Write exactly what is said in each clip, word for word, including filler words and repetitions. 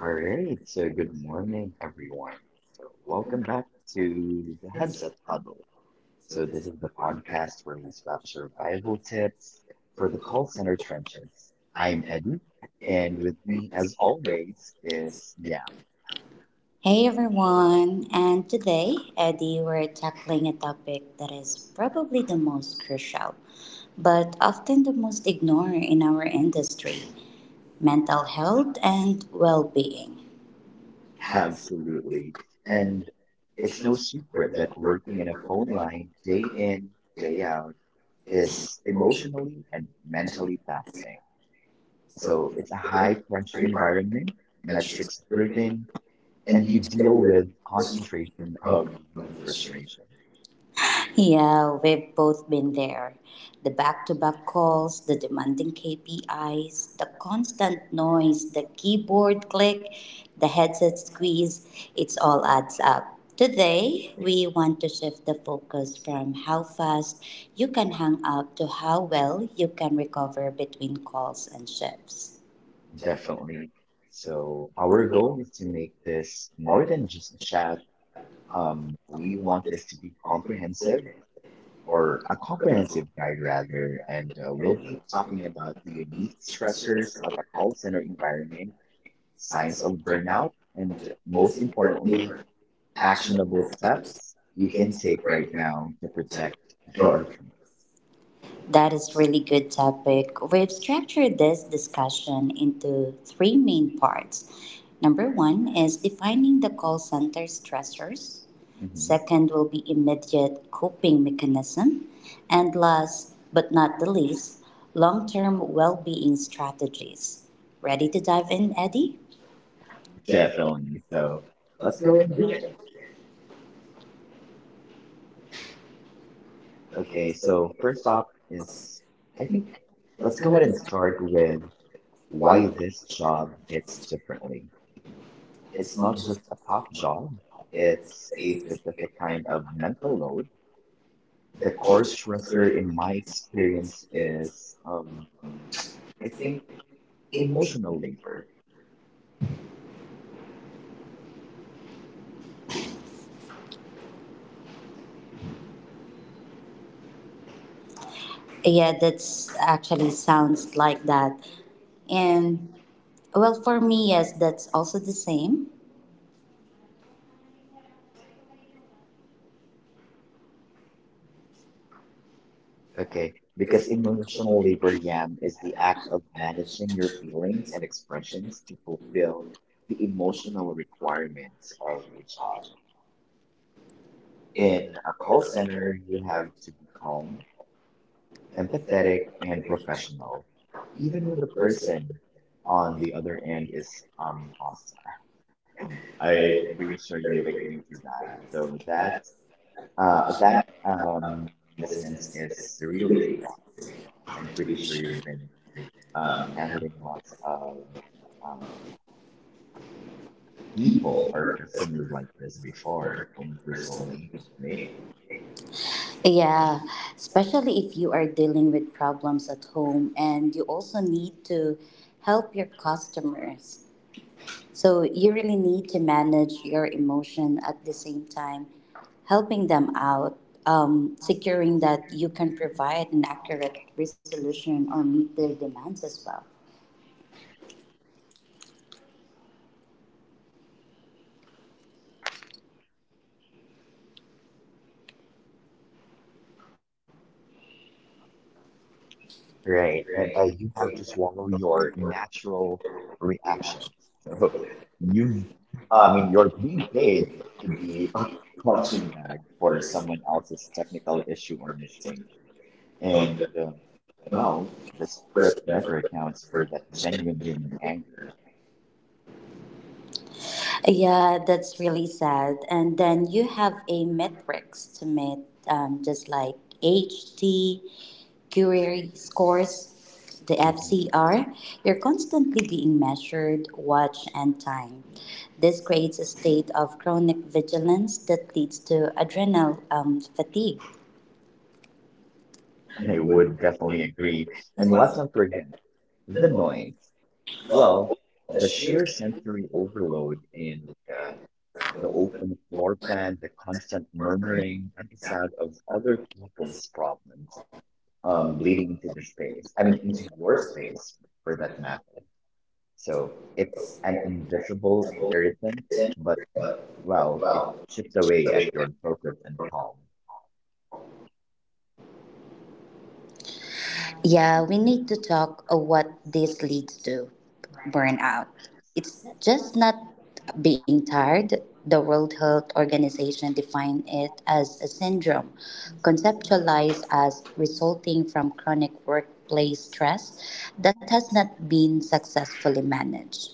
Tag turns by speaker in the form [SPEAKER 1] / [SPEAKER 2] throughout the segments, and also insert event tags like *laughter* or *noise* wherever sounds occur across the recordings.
[SPEAKER 1] All right.
[SPEAKER 2] right, so good morning, everyone. So,
[SPEAKER 1] Welcome
[SPEAKER 2] welcome
[SPEAKER 1] back
[SPEAKER 2] back
[SPEAKER 1] to
[SPEAKER 2] to the
[SPEAKER 1] Hanson
[SPEAKER 2] Headset
[SPEAKER 1] Park.
[SPEAKER 2] Huddle.
[SPEAKER 1] So
[SPEAKER 2] So,
[SPEAKER 1] this
[SPEAKER 2] this
[SPEAKER 1] is
[SPEAKER 2] is the
[SPEAKER 1] the podcast
[SPEAKER 2] podcast where we swap survival tips
[SPEAKER 1] for
[SPEAKER 2] for
[SPEAKER 1] the
[SPEAKER 2] the call center
[SPEAKER 1] Colts.
[SPEAKER 2] trenches.
[SPEAKER 1] I'm
[SPEAKER 2] I'm
[SPEAKER 1] Ed,
[SPEAKER 2] Eddie, and
[SPEAKER 1] and with
[SPEAKER 2] with
[SPEAKER 1] me
[SPEAKER 2] me,
[SPEAKER 1] as
[SPEAKER 2] as
[SPEAKER 1] always
[SPEAKER 2] always,
[SPEAKER 1] is
[SPEAKER 2] is yeah,
[SPEAKER 1] Nick. Hey everyone, and today, Eddie, we're tackling a topic that is probably the most crucial, but often the most ignored in our industry mental health and well being.
[SPEAKER 2] absolutely.
[SPEAKER 1] And
[SPEAKER 2] And
[SPEAKER 1] it's
[SPEAKER 2] it's
[SPEAKER 1] no
[SPEAKER 2] no
[SPEAKER 1] secret
[SPEAKER 2] secret that
[SPEAKER 1] that working
[SPEAKER 2] working
[SPEAKER 1] in
[SPEAKER 2] in a
[SPEAKER 1] our goal
[SPEAKER 2] phone
[SPEAKER 1] line
[SPEAKER 2] line day
[SPEAKER 1] day in,
[SPEAKER 2] in,
[SPEAKER 1] day
[SPEAKER 2] day
[SPEAKER 1] out
[SPEAKER 2] out
[SPEAKER 1] is
[SPEAKER 2] is
[SPEAKER 1] emotional.
[SPEAKER 2] emotionally and
[SPEAKER 1] Mentally.
[SPEAKER 2] mentally taxing.
[SPEAKER 1] So
[SPEAKER 2] So
[SPEAKER 1] it's
[SPEAKER 2] it's a
[SPEAKER 1] high
[SPEAKER 2] high pressure
[SPEAKER 1] requirement
[SPEAKER 2] environment,
[SPEAKER 1] metrics
[SPEAKER 2] metrics
[SPEAKER 1] driven
[SPEAKER 2] driven,
[SPEAKER 1] and
[SPEAKER 2] and
[SPEAKER 1] you
[SPEAKER 2] you
[SPEAKER 1] deal
[SPEAKER 2] deal
[SPEAKER 1] with
[SPEAKER 2] with
[SPEAKER 1] this
[SPEAKER 2] concentration of
[SPEAKER 1] from
[SPEAKER 2] the human
[SPEAKER 1] frustration.
[SPEAKER 2] frustration.
[SPEAKER 1] Yeah, we've both been there. The back to back calls, the demanding K P Is, the constant noise, the keyboard click, the headset squeeze, it all adds up. Today, we want to shift the focus from how fast you can hang up to how well you can recover between calls and shifts
[SPEAKER 2] Definitely. So our goal is to make this more than just a chat. Um, we want this to be comprehensive
[SPEAKER 1] or
[SPEAKER 2] or a
[SPEAKER 1] things
[SPEAKER 2] comprehensive
[SPEAKER 1] like
[SPEAKER 2] guide
[SPEAKER 1] that.
[SPEAKER 2] rather, and uh, we'll
[SPEAKER 1] If
[SPEAKER 2] be
[SPEAKER 1] you
[SPEAKER 2] talking
[SPEAKER 1] talking
[SPEAKER 2] about
[SPEAKER 1] about
[SPEAKER 2] the
[SPEAKER 1] the
[SPEAKER 2] unique
[SPEAKER 1] stressors
[SPEAKER 2] stressors
[SPEAKER 1] and
[SPEAKER 2] of a call center environment,
[SPEAKER 1] signs
[SPEAKER 2] signs
[SPEAKER 1] of
[SPEAKER 2] of
[SPEAKER 1] burnout,
[SPEAKER 2] burnout, and
[SPEAKER 1] and most
[SPEAKER 2] most
[SPEAKER 1] importantly,
[SPEAKER 2] importantly,
[SPEAKER 1] are
[SPEAKER 2] actionable
[SPEAKER 1] actionable steps
[SPEAKER 2] steps
[SPEAKER 1] you
[SPEAKER 2] you
[SPEAKER 1] can
[SPEAKER 2] can take
[SPEAKER 1] take right
[SPEAKER 2] right
[SPEAKER 1] now.
[SPEAKER 2] now to protect
[SPEAKER 1] Sure.
[SPEAKER 2] your.
[SPEAKER 1] That is really good topic. We've structured this discussion into three main parts. Number one is defining the call center stressors.
[SPEAKER 2] Mhm.
[SPEAKER 1] Second will be immediate coping mechanism. And last but not the least, long term well being strategies. Ready to dive in, Eddie? Yeah, Phil.
[SPEAKER 2] Definitely.
[SPEAKER 1] So
[SPEAKER 2] So
[SPEAKER 1] let's
[SPEAKER 2] let's
[SPEAKER 1] go
[SPEAKER 2] go
[SPEAKER 1] with
[SPEAKER 2] and do it.
[SPEAKER 1] the okay,
[SPEAKER 2] Okay,
[SPEAKER 1] so
[SPEAKER 2] so first off is, I think,
[SPEAKER 1] let's
[SPEAKER 2] let's
[SPEAKER 1] go
[SPEAKER 2] go
[SPEAKER 1] with
[SPEAKER 2] ahead and
[SPEAKER 1] this
[SPEAKER 2] start
[SPEAKER 1] term. Here.
[SPEAKER 2] with why
[SPEAKER 1] One
[SPEAKER 2] this
[SPEAKER 1] job.
[SPEAKER 2] job hits
[SPEAKER 1] Is to-
[SPEAKER 2] differently.
[SPEAKER 1] it's
[SPEAKER 2] It's
[SPEAKER 1] not
[SPEAKER 2] not
[SPEAKER 1] just
[SPEAKER 2] just a
[SPEAKER 1] a
[SPEAKER 2] top
[SPEAKER 1] job.
[SPEAKER 2] job,
[SPEAKER 1] It's
[SPEAKER 2] it's a
[SPEAKER 1] a specific
[SPEAKER 2] specific
[SPEAKER 1] kind
[SPEAKER 2] kind
[SPEAKER 1] of.
[SPEAKER 2] of mental load.
[SPEAKER 1] The
[SPEAKER 2] The core
[SPEAKER 1] course
[SPEAKER 2] stressor, in my
[SPEAKER 1] experience
[SPEAKER 2] experience,
[SPEAKER 1] is
[SPEAKER 2] is, um
[SPEAKER 1] I
[SPEAKER 2] I
[SPEAKER 1] think
[SPEAKER 2] think,
[SPEAKER 1] emotion.
[SPEAKER 2] emotional labor.
[SPEAKER 1] Yeah, that's actually sounds like that. And well, for me, yes, that's also the same. Okay,
[SPEAKER 2] Okay,
[SPEAKER 1] because
[SPEAKER 2] because
[SPEAKER 1] emotional
[SPEAKER 2] emotional labor,
[SPEAKER 1] is
[SPEAKER 2] Yam, is
[SPEAKER 1] an
[SPEAKER 2] the
[SPEAKER 1] act
[SPEAKER 2] act
[SPEAKER 1] of
[SPEAKER 2] of
[SPEAKER 1] managing
[SPEAKER 2] managing your
[SPEAKER 1] to
[SPEAKER 2] feelings and expressions to
[SPEAKER 1] feel
[SPEAKER 2] fulfill the
[SPEAKER 1] emotional
[SPEAKER 2] emotional requirements of a job. In
[SPEAKER 1] in
[SPEAKER 2] a
[SPEAKER 1] well
[SPEAKER 2] call center,
[SPEAKER 1] centered,
[SPEAKER 2] you have
[SPEAKER 1] like
[SPEAKER 2] to be calm,
[SPEAKER 1] calm,
[SPEAKER 2] empathetic,
[SPEAKER 1] empathetic,
[SPEAKER 2] and
[SPEAKER 1] and
[SPEAKER 2] professional, even
[SPEAKER 1] even
[SPEAKER 2] when
[SPEAKER 1] with the
[SPEAKER 2] the
[SPEAKER 1] person
[SPEAKER 2] person on
[SPEAKER 1] on
[SPEAKER 2] the
[SPEAKER 1] the
[SPEAKER 2] other end is um hostile.
[SPEAKER 1] I
[SPEAKER 2] I'm pretty
[SPEAKER 1] increased
[SPEAKER 2] sure you
[SPEAKER 1] thirty
[SPEAKER 2] would
[SPEAKER 1] degrees.
[SPEAKER 2] agree to that.
[SPEAKER 1] So
[SPEAKER 2] So that
[SPEAKER 1] that
[SPEAKER 2] uh
[SPEAKER 1] uh
[SPEAKER 2] that
[SPEAKER 1] that um
[SPEAKER 2] um dissonance
[SPEAKER 1] distance is
[SPEAKER 2] is really
[SPEAKER 1] really
[SPEAKER 2] exhausting. I'm
[SPEAKER 1] and
[SPEAKER 2] pretty
[SPEAKER 1] pretty
[SPEAKER 2] sure
[SPEAKER 1] sure
[SPEAKER 2] you've been um,
[SPEAKER 1] um and
[SPEAKER 2] handling lots of um, people
[SPEAKER 1] people
[SPEAKER 2] or
[SPEAKER 1] purpose
[SPEAKER 2] customers like this before
[SPEAKER 1] for
[SPEAKER 2] when we were still in
[SPEAKER 1] personal
[SPEAKER 2] agency, right?
[SPEAKER 1] information. Yeah, especially if you are dealing with problems at home and you also need to help your customers. So you really need to manage your emotion at the same time, helping them out, um, securing that you can provide an accurate resolution or meet their demands as well.
[SPEAKER 2] Right.
[SPEAKER 1] Right.
[SPEAKER 2] And uh, you
[SPEAKER 1] Right.
[SPEAKER 2] have to
[SPEAKER 1] The
[SPEAKER 2] swallow
[SPEAKER 1] only
[SPEAKER 2] your
[SPEAKER 1] word
[SPEAKER 2] natural
[SPEAKER 1] reaction.
[SPEAKER 2] reactions. So you've, uh, I mean,
[SPEAKER 1] Uh,
[SPEAKER 2] you're being paid
[SPEAKER 1] dated.
[SPEAKER 2] to be a
[SPEAKER 1] Once
[SPEAKER 2] punching
[SPEAKER 1] you
[SPEAKER 2] bag for
[SPEAKER 1] record something,
[SPEAKER 2] someone else's technical issue or mistake, and
[SPEAKER 1] and uh,
[SPEAKER 2] um, well,
[SPEAKER 1] no,
[SPEAKER 2] the
[SPEAKER 1] but
[SPEAKER 2] script never
[SPEAKER 1] never.
[SPEAKER 2] accounts for that genuine human anger.
[SPEAKER 1] Yeah, that's really sad. And then you have a metrics to meet, um, just like H T, Curie scores, the F C R. You're constantly being measured, watched, and timed. This creates a state of chronic vigilance that leads to adrenal um, fatigue.
[SPEAKER 2] I would definitely agree. And let's not forget the noise. Well, the sheer sensory overload in uh, the open floor plan, the constant murmuring, and the sound of other people's problems um, bleeding into the space. I mean, into your space for that matter. So
[SPEAKER 1] So
[SPEAKER 2] it's an
[SPEAKER 1] then some
[SPEAKER 2] invisible
[SPEAKER 1] old
[SPEAKER 2] irritant, but
[SPEAKER 1] but, but
[SPEAKER 2] well,
[SPEAKER 1] well,
[SPEAKER 2] it chips
[SPEAKER 1] just the
[SPEAKER 2] away
[SPEAKER 1] way
[SPEAKER 2] at
[SPEAKER 1] that.
[SPEAKER 2] your focus and calm.
[SPEAKER 1] Yeah, we need to talk of what this leads to burnout. It's just not being tired. The World Health Organization defined it as a syndrome, conceptualized as resulting from chronic workplace stress that has not been successfully managed.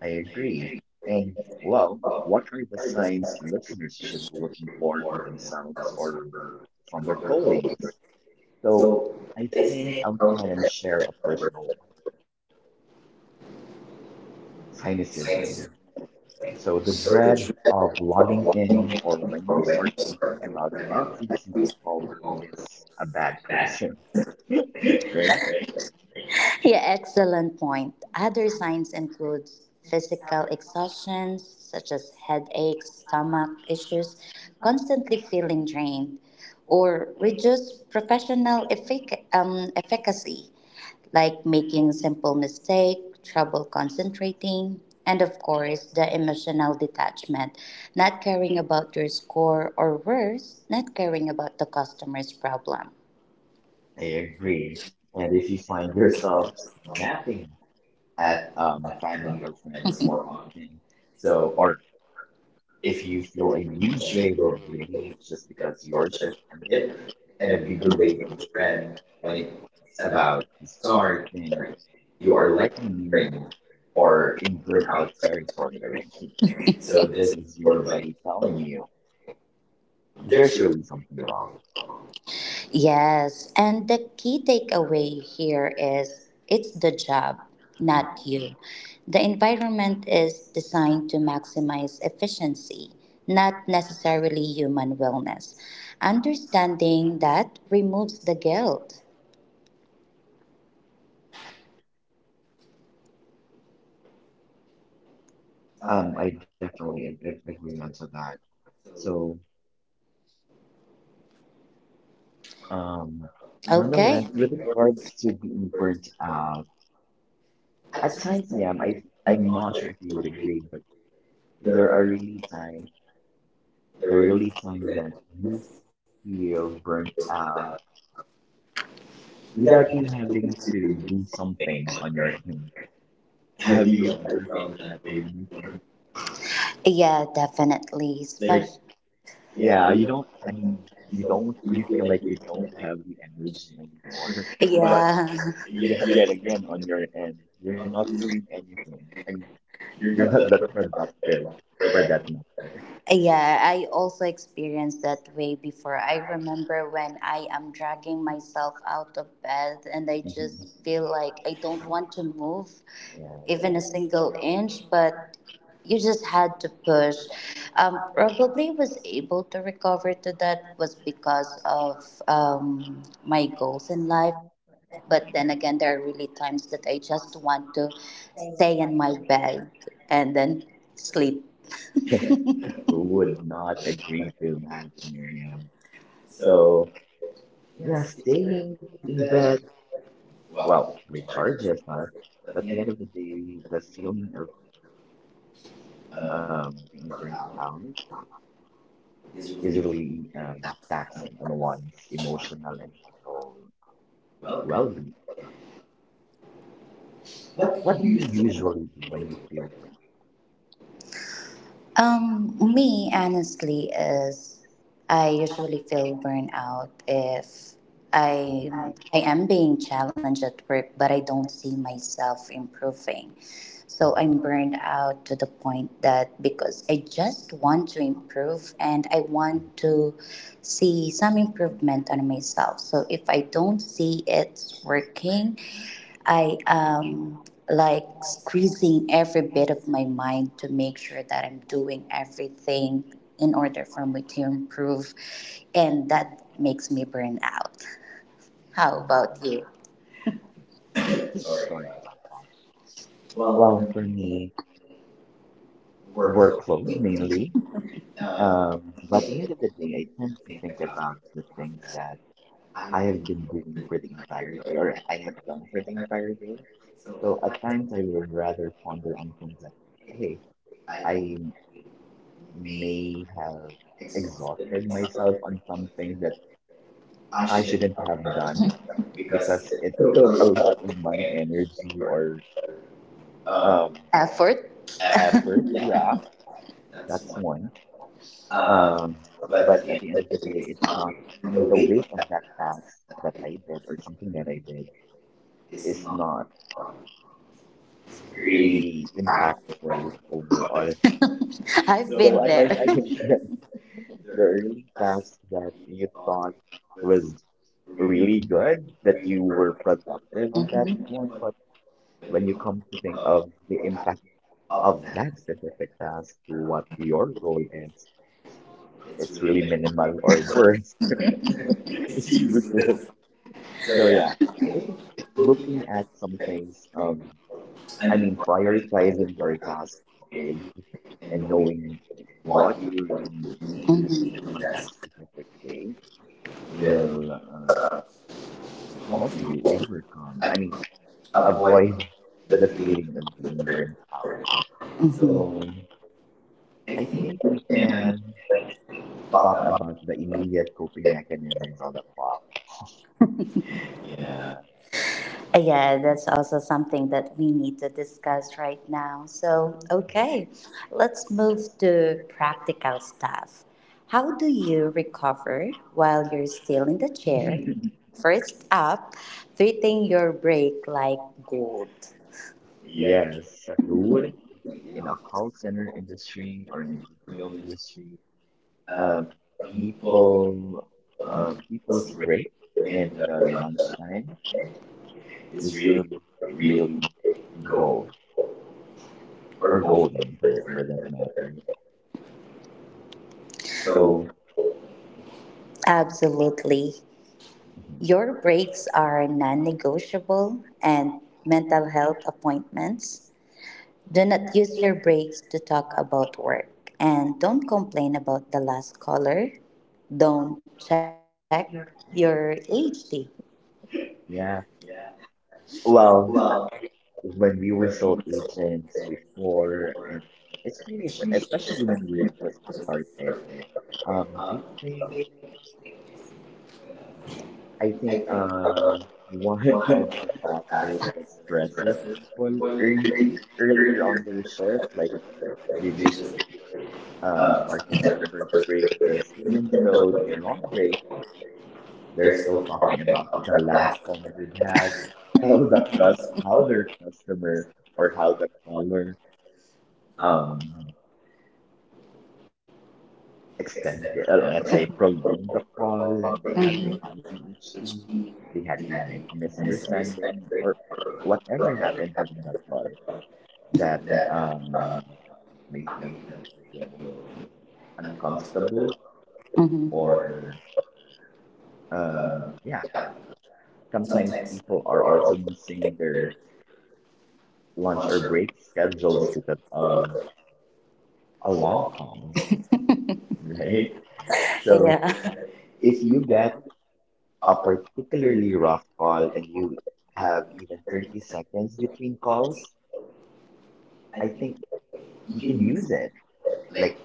[SPEAKER 2] I
[SPEAKER 1] I agree.
[SPEAKER 2] agree. And well,
[SPEAKER 1] Oh,
[SPEAKER 2] what are
[SPEAKER 1] I
[SPEAKER 2] the
[SPEAKER 1] heard this.
[SPEAKER 2] signs listeners should be looking for in
[SPEAKER 1] Or
[SPEAKER 2] themselves
[SPEAKER 1] themselves
[SPEAKER 2] or
[SPEAKER 1] or
[SPEAKER 2] from their
[SPEAKER 1] from their coworkers.
[SPEAKER 2] colleagues? So
[SPEAKER 1] So
[SPEAKER 2] I
[SPEAKER 1] they
[SPEAKER 2] think
[SPEAKER 1] think
[SPEAKER 2] I'll go
[SPEAKER 1] of
[SPEAKER 2] ahead and
[SPEAKER 1] that
[SPEAKER 2] share a
[SPEAKER 1] shit over
[SPEAKER 2] personal
[SPEAKER 1] the
[SPEAKER 2] one.
[SPEAKER 1] science.
[SPEAKER 2] Cynicism. So the
[SPEAKER 1] So the dread
[SPEAKER 2] dread of
[SPEAKER 1] of one
[SPEAKER 2] logging
[SPEAKER 1] moment
[SPEAKER 2] in, or
[SPEAKER 1] of
[SPEAKER 2] when you
[SPEAKER 1] when you
[SPEAKER 2] start
[SPEAKER 1] start
[SPEAKER 2] thinking
[SPEAKER 1] thinking
[SPEAKER 2] about
[SPEAKER 1] about
[SPEAKER 2] every
[SPEAKER 1] every
[SPEAKER 2] single
[SPEAKER 1] single
[SPEAKER 2] caller
[SPEAKER 1] moment of
[SPEAKER 2] is a bad *laughs*
[SPEAKER 1] that.
[SPEAKER 2] person. Okay?
[SPEAKER 1] Yeah, excellent point. Other signs include physical exhaustion, such as headaches, stomach issues, constantly feeling drained, or reduced professional effic- um, efficacy, like making simple mistake, trouble concentrating, and of course, the emotional detachment, not caring about your score, or worse, not caring about the customer's problem
[SPEAKER 2] I agree. And if you find yourself snapping at
[SPEAKER 1] at uh,
[SPEAKER 2] um,
[SPEAKER 1] on
[SPEAKER 2] family
[SPEAKER 1] your
[SPEAKER 2] or friends
[SPEAKER 1] friends *laughs* or
[SPEAKER 2] more
[SPEAKER 1] on
[SPEAKER 2] often,
[SPEAKER 1] so
[SPEAKER 2] so,
[SPEAKER 1] or
[SPEAKER 2] or if
[SPEAKER 1] if
[SPEAKER 2] you
[SPEAKER 1] you
[SPEAKER 2] feel
[SPEAKER 1] feel
[SPEAKER 2] a huge
[SPEAKER 1] passionate
[SPEAKER 2] wave
[SPEAKER 1] or
[SPEAKER 2] of relief
[SPEAKER 1] appreciated
[SPEAKER 2] just
[SPEAKER 1] just because
[SPEAKER 2] because
[SPEAKER 1] or
[SPEAKER 2] your
[SPEAKER 1] just
[SPEAKER 2] shift ended,
[SPEAKER 1] it and
[SPEAKER 2] and a
[SPEAKER 1] if you
[SPEAKER 2] bigger
[SPEAKER 1] do
[SPEAKER 2] wave
[SPEAKER 1] wait for
[SPEAKER 2] of
[SPEAKER 1] a
[SPEAKER 2] dread
[SPEAKER 1] friend when
[SPEAKER 2] when
[SPEAKER 1] it's
[SPEAKER 2] it's
[SPEAKER 1] about
[SPEAKER 2] about to start,
[SPEAKER 1] sorry
[SPEAKER 2] then
[SPEAKER 1] you
[SPEAKER 2] you
[SPEAKER 1] are
[SPEAKER 2] are
[SPEAKER 1] like
[SPEAKER 2] likely
[SPEAKER 1] great
[SPEAKER 2] nearing or
[SPEAKER 1] or
[SPEAKER 2] in
[SPEAKER 1] your
[SPEAKER 2] burnout
[SPEAKER 1] concept. *laughs*
[SPEAKER 2] territory *laughs* already.
[SPEAKER 1] So
[SPEAKER 2] So
[SPEAKER 1] this
[SPEAKER 2] this
[SPEAKER 1] is
[SPEAKER 2] is
[SPEAKER 1] sort
[SPEAKER 2] your
[SPEAKER 1] of like
[SPEAKER 2] body telling
[SPEAKER 1] um,
[SPEAKER 2] you
[SPEAKER 1] there's
[SPEAKER 2] there's
[SPEAKER 1] your
[SPEAKER 2] really something wrong.
[SPEAKER 1] yes, and the key takeaway here is it's the job, not you. The environment is designed to maximize efficiency, not necessarily human wellness. Understanding that removes the guilt.
[SPEAKER 2] Um, I definitely ag- ag- agree on to that. So, um, nonetheless,
[SPEAKER 1] Okay.
[SPEAKER 2] with regards to being burnt out, at times, yeah, I I'm not sure if you would agree, but There are really times,
[SPEAKER 1] The
[SPEAKER 2] there are
[SPEAKER 1] relief
[SPEAKER 2] really times that you
[SPEAKER 1] feel
[SPEAKER 2] feel burnt
[SPEAKER 1] about
[SPEAKER 2] out
[SPEAKER 1] without
[SPEAKER 2] without
[SPEAKER 1] even
[SPEAKER 2] you
[SPEAKER 1] having
[SPEAKER 2] having
[SPEAKER 1] to
[SPEAKER 2] to
[SPEAKER 1] do
[SPEAKER 2] do
[SPEAKER 1] something.
[SPEAKER 2] something on your
[SPEAKER 1] Right?
[SPEAKER 2] own.
[SPEAKER 1] Have
[SPEAKER 2] Have
[SPEAKER 1] you
[SPEAKER 2] you
[SPEAKER 1] ever
[SPEAKER 2] ever
[SPEAKER 1] felt
[SPEAKER 2] felt that
[SPEAKER 1] that way
[SPEAKER 2] way
[SPEAKER 1] before?
[SPEAKER 2] before? *laughs*
[SPEAKER 1] Yeah, definitely. Like,
[SPEAKER 2] Like,
[SPEAKER 1] especially, yeah,
[SPEAKER 2] yeah,
[SPEAKER 1] you
[SPEAKER 2] you
[SPEAKER 1] don't,
[SPEAKER 2] don't,
[SPEAKER 1] I
[SPEAKER 2] I
[SPEAKER 1] mean,
[SPEAKER 2] mean,
[SPEAKER 1] you
[SPEAKER 2] you
[SPEAKER 1] don't
[SPEAKER 2] don't,
[SPEAKER 1] really
[SPEAKER 2] you
[SPEAKER 1] feel
[SPEAKER 2] feel
[SPEAKER 1] like
[SPEAKER 2] like
[SPEAKER 1] you're
[SPEAKER 2] you
[SPEAKER 1] doing
[SPEAKER 2] don't
[SPEAKER 1] it,
[SPEAKER 2] have the energy anymore.
[SPEAKER 1] but
[SPEAKER 2] *laughs* But
[SPEAKER 1] yeah. *laughs* yeah,
[SPEAKER 2] yet,
[SPEAKER 1] yeah,
[SPEAKER 2] yet
[SPEAKER 1] it's
[SPEAKER 2] again, on your end,
[SPEAKER 1] like,
[SPEAKER 2] you're not
[SPEAKER 1] um,
[SPEAKER 2] doing anything. I mean,
[SPEAKER 1] you're
[SPEAKER 2] you're
[SPEAKER 1] not
[SPEAKER 2] not
[SPEAKER 1] the
[SPEAKER 2] that
[SPEAKER 1] perfect architect
[SPEAKER 2] productive
[SPEAKER 1] for
[SPEAKER 2] for
[SPEAKER 1] that.
[SPEAKER 2] that matter.
[SPEAKER 1] Yeah, I also experienced that way before. I remember when I am dragging myself out of bed and I
[SPEAKER 2] *laughs* Mhm.
[SPEAKER 1] just feel like I don't want to move
[SPEAKER 2] Yeah.
[SPEAKER 1] even a single inch, but you just had to push. Um, probably was able to recover to that was because of um, my goals in life, but then again, there are really times that I just want to stay in my bed and then sleep
[SPEAKER 2] Who
[SPEAKER 1] who would
[SPEAKER 2] would not
[SPEAKER 1] have a
[SPEAKER 2] agree
[SPEAKER 1] metric
[SPEAKER 2] to
[SPEAKER 1] track.
[SPEAKER 2] that, Miriam?
[SPEAKER 1] So
[SPEAKER 2] So, yeah,
[SPEAKER 1] yes
[SPEAKER 2] staying in bed,
[SPEAKER 1] then well
[SPEAKER 2] well, recharges
[SPEAKER 1] charges
[SPEAKER 2] us. But
[SPEAKER 1] at
[SPEAKER 2] at
[SPEAKER 1] the
[SPEAKER 2] the end
[SPEAKER 1] end
[SPEAKER 2] of the
[SPEAKER 1] of
[SPEAKER 2] day,
[SPEAKER 1] the
[SPEAKER 2] the
[SPEAKER 1] day
[SPEAKER 2] feeling of
[SPEAKER 1] um
[SPEAKER 2] um, being
[SPEAKER 1] per
[SPEAKER 2] burnt
[SPEAKER 1] hour
[SPEAKER 2] out
[SPEAKER 1] is
[SPEAKER 2] is
[SPEAKER 1] really
[SPEAKER 2] really um,
[SPEAKER 1] that's
[SPEAKER 2] taxing on one's emotional and mental
[SPEAKER 1] well
[SPEAKER 2] well-being.
[SPEAKER 1] what do
[SPEAKER 2] What do
[SPEAKER 1] you
[SPEAKER 2] you
[SPEAKER 1] use to do
[SPEAKER 2] usually do
[SPEAKER 1] for
[SPEAKER 2] when you
[SPEAKER 1] your
[SPEAKER 2] feel burnt?
[SPEAKER 1] Um, me honestly is I usually feel burnout if
[SPEAKER 2] Mhm,
[SPEAKER 1] I I am being challenged at work, but I don't see myself improving. So I'm burned out to the point that because I just want to improve and I
[SPEAKER 2] mhm,
[SPEAKER 1] want
[SPEAKER 2] mhm.
[SPEAKER 1] to see some improvement on myself. So if I don't see it's working, I um like squeezing every bit of my mind to make sure that I'm doing everything in order for me to improve, and that makes me burn out. How
[SPEAKER 2] Yeah.
[SPEAKER 1] about you? Sorry.
[SPEAKER 2] Sorry
[SPEAKER 1] Uh,
[SPEAKER 2] about that.
[SPEAKER 1] well, for
[SPEAKER 2] Well,
[SPEAKER 1] me,
[SPEAKER 2] for me,
[SPEAKER 1] work's always
[SPEAKER 2] workload
[SPEAKER 1] been,
[SPEAKER 2] mainly.
[SPEAKER 1] um, one of
[SPEAKER 2] Um, but at the end
[SPEAKER 1] the
[SPEAKER 2] of the day, I tend to
[SPEAKER 1] things I
[SPEAKER 2] think
[SPEAKER 1] got.
[SPEAKER 2] about the things that
[SPEAKER 1] I
[SPEAKER 2] I
[SPEAKER 1] have
[SPEAKER 2] have
[SPEAKER 1] been
[SPEAKER 2] been doing
[SPEAKER 1] reading
[SPEAKER 2] for the entire
[SPEAKER 1] every
[SPEAKER 2] day
[SPEAKER 1] hour,
[SPEAKER 2] or I have done for
[SPEAKER 1] every
[SPEAKER 2] the
[SPEAKER 1] hour,
[SPEAKER 2] entire day.
[SPEAKER 1] so
[SPEAKER 2] So
[SPEAKER 1] at
[SPEAKER 2] at
[SPEAKER 1] that time,
[SPEAKER 2] times I would rather
[SPEAKER 1] I
[SPEAKER 2] ponder
[SPEAKER 1] was
[SPEAKER 2] on things that,
[SPEAKER 1] thinking,
[SPEAKER 2] hey,
[SPEAKER 1] hey, I'm
[SPEAKER 2] I
[SPEAKER 1] may
[SPEAKER 2] may have
[SPEAKER 1] exhausted
[SPEAKER 2] exhausted
[SPEAKER 1] myself.
[SPEAKER 2] myself on something that
[SPEAKER 1] I
[SPEAKER 2] I
[SPEAKER 1] shouldn't
[SPEAKER 2] shouldn't
[SPEAKER 1] have
[SPEAKER 2] have
[SPEAKER 1] rushed
[SPEAKER 2] done
[SPEAKER 1] *laughs* because
[SPEAKER 2] because
[SPEAKER 1] it
[SPEAKER 2] it
[SPEAKER 1] took a
[SPEAKER 2] took a
[SPEAKER 1] lot
[SPEAKER 2] lot
[SPEAKER 1] of
[SPEAKER 2] of my
[SPEAKER 1] energy
[SPEAKER 2] energy
[SPEAKER 1] or
[SPEAKER 2] or
[SPEAKER 1] um,
[SPEAKER 2] um
[SPEAKER 1] effort? Effort.
[SPEAKER 2] effort.
[SPEAKER 1] Yeah,
[SPEAKER 2] Yeah,
[SPEAKER 1] that's
[SPEAKER 2] that's
[SPEAKER 1] one.
[SPEAKER 2] one.
[SPEAKER 1] Um,
[SPEAKER 2] Um,
[SPEAKER 1] but
[SPEAKER 2] but
[SPEAKER 1] at the
[SPEAKER 2] at
[SPEAKER 1] end
[SPEAKER 2] the end
[SPEAKER 1] of
[SPEAKER 2] of
[SPEAKER 1] the
[SPEAKER 2] the
[SPEAKER 1] day,
[SPEAKER 2] day,
[SPEAKER 1] it's
[SPEAKER 2] it's not,
[SPEAKER 1] probably
[SPEAKER 2] I
[SPEAKER 1] the
[SPEAKER 2] mean, the
[SPEAKER 1] weight of
[SPEAKER 2] weight of
[SPEAKER 1] that
[SPEAKER 2] that
[SPEAKER 1] task.
[SPEAKER 2] task
[SPEAKER 1] That I
[SPEAKER 2] that
[SPEAKER 1] think
[SPEAKER 2] I did or something that I did
[SPEAKER 1] is it's
[SPEAKER 2] is
[SPEAKER 1] not
[SPEAKER 2] not
[SPEAKER 1] really
[SPEAKER 2] really
[SPEAKER 1] practical,
[SPEAKER 2] impactful overall.
[SPEAKER 1] I've so been
[SPEAKER 2] So
[SPEAKER 1] I
[SPEAKER 2] at times I
[SPEAKER 1] there.
[SPEAKER 2] think *laughs*
[SPEAKER 1] *laughs*
[SPEAKER 2] that
[SPEAKER 1] The
[SPEAKER 2] the
[SPEAKER 1] early
[SPEAKER 2] early
[SPEAKER 1] class
[SPEAKER 2] tasks that you
[SPEAKER 1] thought
[SPEAKER 2] thought
[SPEAKER 1] was
[SPEAKER 2] was
[SPEAKER 1] really
[SPEAKER 2] really good, that
[SPEAKER 1] going
[SPEAKER 2] you
[SPEAKER 1] for
[SPEAKER 2] were productive on that
[SPEAKER 1] hmm
[SPEAKER 2] one,
[SPEAKER 1] but
[SPEAKER 2] but
[SPEAKER 1] when
[SPEAKER 2] when
[SPEAKER 1] you
[SPEAKER 2] you
[SPEAKER 1] come
[SPEAKER 2] come to
[SPEAKER 1] to
[SPEAKER 2] think
[SPEAKER 1] uh,
[SPEAKER 2] of the
[SPEAKER 1] what
[SPEAKER 2] impact
[SPEAKER 1] happened of
[SPEAKER 2] of
[SPEAKER 1] that,
[SPEAKER 2] that specific task to what your goal is,
[SPEAKER 1] it's
[SPEAKER 2] it's
[SPEAKER 1] really
[SPEAKER 2] really
[SPEAKER 1] made it
[SPEAKER 2] minimal or
[SPEAKER 1] worse.
[SPEAKER 2] worse.
[SPEAKER 1] *laughs*
[SPEAKER 2] *laughs*
[SPEAKER 1] It's
[SPEAKER 2] It's useless.
[SPEAKER 1] useless. So
[SPEAKER 2] So yeah,
[SPEAKER 1] yeah, I
[SPEAKER 2] I
[SPEAKER 1] think
[SPEAKER 2] think
[SPEAKER 1] *laughs* looking
[SPEAKER 2] looking
[SPEAKER 1] at
[SPEAKER 2] at some
[SPEAKER 1] things
[SPEAKER 2] things,
[SPEAKER 1] from
[SPEAKER 2] um,
[SPEAKER 1] I
[SPEAKER 2] I
[SPEAKER 1] mean,
[SPEAKER 2] mean,
[SPEAKER 1] from the
[SPEAKER 2] prioritizing your
[SPEAKER 1] past,
[SPEAKER 2] tasks daily
[SPEAKER 1] and
[SPEAKER 2] and
[SPEAKER 1] knowing
[SPEAKER 2] knowing
[SPEAKER 1] *laughs* what
[SPEAKER 2] what
[SPEAKER 1] you
[SPEAKER 2] you
[SPEAKER 1] are
[SPEAKER 2] really need
[SPEAKER 1] mm-hmm
[SPEAKER 2] to do
[SPEAKER 1] doing
[SPEAKER 2] on that
[SPEAKER 1] that's
[SPEAKER 2] specific day
[SPEAKER 1] really
[SPEAKER 2] will uh, help
[SPEAKER 1] you
[SPEAKER 2] you
[SPEAKER 1] want.
[SPEAKER 2] overcome, I mean,
[SPEAKER 1] Avoid
[SPEAKER 2] avoid
[SPEAKER 1] the
[SPEAKER 2] the
[SPEAKER 1] feeling
[SPEAKER 2] feeling of
[SPEAKER 1] of
[SPEAKER 2] being
[SPEAKER 1] worry.
[SPEAKER 2] burnt out.
[SPEAKER 1] Mm-hmm. So
[SPEAKER 2] So
[SPEAKER 1] I
[SPEAKER 2] I
[SPEAKER 1] think
[SPEAKER 2] think
[SPEAKER 1] we
[SPEAKER 2] we
[SPEAKER 1] can
[SPEAKER 2] can
[SPEAKER 1] like,
[SPEAKER 2] talk
[SPEAKER 1] talk about
[SPEAKER 2] about the immediate coping
[SPEAKER 1] it.
[SPEAKER 2] mechanisms on the pop. Yeah.
[SPEAKER 1] Uh, Yeah, that's also something that we need to discuss right now. So, okay, let's move to practical stuff. How do you recover while you're still in the chair?
[SPEAKER 2] *laughs*
[SPEAKER 1] First up, treating your break like gold. Yeah.
[SPEAKER 2] Yes, who would in a call center industry or in the B P O industry?
[SPEAKER 1] Um,
[SPEAKER 2] Um,
[SPEAKER 1] people
[SPEAKER 2] people,
[SPEAKER 1] uh,
[SPEAKER 2] um, people's break and
[SPEAKER 1] and
[SPEAKER 2] uh,
[SPEAKER 1] uh,
[SPEAKER 2] lunchtime
[SPEAKER 1] is
[SPEAKER 2] is
[SPEAKER 1] really
[SPEAKER 2] really,
[SPEAKER 1] a real
[SPEAKER 2] really
[SPEAKER 1] goal
[SPEAKER 2] gold
[SPEAKER 1] or
[SPEAKER 2] or
[SPEAKER 1] goal.
[SPEAKER 2] golden for, for that matter.
[SPEAKER 1] So
[SPEAKER 2] So,
[SPEAKER 1] absolutely.
[SPEAKER 2] mhm,
[SPEAKER 1] Your breaks are non negotiable and mental health appointments. Do not use your breaks to talk about work and don't complain about the last caller. Don't check your H D.
[SPEAKER 2] yeah.
[SPEAKER 1] Well,
[SPEAKER 2] Well, uh,
[SPEAKER 1] when
[SPEAKER 2] when
[SPEAKER 1] we
[SPEAKER 2] we
[SPEAKER 1] were
[SPEAKER 2] were
[SPEAKER 1] so
[SPEAKER 2] sole
[SPEAKER 1] young,
[SPEAKER 2] agents
[SPEAKER 1] before,
[SPEAKER 2] before, and
[SPEAKER 1] it's
[SPEAKER 2] it's
[SPEAKER 1] pretty
[SPEAKER 2] pretty sure,
[SPEAKER 1] especially
[SPEAKER 2] especially
[SPEAKER 1] when it
[SPEAKER 2] when we were
[SPEAKER 1] was a
[SPEAKER 2] just
[SPEAKER 1] birthday.
[SPEAKER 2] started,
[SPEAKER 1] um,
[SPEAKER 2] um, I
[SPEAKER 1] I think
[SPEAKER 2] think.
[SPEAKER 1] I
[SPEAKER 2] I
[SPEAKER 1] think,
[SPEAKER 2] think
[SPEAKER 1] uh,
[SPEAKER 2] uh *laughs* one of
[SPEAKER 1] they're
[SPEAKER 2] the factors that stresses people early earlier on their shift, like they just um started their first break is even though they're on break, they're
[SPEAKER 1] still
[SPEAKER 2] still talking
[SPEAKER 1] talking
[SPEAKER 2] about
[SPEAKER 1] about the
[SPEAKER 2] the
[SPEAKER 1] last.
[SPEAKER 2] last comment they've had, *laughs* how the cus how
[SPEAKER 1] Other.
[SPEAKER 2] their customer or how the caller
[SPEAKER 1] Um,
[SPEAKER 2] um
[SPEAKER 1] extended.
[SPEAKER 2] extend, uh, let's say, prolong the call.
[SPEAKER 1] Mhm.
[SPEAKER 2] They had a high H T,
[SPEAKER 1] PhD, they
[SPEAKER 2] they
[SPEAKER 1] had
[SPEAKER 2] had a
[SPEAKER 1] a,
[SPEAKER 2] mi- a
[SPEAKER 1] and it's for
[SPEAKER 2] misunderstanding, or
[SPEAKER 1] whatever
[SPEAKER 2] whatever happened
[SPEAKER 1] happened
[SPEAKER 2] during that call
[SPEAKER 1] that.
[SPEAKER 2] that um,
[SPEAKER 1] Make
[SPEAKER 2] made
[SPEAKER 1] them
[SPEAKER 2] them
[SPEAKER 1] feel
[SPEAKER 2] feel
[SPEAKER 1] uncomfortable.
[SPEAKER 2] uncomfortable.
[SPEAKER 1] Mm-hmm.
[SPEAKER 2] Or,
[SPEAKER 1] Or uh,
[SPEAKER 2] um, yeah,
[SPEAKER 1] yeah,
[SPEAKER 2] sometimes
[SPEAKER 1] sometimes people
[SPEAKER 2] people
[SPEAKER 1] are
[SPEAKER 2] are
[SPEAKER 1] also
[SPEAKER 2] also
[SPEAKER 1] taking
[SPEAKER 2] missing
[SPEAKER 1] their
[SPEAKER 2] their
[SPEAKER 1] lunch
[SPEAKER 2] lunch or
[SPEAKER 1] or
[SPEAKER 2] break
[SPEAKER 1] so
[SPEAKER 2] schedules because
[SPEAKER 1] uh,
[SPEAKER 2] of a
[SPEAKER 1] along.
[SPEAKER 2] long call, *laughs* right?
[SPEAKER 1] Right? So yeah.
[SPEAKER 2] So,
[SPEAKER 1] If
[SPEAKER 2] if you
[SPEAKER 1] you can
[SPEAKER 2] get a
[SPEAKER 1] offer you
[SPEAKER 2] particularly rough call and you have
[SPEAKER 1] have
[SPEAKER 2] even
[SPEAKER 1] very
[SPEAKER 2] 30 seconds between
[SPEAKER 1] calls,
[SPEAKER 2] calls,
[SPEAKER 1] I
[SPEAKER 2] I
[SPEAKER 1] think
[SPEAKER 2] think
[SPEAKER 1] you
[SPEAKER 2] you
[SPEAKER 1] can
[SPEAKER 2] can
[SPEAKER 1] use
[SPEAKER 2] use it
[SPEAKER 1] it like
[SPEAKER 2] like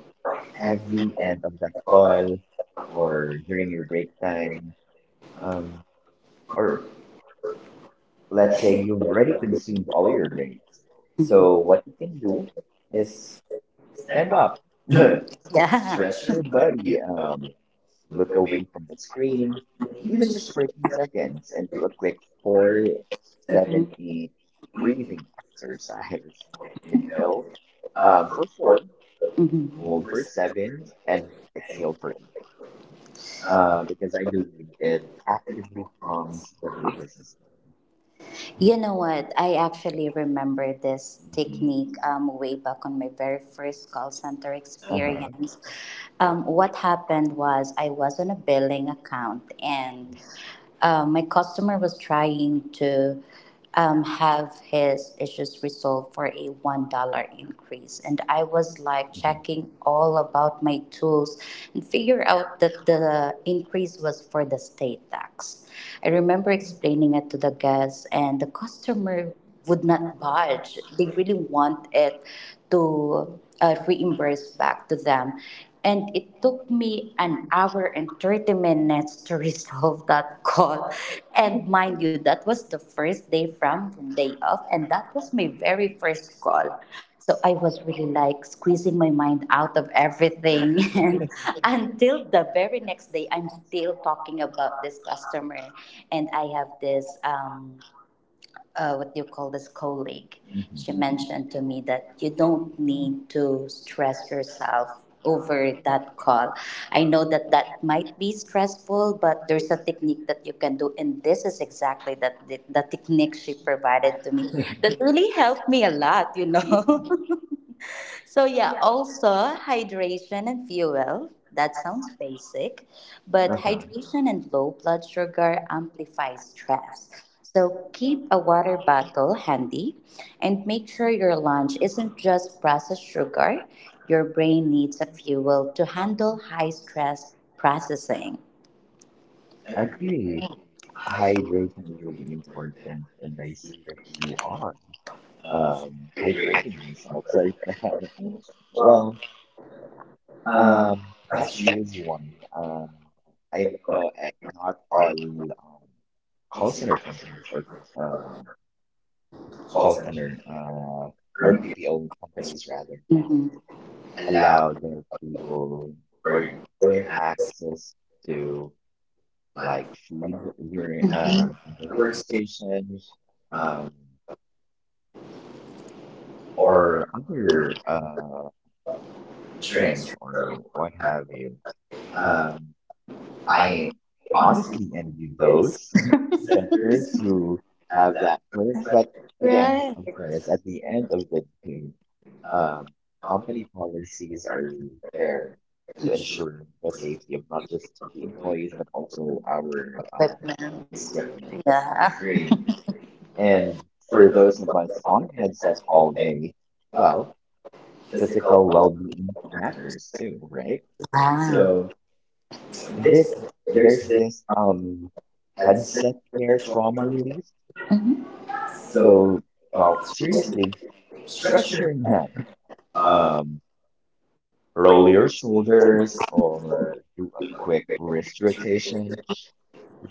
[SPEAKER 1] every
[SPEAKER 2] every end of that
[SPEAKER 1] call
[SPEAKER 2] call
[SPEAKER 1] or
[SPEAKER 2] or during your break time.
[SPEAKER 1] um,
[SPEAKER 2] Um,
[SPEAKER 1] or
[SPEAKER 2] or
[SPEAKER 1] let's
[SPEAKER 2] let's say
[SPEAKER 1] say
[SPEAKER 2] you've already
[SPEAKER 1] every
[SPEAKER 2] consumed
[SPEAKER 1] call
[SPEAKER 2] all your breaks.
[SPEAKER 1] so
[SPEAKER 2] So
[SPEAKER 1] what
[SPEAKER 2] what you can do
[SPEAKER 1] is
[SPEAKER 2] is
[SPEAKER 1] step
[SPEAKER 2] stand
[SPEAKER 1] up,
[SPEAKER 2] up,
[SPEAKER 1] *laughs*
[SPEAKER 2] *laughs*
[SPEAKER 1] yeah. Stretch
[SPEAKER 2] stretch your
[SPEAKER 1] your idea,
[SPEAKER 2] body, um,
[SPEAKER 1] look
[SPEAKER 2] look
[SPEAKER 1] away,
[SPEAKER 2] away from the
[SPEAKER 1] from me.
[SPEAKER 2] screen,
[SPEAKER 1] Even
[SPEAKER 2] even
[SPEAKER 1] just
[SPEAKER 2] just
[SPEAKER 1] for
[SPEAKER 2] for a
[SPEAKER 1] a
[SPEAKER 2] few
[SPEAKER 1] second,
[SPEAKER 2] seconds, and do a quick
[SPEAKER 1] or hmm
[SPEAKER 2] four, seven,
[SPEAKER 1] seven,
[SPEAKER 2] eight
[SPEAKER 1] breathing
[SPEAKER 2] breathing exercise. *laughs*
[SPEAKER 1] exercise. Inhale,
[SPEAKER 2] Inhale
[SPEAKER 1] uh,
[SPEAKER 2] um, for
[SPEAKER 1] for
[SPEAKER 2] four,
[SPEAKER 1] four, hmm hold
[SPEAKER 2] hold
[SPEAKER 1] for
[SPEAKER 2] for
[SPEAKER 1] seven,
[SPEAKER 2] seven, and exhale for eight. Uh,
[SPEAKER 1] uh,
[SPEAKER 2] because I believe
[SPEAKER 1] and,
[SPEAKER 2] it
[SPEAKER 1] and
[SPEAKER 2] actively
[SPEAKER 1] pause
[SPEAKER 2] calms the
[SPEAKER 1] for
[SPEAKER 2] nervous system.
[SPEAKER 1] you know what? I actually remember this
[SPEAKER 2] Mhm.
[SPEAKER 1] technique um, way back on my very first call center
[SPEAKER 2] Uh-huh.
[SPEAKER 1] experience. Um, what happened was I was on a billing account, and um, my customer was trying to um, have his issues resolved for a one dollar increase, and I was like
[SPEAKER 2] Mhm.
[SPEAKER 1] checking all about my tools and figure out that the increase was for the state tax. I remember explaining it to the guests, and the customer would not budge. They really want it to uh, reimburse back to them. And it took me an hour and thirty minutes to *laughs* resolve that call. And mind you, that was the first day from day off, and that was my very first call. So I was really like squeezing my mind out of everything. *laughs* And until the very next day, I'm still talking about this customer. And I have this, um, uh, what do you call this, colleague. She
[SPEAKER 2] Mhm.
[SPEAKER 1] mentioned to me that you don't need to stress yourself over that call. I know that that might be stressful, but there's a technique that you can do, and this is exactly that the, the technique she provided to me
[SPEAKER 2] *laughs*
[SPEAKER 1] that really helped me a lot, you know. *laughs* So yeah, also hydration and fuel. That sounds basic, but
[SPEAKER 2] Uh-huh.
[SPEAKER 1] hydration and low blood sugar amplify stress. So keep a water bottle handy and make sure your lunch isn't just processed sugar. Your brain needs a fuel to handle high stress processing.
[SPEAKER 2] Agreed. Hydration is really important, and I see that you are. Um, hydrating myself right now. *laughs* Well, um, that's really one. Um, I know eh, not all um, call center companies or um,
[SPEAKER 1] Call
[SPEAKER 2] call
[SPEAKER 1] center
[SPEAKER 2] center uh, or
[SPEAKER 1] or be
[SPEAKER 2] B P O companies rather
[SPEAKER 1] mhm allowed
[SPEAKER 2] allow their people
[SPEAKER 1] where
[SPEAKER 2] or
[SPEAKER 1] you're
[SPEAKER 2] give
[SPEAKER 1] organized
[SPEAKER 2] access to like
[SPEAKER 1] like
[SPEAKER 2] food during
[SPEAKER 1] mhm
[SPEAKER 2] um, in their
[SPEAKER 1] workstation
[SPEAKER 2] workstation
[SPEAKER 1] um,
[SPEAKER 2] um,
[SPEAKER 1] or
[SPEAKER 2] or other uh, drinks
[SPEAKER 1] drinks.
[SPEAKER 2] or what have you.
[SPEAKER 1] um,
[SPEAKER 2] Um,
[SPEAKER 1] I
[SPEAKER 2] I
[SPEAKER 1] honestly
[SPEAKER 2] honestly envy
[SPEAKER 1] both
[SPEAKER 2] those
[SPEAKER 1] *laughs*
[SPEAKER 2] *laughs*
[SPEAKER 1] sectors
[SPEAKER 2] doctors who
[SPEAKER 1] have
[SPEAKER 2] have
[SPEAKER 1] that,
[SPEAKER 2] that perk,
[SPEAKER 1] but
[SPEAKER 2] but again, of
[SPEAKER 1] for
[SPEAKER 2] course,
[SPEAKER 1] instance,
[SPEAKER 2] at the end of the day,
[SPEAKER 1] um,
[SPEAKER 2] um,
[SPEAKER 1] company
[SPEAKER 2] company policies are
[SPEAKER 1] partners
[SPEAKER 2] there
[SPEAKER 1] there,
[SPEAKER 2] to ensure the safety of not just the employees, but also our um,
[SPEAKER 1] equipment.
[SPEAKER 2] equipment.
[SPEAKER 1] Yeah.
[SPEAKER 2] Agreed.
[SPEAKER 1] *laughs* And
[SPEAKER 2] And
[SPEAKER 1] for
[SPEAKER 2] for
[SPEAKER 1] those
[SPEAKER 2] those of us on a
[SPEAKER 1] that's
[SPEAKER 2] headset
[SPEAKER 1] all
[SPEAKER 2] all
[SPEAKER 1] they
[SPEAKER 2] day, well,
[SPEAKER 1] about physical
[SPEAKER 2] physical
[SPEAKER 1] health
[SPEAKER 2] well-being
[SPEAKER 1] factors.
[SPEAKER 2] matters too, right?
[SPEAKER 1] Wow. So,
[SPEAKER 2] So. This
[SPEAKER 1] This there's
[SPEAKER 2] there's
[SPEAKER 1] this
[SPEAKER 2] this um
[SPEAKER 1] headset.
[SPEAKER 2] headset hair trauma release.
[SPEAKER 1] Mm-hmm. So,
[SPEAKER 2] So, well,
[SPEAKER 1] uh,
[SPEAKER 2] seriously,
[SPEAKER 1] stretch
[SPEAKER 2] stretch
[SPEAKER 1] your
[SPEAKER 2] your neck,
[SPEAKER 1] uh
[SPEAKER 2] um,
[SPEAKER 1] roll
[SPEAKER 2] roll
[SPEAKER 1] your
[SPEAKER 2] your shoulders, or do a quick
[SPEAKER 1] because
[SPEAKER 2] wrist rotation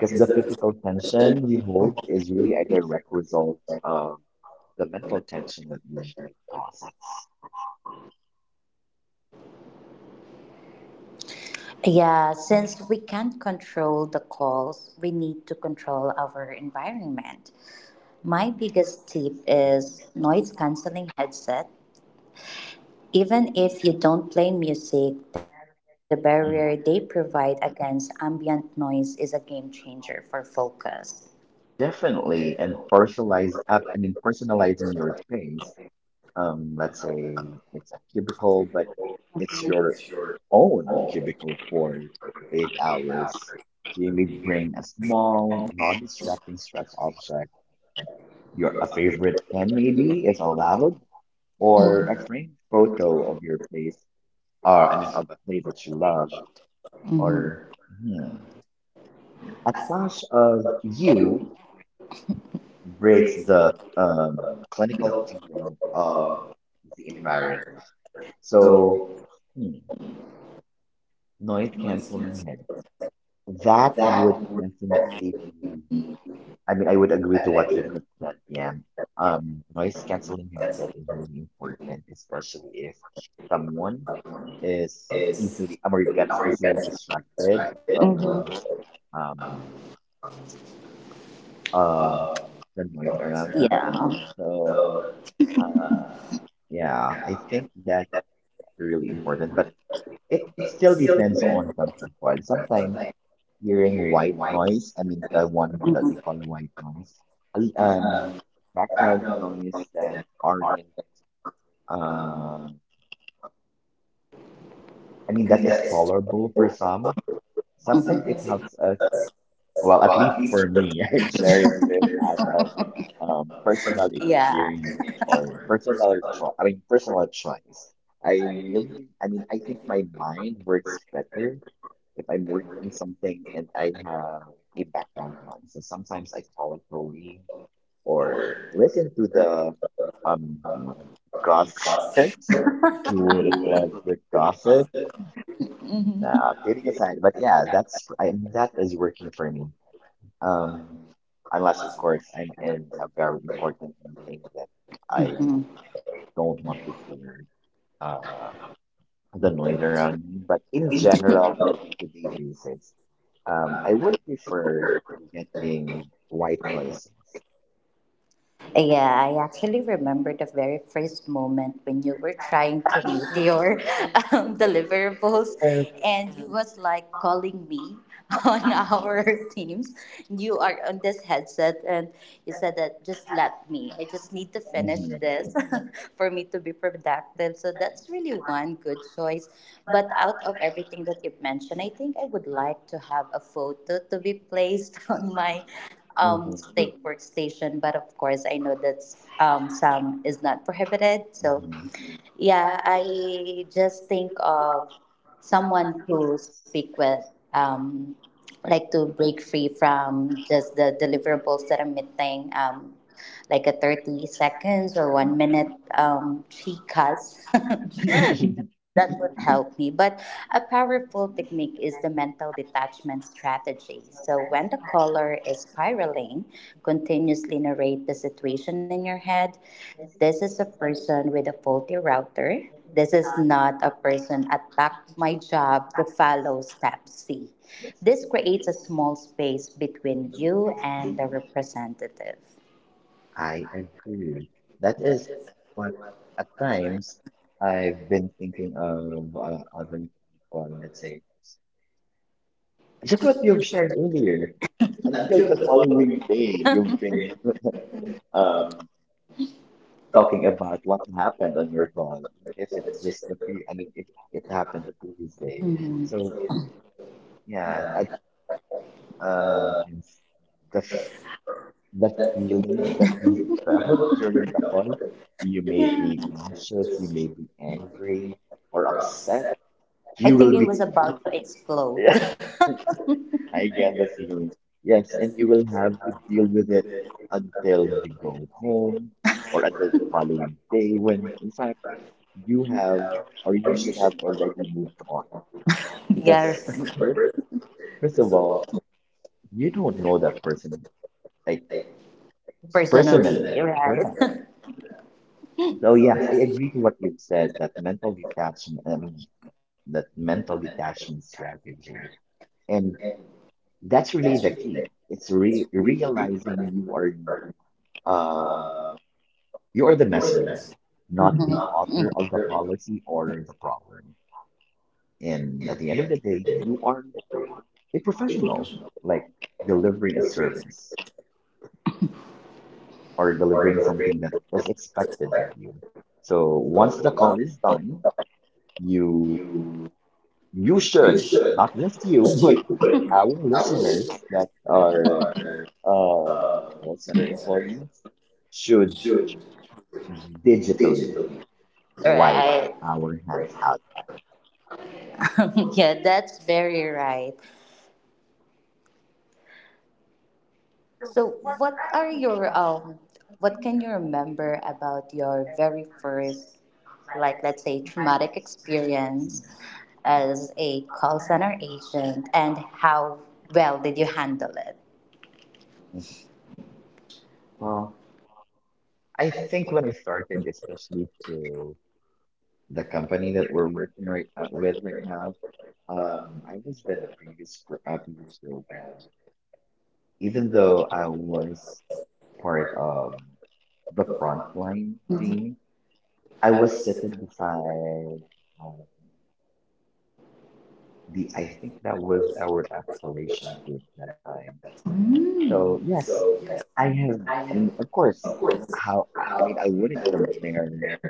[SPEAKER 1] the
[SPEAKER 2] the
[SPEAKER 1] physician
[SPEAKER 2] physical tension we hold is really
[SPEAKER 1] really.
[SPEAKER 2] a direct result of the mental tension that we usually causes.
[SPEAKER 1] Yeah, since we can't control the calls, we need to control our environment. My biggest tip is noise canceling headset. Even if you don't play music, the barrier they
[SPEAKER 2] Mhm.
[SPEAKER 1] provide against ambient noise is a game changer for focus.
[SPEAKER 2] Definitely, and personalize up and in
[SPEAKER 1] And certainly,
[SPEAKER 2] personalizing your space.
[SPEAKER 1] um,
[SPEAKER 2] Um, let's say it's a cubicle, but it's your
[SPEAKER 1] your
[SPEAKER 2] own
[SPEAKER 1] own
[SPEAKER 2] cubicle for eight
[SPEAKER 1] eight hours
[SPEAKER 2] hours.
[SPEAKER 1] for
[SPEAKER 2] So you may
[SPEAKER 1] leaving
[SPEAKER 2] bring a small,
[SPEAKER 1] home,
[SPEAKER 2] non-distracting stress object, your a
[SPEAKER 1] your other
[SPEAKER 2] favorite pen maybe, if allowed,
[SPEAKER 1] or
[SPEAKER 2] or a framed photo
[SPEAKER 1] social
[SPEAKER 2] of your place, or I mean
[SPEAKER 1] are
[SPEAKER 2] of a place that you love, or
[SPEAKER 1] or
[SPEAKER 2] hmm, a
[SPEAKER 1] as much
[SPEAKER 2] flash of
[SPEAKER 1] as
[SPEAKER 2] you
[SPEAKER 1] you
[SPEAKER 2] breaks
[SPEAKER 1] breaks the
[SPEAKER 2] the
[SPEAKER 1] uh,
[SPEAKER 2] um, clinical field of
[SPEAKER 1] of
[SPEAKER 2] the environment.
[SPEAKER 1] the.
[SPEAKER 2] So,
[SPEAKER 1] So
[SPEAKER 2] hmm. noise
[SPEAKER 1] noise cancel
[SPEAKER 2] canceling head. That
[SPEAKER 1] that
[SPEAKER 2] would
[SPEAKER 1] would
[SPEAKER 2] definitely
[SPEAKER 1] definitely
[SPEAKER 2] be,
[SPEAKER 1] be.
[SPEAKER 2] I mean,
[SPEAKER 1] I
[SPEAKER 2] I
[SPEAKER 1] mean
[SPEAKER 2] would
[SPEAKER 1] I would
[SPEAKER 2] agree
[SPEAKER 1] agree
[SPEAKER 2] to what you've just said. Yeah. Um, noise canceling
[SPEAKER 1] canceling
[SPEAKER 2] headset is really important, especially if someone is
[SPEAKER 1] is
[SPEAKER 2] easily, um, or
[SPEAKER 1] really our
[SPEAKER 2] gets
[SPEAKER 1] guest,
[SPEAKER 2] easily distracted of
[SPEAKER 1] right.
[SPEAKER 2] um,
[SPEAKER 1] Um,
[SPEAKER 2] um,
[SPEAKER 1] uh,
[SPEAKER 2] the noise around
[SPEAKER 1] Trailblazer.
[SPEAKER 2] them.
[SPEAKER 1] Yeah.
[SPEAKER 2] So,
[SPEAKER 1] So,
[SPEAKER 2] uh,
[SPEAKER 1] uh,
[SPEAKER 2] yeah,
[SPEAKER 1] yeah,
[SPEAKER 2] I
[SPEAKER 1] I think
[SPEAKER 2] think that's
[SPEAKER 1] that's
[SPEAKER 2] really
[SPEAKER 1] really
[SPEAKER 2] important,
[SPEAKER 1] important.
[SPEAKER 2] but it
[SPEAKER 1] It
[SPEAKER 2] still
[SPEAKER 1] still
[SPEAKER 2] depends
[SPEAKER 1] depends
[SPEAKER 2] on some people.
[SPEAKER 1] on
[SPEAKER 2] Sometimes
[SPEAKER 1] sometimes
[SPEAKER 2] hearing
[SPEAKER 1] hearing
[SPEAKER 2] white
[SPEAKER 1] white
[SPEAKER 2] noise. I mean,
[SPEAKER 1] and.
[SPEAKER 2] the one that we
[SPEAKER 1] Mhm.
[SPEAKER 2] call white noise. Al- Um,
[SPEAKER 1] um,
[SPEAKER 2] background
[SPEAKER 1] background noise
[SPEAKER 2] noise that
[SPEAKER 1] and
[SPEAKER 2] aren't,
[SPEAKER 1] art.
[SPEAKER 2] uh,
[SPEAKER 1] uh
[SPEAKER 2] I mean,
[SPEAKER 1] I
[SPEAKER 2] that
[SPEAKER 1] mean, that
[SPEAKER 2] is
[SPEAKER 1] is.
[SPEAKER 2] tolerable for
[SPEAKER 1] Mhm.
[SPEAKER 2] some. Sometimes it
[SPEAKER 1] Sometimes it
[SPEAKER 2] helps us. Well, at
[SPEAKER 1] well, at
[SPEAKER 2] least for
[SPEAKER 1] least for
[SPEAKER 2] me, *laughs*
[SPEAKER 1] the
[SPEAKER 2] I'm sharing
[SPEAKER 1] *laughs*
[SPEAKER 2] this as
[SPEAKER 1] there's
[SPEAKER 2] of
[SPEAKER 1] um,
[SPEAKER 2] um
[SPEAKER 1] um,
[SPEAKER 2] personal
[SPEAKER 1] personal. Yeah.
[SPEAKER 2] experience
[SPEAKER 1] Image
[SPEAKER 2] or
[SPEAKER 1] or
[SPEAKER 2] personal
[SPEAKER 1] personal.
[SPEAKER 2] choice. I mean, personal choice. I
[SPEAKER 1] I, really,
[SPEAKER 2] really, I mean,
[SPEAKER 1] I
[SPEAKER 2] I think
[SPEAKER 1] think
[SPEAKER 2] my mind works
[SPEAKER 1] we're,
[SPEAKER 2] better if I'm
[SPEAKER 1] I'm
[SPEAKER 2] working
[SPEAKER 1] working
[SPEAKER 2] something and I have a background
[SPEAKER 1] on.
[SPEAKER 2] noise. So sometimes I call it rolling or listen to the um gossips. *laughs* Who wouldn't love the gossip? Now, kidding aside, but yeah, that's I that is working for me. Um, Unless, of course, I'm in a very important meeting that I don't want to hear uh, the noise around me. But in general,
[SPEAKER 1] Mhm.
[SPEAKER 2] on a day-to-day basis, um, I would prefer getting white
[SPEAKER 1] Mhm.
[SPEAKER 2] noise.
[SPEAKER 1] Yeah, I actually remember the very first moment when you were trying to meet your *laughs* um, deliverables,
[SPEAKER 2] Well,
[SPEAKER 1] and you was like calling me *laughs* on our
[SPEAKER 2] yes.
[SPEAKER 1] teams. You are on this headset, and you said that just let me. I just need to finish
[SPEAKER 2] Mhm,
[SPEAKER 1] this *laughs* for me to be productive. So that's really one good choice. But out of everything that you've mentioned, I think I would like to have a photo to be placed *laughs* on my um, state workstation, but of course, I know that um, some is not prohibited. So
[SPEAKER 2] mhm,
[SPEAKER 1] yeah, I just think of someone to speak with, um, like to break free from just the deliverables that I'm meeting, um, like a thirty seconds or one minute um, chicas. *laughs*
[SPEAKER 2] mhm.
[SPEAKER 1] that
[SPEAKER 2] *laughs*
[SPEAKER 1] would help me. But a powerful technique is the mental detachment strategy. So when the caller is spiraling, continuously narrate the situation in your head: this is a person with a faulty router. This is not a person attacked my job to follow step C. This creates a small space between you and the representative.
[SPEAKER 2] I agree. That is what at times I've been thinking of uh, other people, let's say. Just what you've shared earlier, until the following day, you've been um talking about what happened on your call. Even if it's just the pre, I mean, it it happened the previous day.
[SPEAKER 1] Mhm.
[SPEAKER 2] So yeah, I, uh, times the
[SPEAKER 1] I
[SPEAKER 2] f- the feeling that you felt during the call, you may be anxious, you may be angry or upset. You
[SPEAKER 1] think
[SPEAKER 2] will
[SPEAKER 1] it
[SPEAKER 2] be.
[SPEAKER 1] was about to explode. *laughs*
[SPEAKER 2] *laughs* I get the feeling. Yes, and you will have to deal with it until you go home or until the following day when, in fact, you have or you should have already moved on. Because,
[SPEAKER 1] yes,
[SPEAKER 2] *laughs* fir- first of all, you don't know that person, like,
[SPEAKER 1] personally,
[SPEAKER 2] personally. Correct. So, yes, I agree to what you've said, that mental detachment, I mean, that mental detachment strategy. And
[SPEAKER 1] right?
[SPEAKER 2] that's
[SPEAKER 1] *laughs*
[SPEAKER 2] really
[SPEAKER 1] That's your
[SPEAKER 2] the
[SPEAKER 1] main thing.
[SPEAKER 2] key. It's
[SPEAKER 1] That's your
[SPEAKER 2] re
[SPEAKER 1] read. Read
[SPEAKER 2] Realizing
[SPEAKER 1] the
[SPEAKER 2] you are.
[SPEAKER 1] pardon.
[SPEAKER 2] Um,
[SPEAKER 1] Uh,
[SPEAKER 2] You are the
[SPEAKER 1] you're the
[SPEAKER 2] messenger,
[SPEAKER 1] messenger.
[SPEAKER 2] not
[SPEAKER 1] Mhm.
[SPEAKER 2] the
[SPEAKER 1] Not the
[SPEAKER 2] author of the
[SPEAKER 1] author.
[SPEAKER 2] policy or the problem. And at
[SPEAKER 1] And
[SPEAKER 2] the end of the
[SPEAKER 1] the
[SPEAKER 2] day,
[SPEAKER 1] delivery.
[SPEAKER 2] you are a
[SPEAKER 1] A
[SPEAKER 2] professional,
[SPEAKER 1] professional
[SPEAKER 2] like delivering a
[SPEAKER 1] delivery
[SPEAKER 2] service or
[SPEAKER 1] or
[SPEAKER 2] delivering
[SPEAKER 1] delivery
[SPEAKER 2] something that was expected of
[SPEAKER 1] expect.
[SPEAKER 2] you. So once
[SPEAKER 1] So
[SPEAKER 2] the
[SPEAKER 1] once
[SPEAKER 2] call is done, you
[SPEAKER 1] you
[SPEAKER 2] you
[SPEAKER 1] you
[SPEAKER 2] should,
[SPEAKER 1] should
[SPEAKER 2] not just you, *laughs*
[SPEAKER 1] just you
[SPEAKER 2] but
[SPEAKER 1] but
[SPEAKER 2] our
[SPEAKER 1] *laughs* I will listen.
[SPEAKER 2] listeners
[SPEAKER 1] Are
[SPEAKER 2] that are uh,
[SPEAKER 1] uh
[SPEAKER 2] call center employees should
[SPEAKER 1] should
[SPEAKER 2] digitally
[SPEAKER 1] digitally.
[SPEAKER 2] wipe
[SPEAKER 1] Right.
[SPEAKER 2] our
[SPEAKER 1] Right,
[SPEAKER 2] hands out
[SPEAKER 1] *laughs* yeah, that's very right. So, what are your um, what can you remember about your very first, like let's say, traumatic
[SPEAKER 2] humanities?
[SPEAKER 1] experience as a call center agent, and how well did you handle it?
[SPEAKER 2] Mhm. Well, I
[SPEAKER 1] I
[SPEAKER 2] think when
[SPEAKER 1] think
[SPEAKER 2] I started, especially to the company that we're working right uh, with right now, um, I
[SPEAKER 1] um,
[SPEAKER 2] was with a previous gr- uh, previous
[SPEAKER 1] uh,
[SPEAKER 2] program. Even
[SPEAKER 1] even
[SPEAKER 2] though
[SPEAKER 1] though
[SPEAKER 2] I
[SPEAKER 1] I
[SPEAKER 2] was part of the
[SPEAKER 1] the
[SPEAKER 2] frontline
[SPEAKER 1] front,
[SPEAKER 2] team, I
[SPEAKER 1] I
[SPEAKER 2] was
[SPEAKER 1] was.
[SPEAKER 2] sitting beside um, the I think that was our escalation group that time.
[SPEAKER 1] Mm.
[SPEAKER 2] So
[SPEAKER 1] So yes,
[SPEAKER 2] yes, I
[SPEAKER 1] I
[SPEAKER 2] have.
[SPEAKER 1] have,
[SPEAKER 2] I mean, of
[SPEAKER 1] of
[SPEAKER 2] course.
[SPEAKER 1] course,
[SPEAKER 2] How
[SPEAKER 1] how
[SPEAKER 2] I I mean, I
[SPEAKER 1] I
[SPEAKER 2] wouldn't
[SPEAKER 1] live
[SPEAKER 2] compare
[SPEAKER 1] there,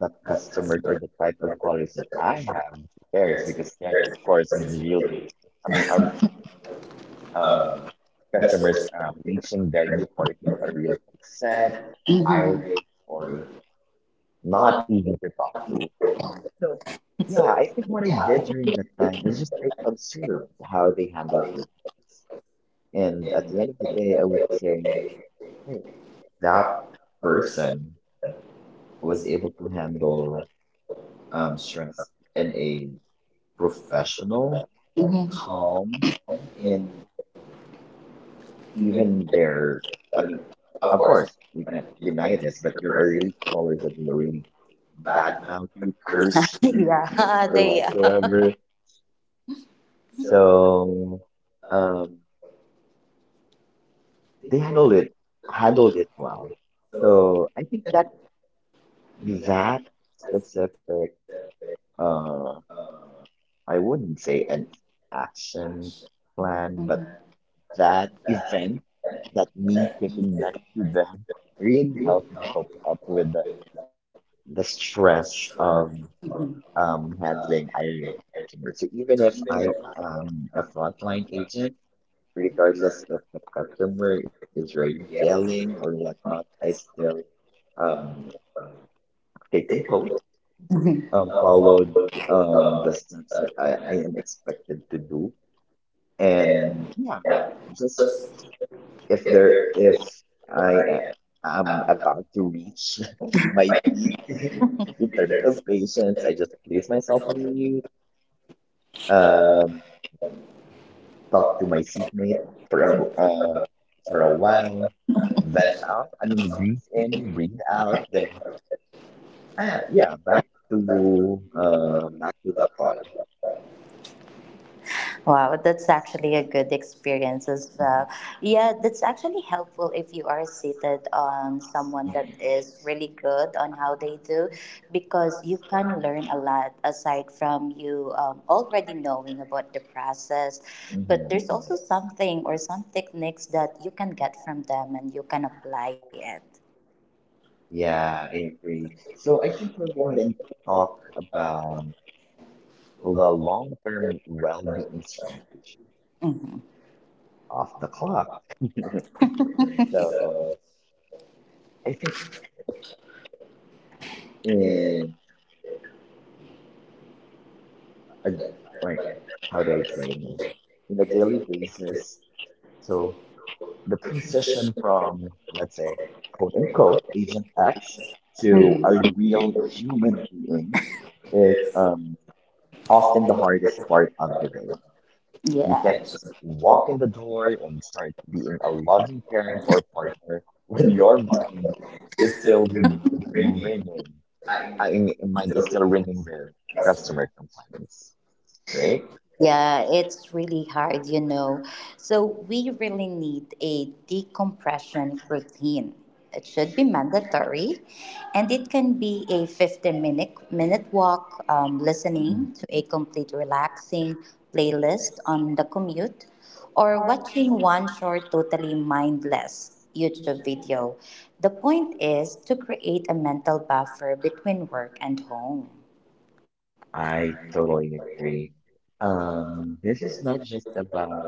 [SPEAKER 2] the
[SPEAKER 1] but
[SPEAKER 2] customers
[SPEAKER 1] customer
[SPEAKER 2] or the type of callers that I have to theirs
[SPEAKER 1] service
[SPEAKER 2] because theirs, of
[SPEAKER 1] because
[SPEAKER 2] course, is
[SPEAKER 1] service is
[SPEAKER 2] really.
[SPEAKER 1] really
[SPEAKER 2] I mean, our uh,
[SPEAKER 1] um, customer
[SPEAKER 2] customers
[SPEAKER 1] service.
[SPEAKER 2] um, reaching their department are really upset,
[SPEAKER 1] Mhm. Hiring
[SPEAKER 2] irate, or
[SPEAKER 1] for
[SPEAKER 2] not
[SPEAKER 1] money.
[SPEAKER 2] easy to talk to.
[SPEAKER 1] So
[SPEAKER 2] Yeah,
[SPEAKER 1] yeah,
[SPEAKER 2] I think
[SPEAKER 1] I
[SPEAKER 2] what
[SPEAKER 1] think
[SPEAKER 2] I did during that time is just I observed how they
[SPEAKER 1] probably
[SPEAKER 2] handled their things, and
[SPEAKER 1] in the
[SPEAKER 2] at the end
[SPEAKER 1] thing
[SPEAKER 2] of the
[SPEAKER 1] that
[SPEAKER 2] day, I
[SPEAKER 1] they would
[SPEAKER 2] would say,
[SPEAKER 1] say
[SPEAKER 2] hey, that
[SPEAKER 1] that person
[SPEAKER 2] person
[SPEAKER 1] was
[SPEAKER 2] was
[SPEAKER 1] in
[SPEAKER 2] able to handle
[SPEAKER 1] um
[SPEAKER 2] um, stress
[SPEAKER 1] in
[SPEAKER 2] in
[SPEAKER 1] a
[SPEAKER 2] a
[SPEAKER 1] professional.
[SPEAKER 2] professional,
[SPEAKER 1] Mhm. Calm
[SPEAKER 2] calm, and
[SPEAKER 1] in even
[SPEAKER 2] even there, I mean,
[SPEAKER 1] of
[SPEAKER 2] of
[SPEAKER 1] course,
[SPEAKER 2] course, we
[SPEAKER 1] but
[SPEAKER 2] cannot
[SPEAKER 1] the
[SPEAKER 2] deny
[SPEAKER 1] highest,
[SPEAKER 2] this, but
[SPEAKER 1] the
[SPEAKER 2] there are
[SPEAKER 1] first
[SPEAKER 2] really callers that will really
[SPEAKER 1] bad
[SPEAKER 2] badmouth you,
[SPEAKER 1] members.
[SPEAKER 2] curse
[SPEAKER 1] *laughs*
[SPEAKER 2] *laughs* you,
[SPEAKER 1] yeah,
[SPEAKER 2] or
[SPEAKER 1] they are.
[SPEAKER 2] whatsoever.
[SPEAKER 1] So
[SPEAKER 2] So,
[SPEAKER 1] um,
[SPEAKER 2] um, they
[SPEAKER 1] they
[SPEAKER 2] handled
[SPEAKER 1] handled
[SPEAKER 2] it,
[SPEAKER 1] it,
[SPEAKER 2] handled
[SPEAKER 1] handled it.
[SPEAKER 2] it well.
[SPEAKER 1] So
[SPEAKER 2] So I think that
[SPEAKER 1] that
[SPEAKER 2] that specific,
[SPEAKER 1] specific, um,
[SPEAKER 2] uh,
[SPEAKER 1] I
[SPEAKER 2] I wouldn't
[SPEAKER 1] wouldn't
[SPEAKER 2] say an
[SPEAKER 1] action.
[SPEAKER 2] action
[SPEAKER 1] Mhm. Plan
[SPEAKER 2] plan, but
[SPEAKER 1] of
[SPEAKER 2] that
[SPEAKER 1] that
[SPEAKER 2] event
[SPEAKER 1] that
[SPEAKER 2] that
[SPEAKER 1] that
[SPEAKER 2] me
[SPEAKER 1] means that
[SPEAKER 2] sitting next
[SPEAKER 1] I
[SPEAKER 2] to them really
[SPEAKER 1] really
[SPEAKER 2] helped me
[SPEAKER 1] helped me
[SPEAKER 2] cope up
[SPEAKER 1] up
[SPEAKER 2] with
[SPEAKER 1] with
[SPEAKER 2] the,
[SPEAKER 1] like,
[SPEAKER 2] the
[SPEAKER 1] the
[SPEAKER 2] stress
[SPEAKER 1] stress of.
[SPEAKER 2] of
[SPEAKER 1] Mhm.
[SPEAKER 2] um,
[SPEAKER 1] um,
[SPEAKER 2] handling
[SPEAKER 1] having.
[SPEAKER 2] I R A customer. So
[SPEAKER 1] So
[SPEAKER 2] even
[SPEAKER 1] even
[SPEAKER 2] if
[SPEAKER 1] if
[SPEAKER 2] I am a frontline agent, regardless if the customer is really yelling or whatnot, I still um,
[SPEAKER 1] um,
[SPEAKER 2] stay composed,
[SPEAKER 1] Mhm.
[SPEAKER 2] um,
[SPEAKER 1] uh,
[SPEAKER 2] followed um, the
[SPEAKER 1] um,
[SPEAKER 2] steps
[SPEAKER 1] uh,
[SPEAKER 2] that I, I am expected to do. And
[SPEAKER 1] and,
[SPEAKER 2] yeah,
[SPEAKER 1] yeah,
[SPEAKER 2] just
[SPEAKER 1] just
[SPEAKER 2] if
[SPEAKER 1] if
[SPEAKER 2] there
[SPEAKER 1] there
[SPEAKER 2] if
[SPEAKER 1] is,
[SPEAKER 2] I
[SPEAKER 1] I
[SPEAKER 2] am
[SPEAKER 1] am, um,
[SPEAKER 2] about to reach
[SPEAKER 1] I
[SPEAKER 2] *laughs* my
[SPEAKER 1] might
[SPEAKER 2] peak
[SPEAKER 1] be,
[SPEAKER 2] in terms
[SPEAKER 1] if
[SPEAKER 2] of patience, I just place myself on mute,
[SPEAKER 1] uh,
[SPEAKER 2] um, talk to
[SPEAKER 1] talk to
[SPEAKER 2] my
[SPEAKER 1] myself
[SPEAKER 2] seatmate for a
[SPEAKER 1] for
[SPEAKER 2] uh,
[SPEAKER 1] uh,
[SPEAKER 2] for
[SPEAKER 1] for
[SPEAKER 2] a
[SPEAKER 1] a while,
[SPEAKER 2] while, vent out. I mean,
[SPEAKER 1] uh,
[SPEAKER 2] breathe in, breathe out. Then ah,
[SPEAKER 1] yeah,
[SPEAKER 2] yeah, back to
[SPEAKER 1] uh,
[SPEAKER 2] uh, back to the
[SPEAKER 1] uh,
[SPEAKER 2] call.
[SPEAKER 1] Wow, that's actually a good experience as well.
[SPEAKER 2] Mhm.
[SPEAKER 1] Yeah, that's actually helpful if you are seated on someone that is really good on how they do, because you can learn a lot aside from you um, already knowing about the process. But
[SPEAKER 2] Mhm.
[SPEAKER 1] there's also something or some techniques that you can get from them and you can apply it.
[SPEAKER 2] Yeah,
[SPEAKER 1] Yeah.
[SPEAKER 2] I agree.
[SPEAKER 1] So
[SPEAKER 2] So I
[SPEAKER 1] I
[SPEAKER 2] think
[SPEAKER 1] think.
[SPEAKER 2] we'll go ahead and
[SPEAKER 1] The
[SPEAKER 2] talk
[SPEAKER 1] Talk.
[SPEAKER 2] about the long-term well-being
[SPEAKER 1] Uh
[SPEAKER 2] strategy
[SPEAKER 1] Mhm.
[SPEAKER 2] of
[SPEAKER 1] So
[SPEAKER 2] the
[SPEAKER 1] *laughs* in
[SPEAKER 2] clock.
[SPEAKER 1] the
[SPEAKER 2] So I think in a,
[SPEAKER 1] like
[SPEAKER 2] like how do I
[SPEAKER 1] uh,
[SPEAKER 2] say it? In a daily basis.
[SPEAKER 1] so
[SPEAKER 2] So the
[SPEAKER 1] transition
[SPEAKER 2] transition
[SPEAKER 1] from
[SPEAKER 2] from, let's say, quote
[SPEAKER 1] like
[SPEAKER 2] unquote Agent X
[SPEAKER 1] hmm
[SPEAKER 2] to a real human being is um, often the hardest part
[SPEAKER 1] uh,
[SPEAKER 2] of the road. You
[SPEAKER 1] Yeah.
[SPEAKER 2] can
[SPEAKER 1] Yeah, so
[SPEAKER 2] just walk in the door and start being a loving parent or partner *laughs* when your mind is still with ringing. I mean, mind is still ringing with customer complaints, right?
[SPEAKER 1] yeah, it's really hard, you know. So we really need a decompression routine. It should be mandatory, and it can be a fifteen minute minute walk, um,
[SPEAKER 2] Mhm.
[SPEAKER 1] listening to a complete relaxing playlist on the commute, or watching one short, totally mindless YouTube video. The point is to create a mental buffer between work and home.
[SPEAKER 2] I totally agree.
[SPEAKER 1] Uh,
[SPEAKER 2] Um,
[SPEAKER 1] this
[SPEAKER 2] this
[SPEAKER 1] is
[SPEAKER 2] is
[SPEAKER 1] not
[SPEAKER 2] not
[SPEAKER 1] just
[SPEAKER 2] just
[SPEAKER 1] about
[SPEAKER 2] about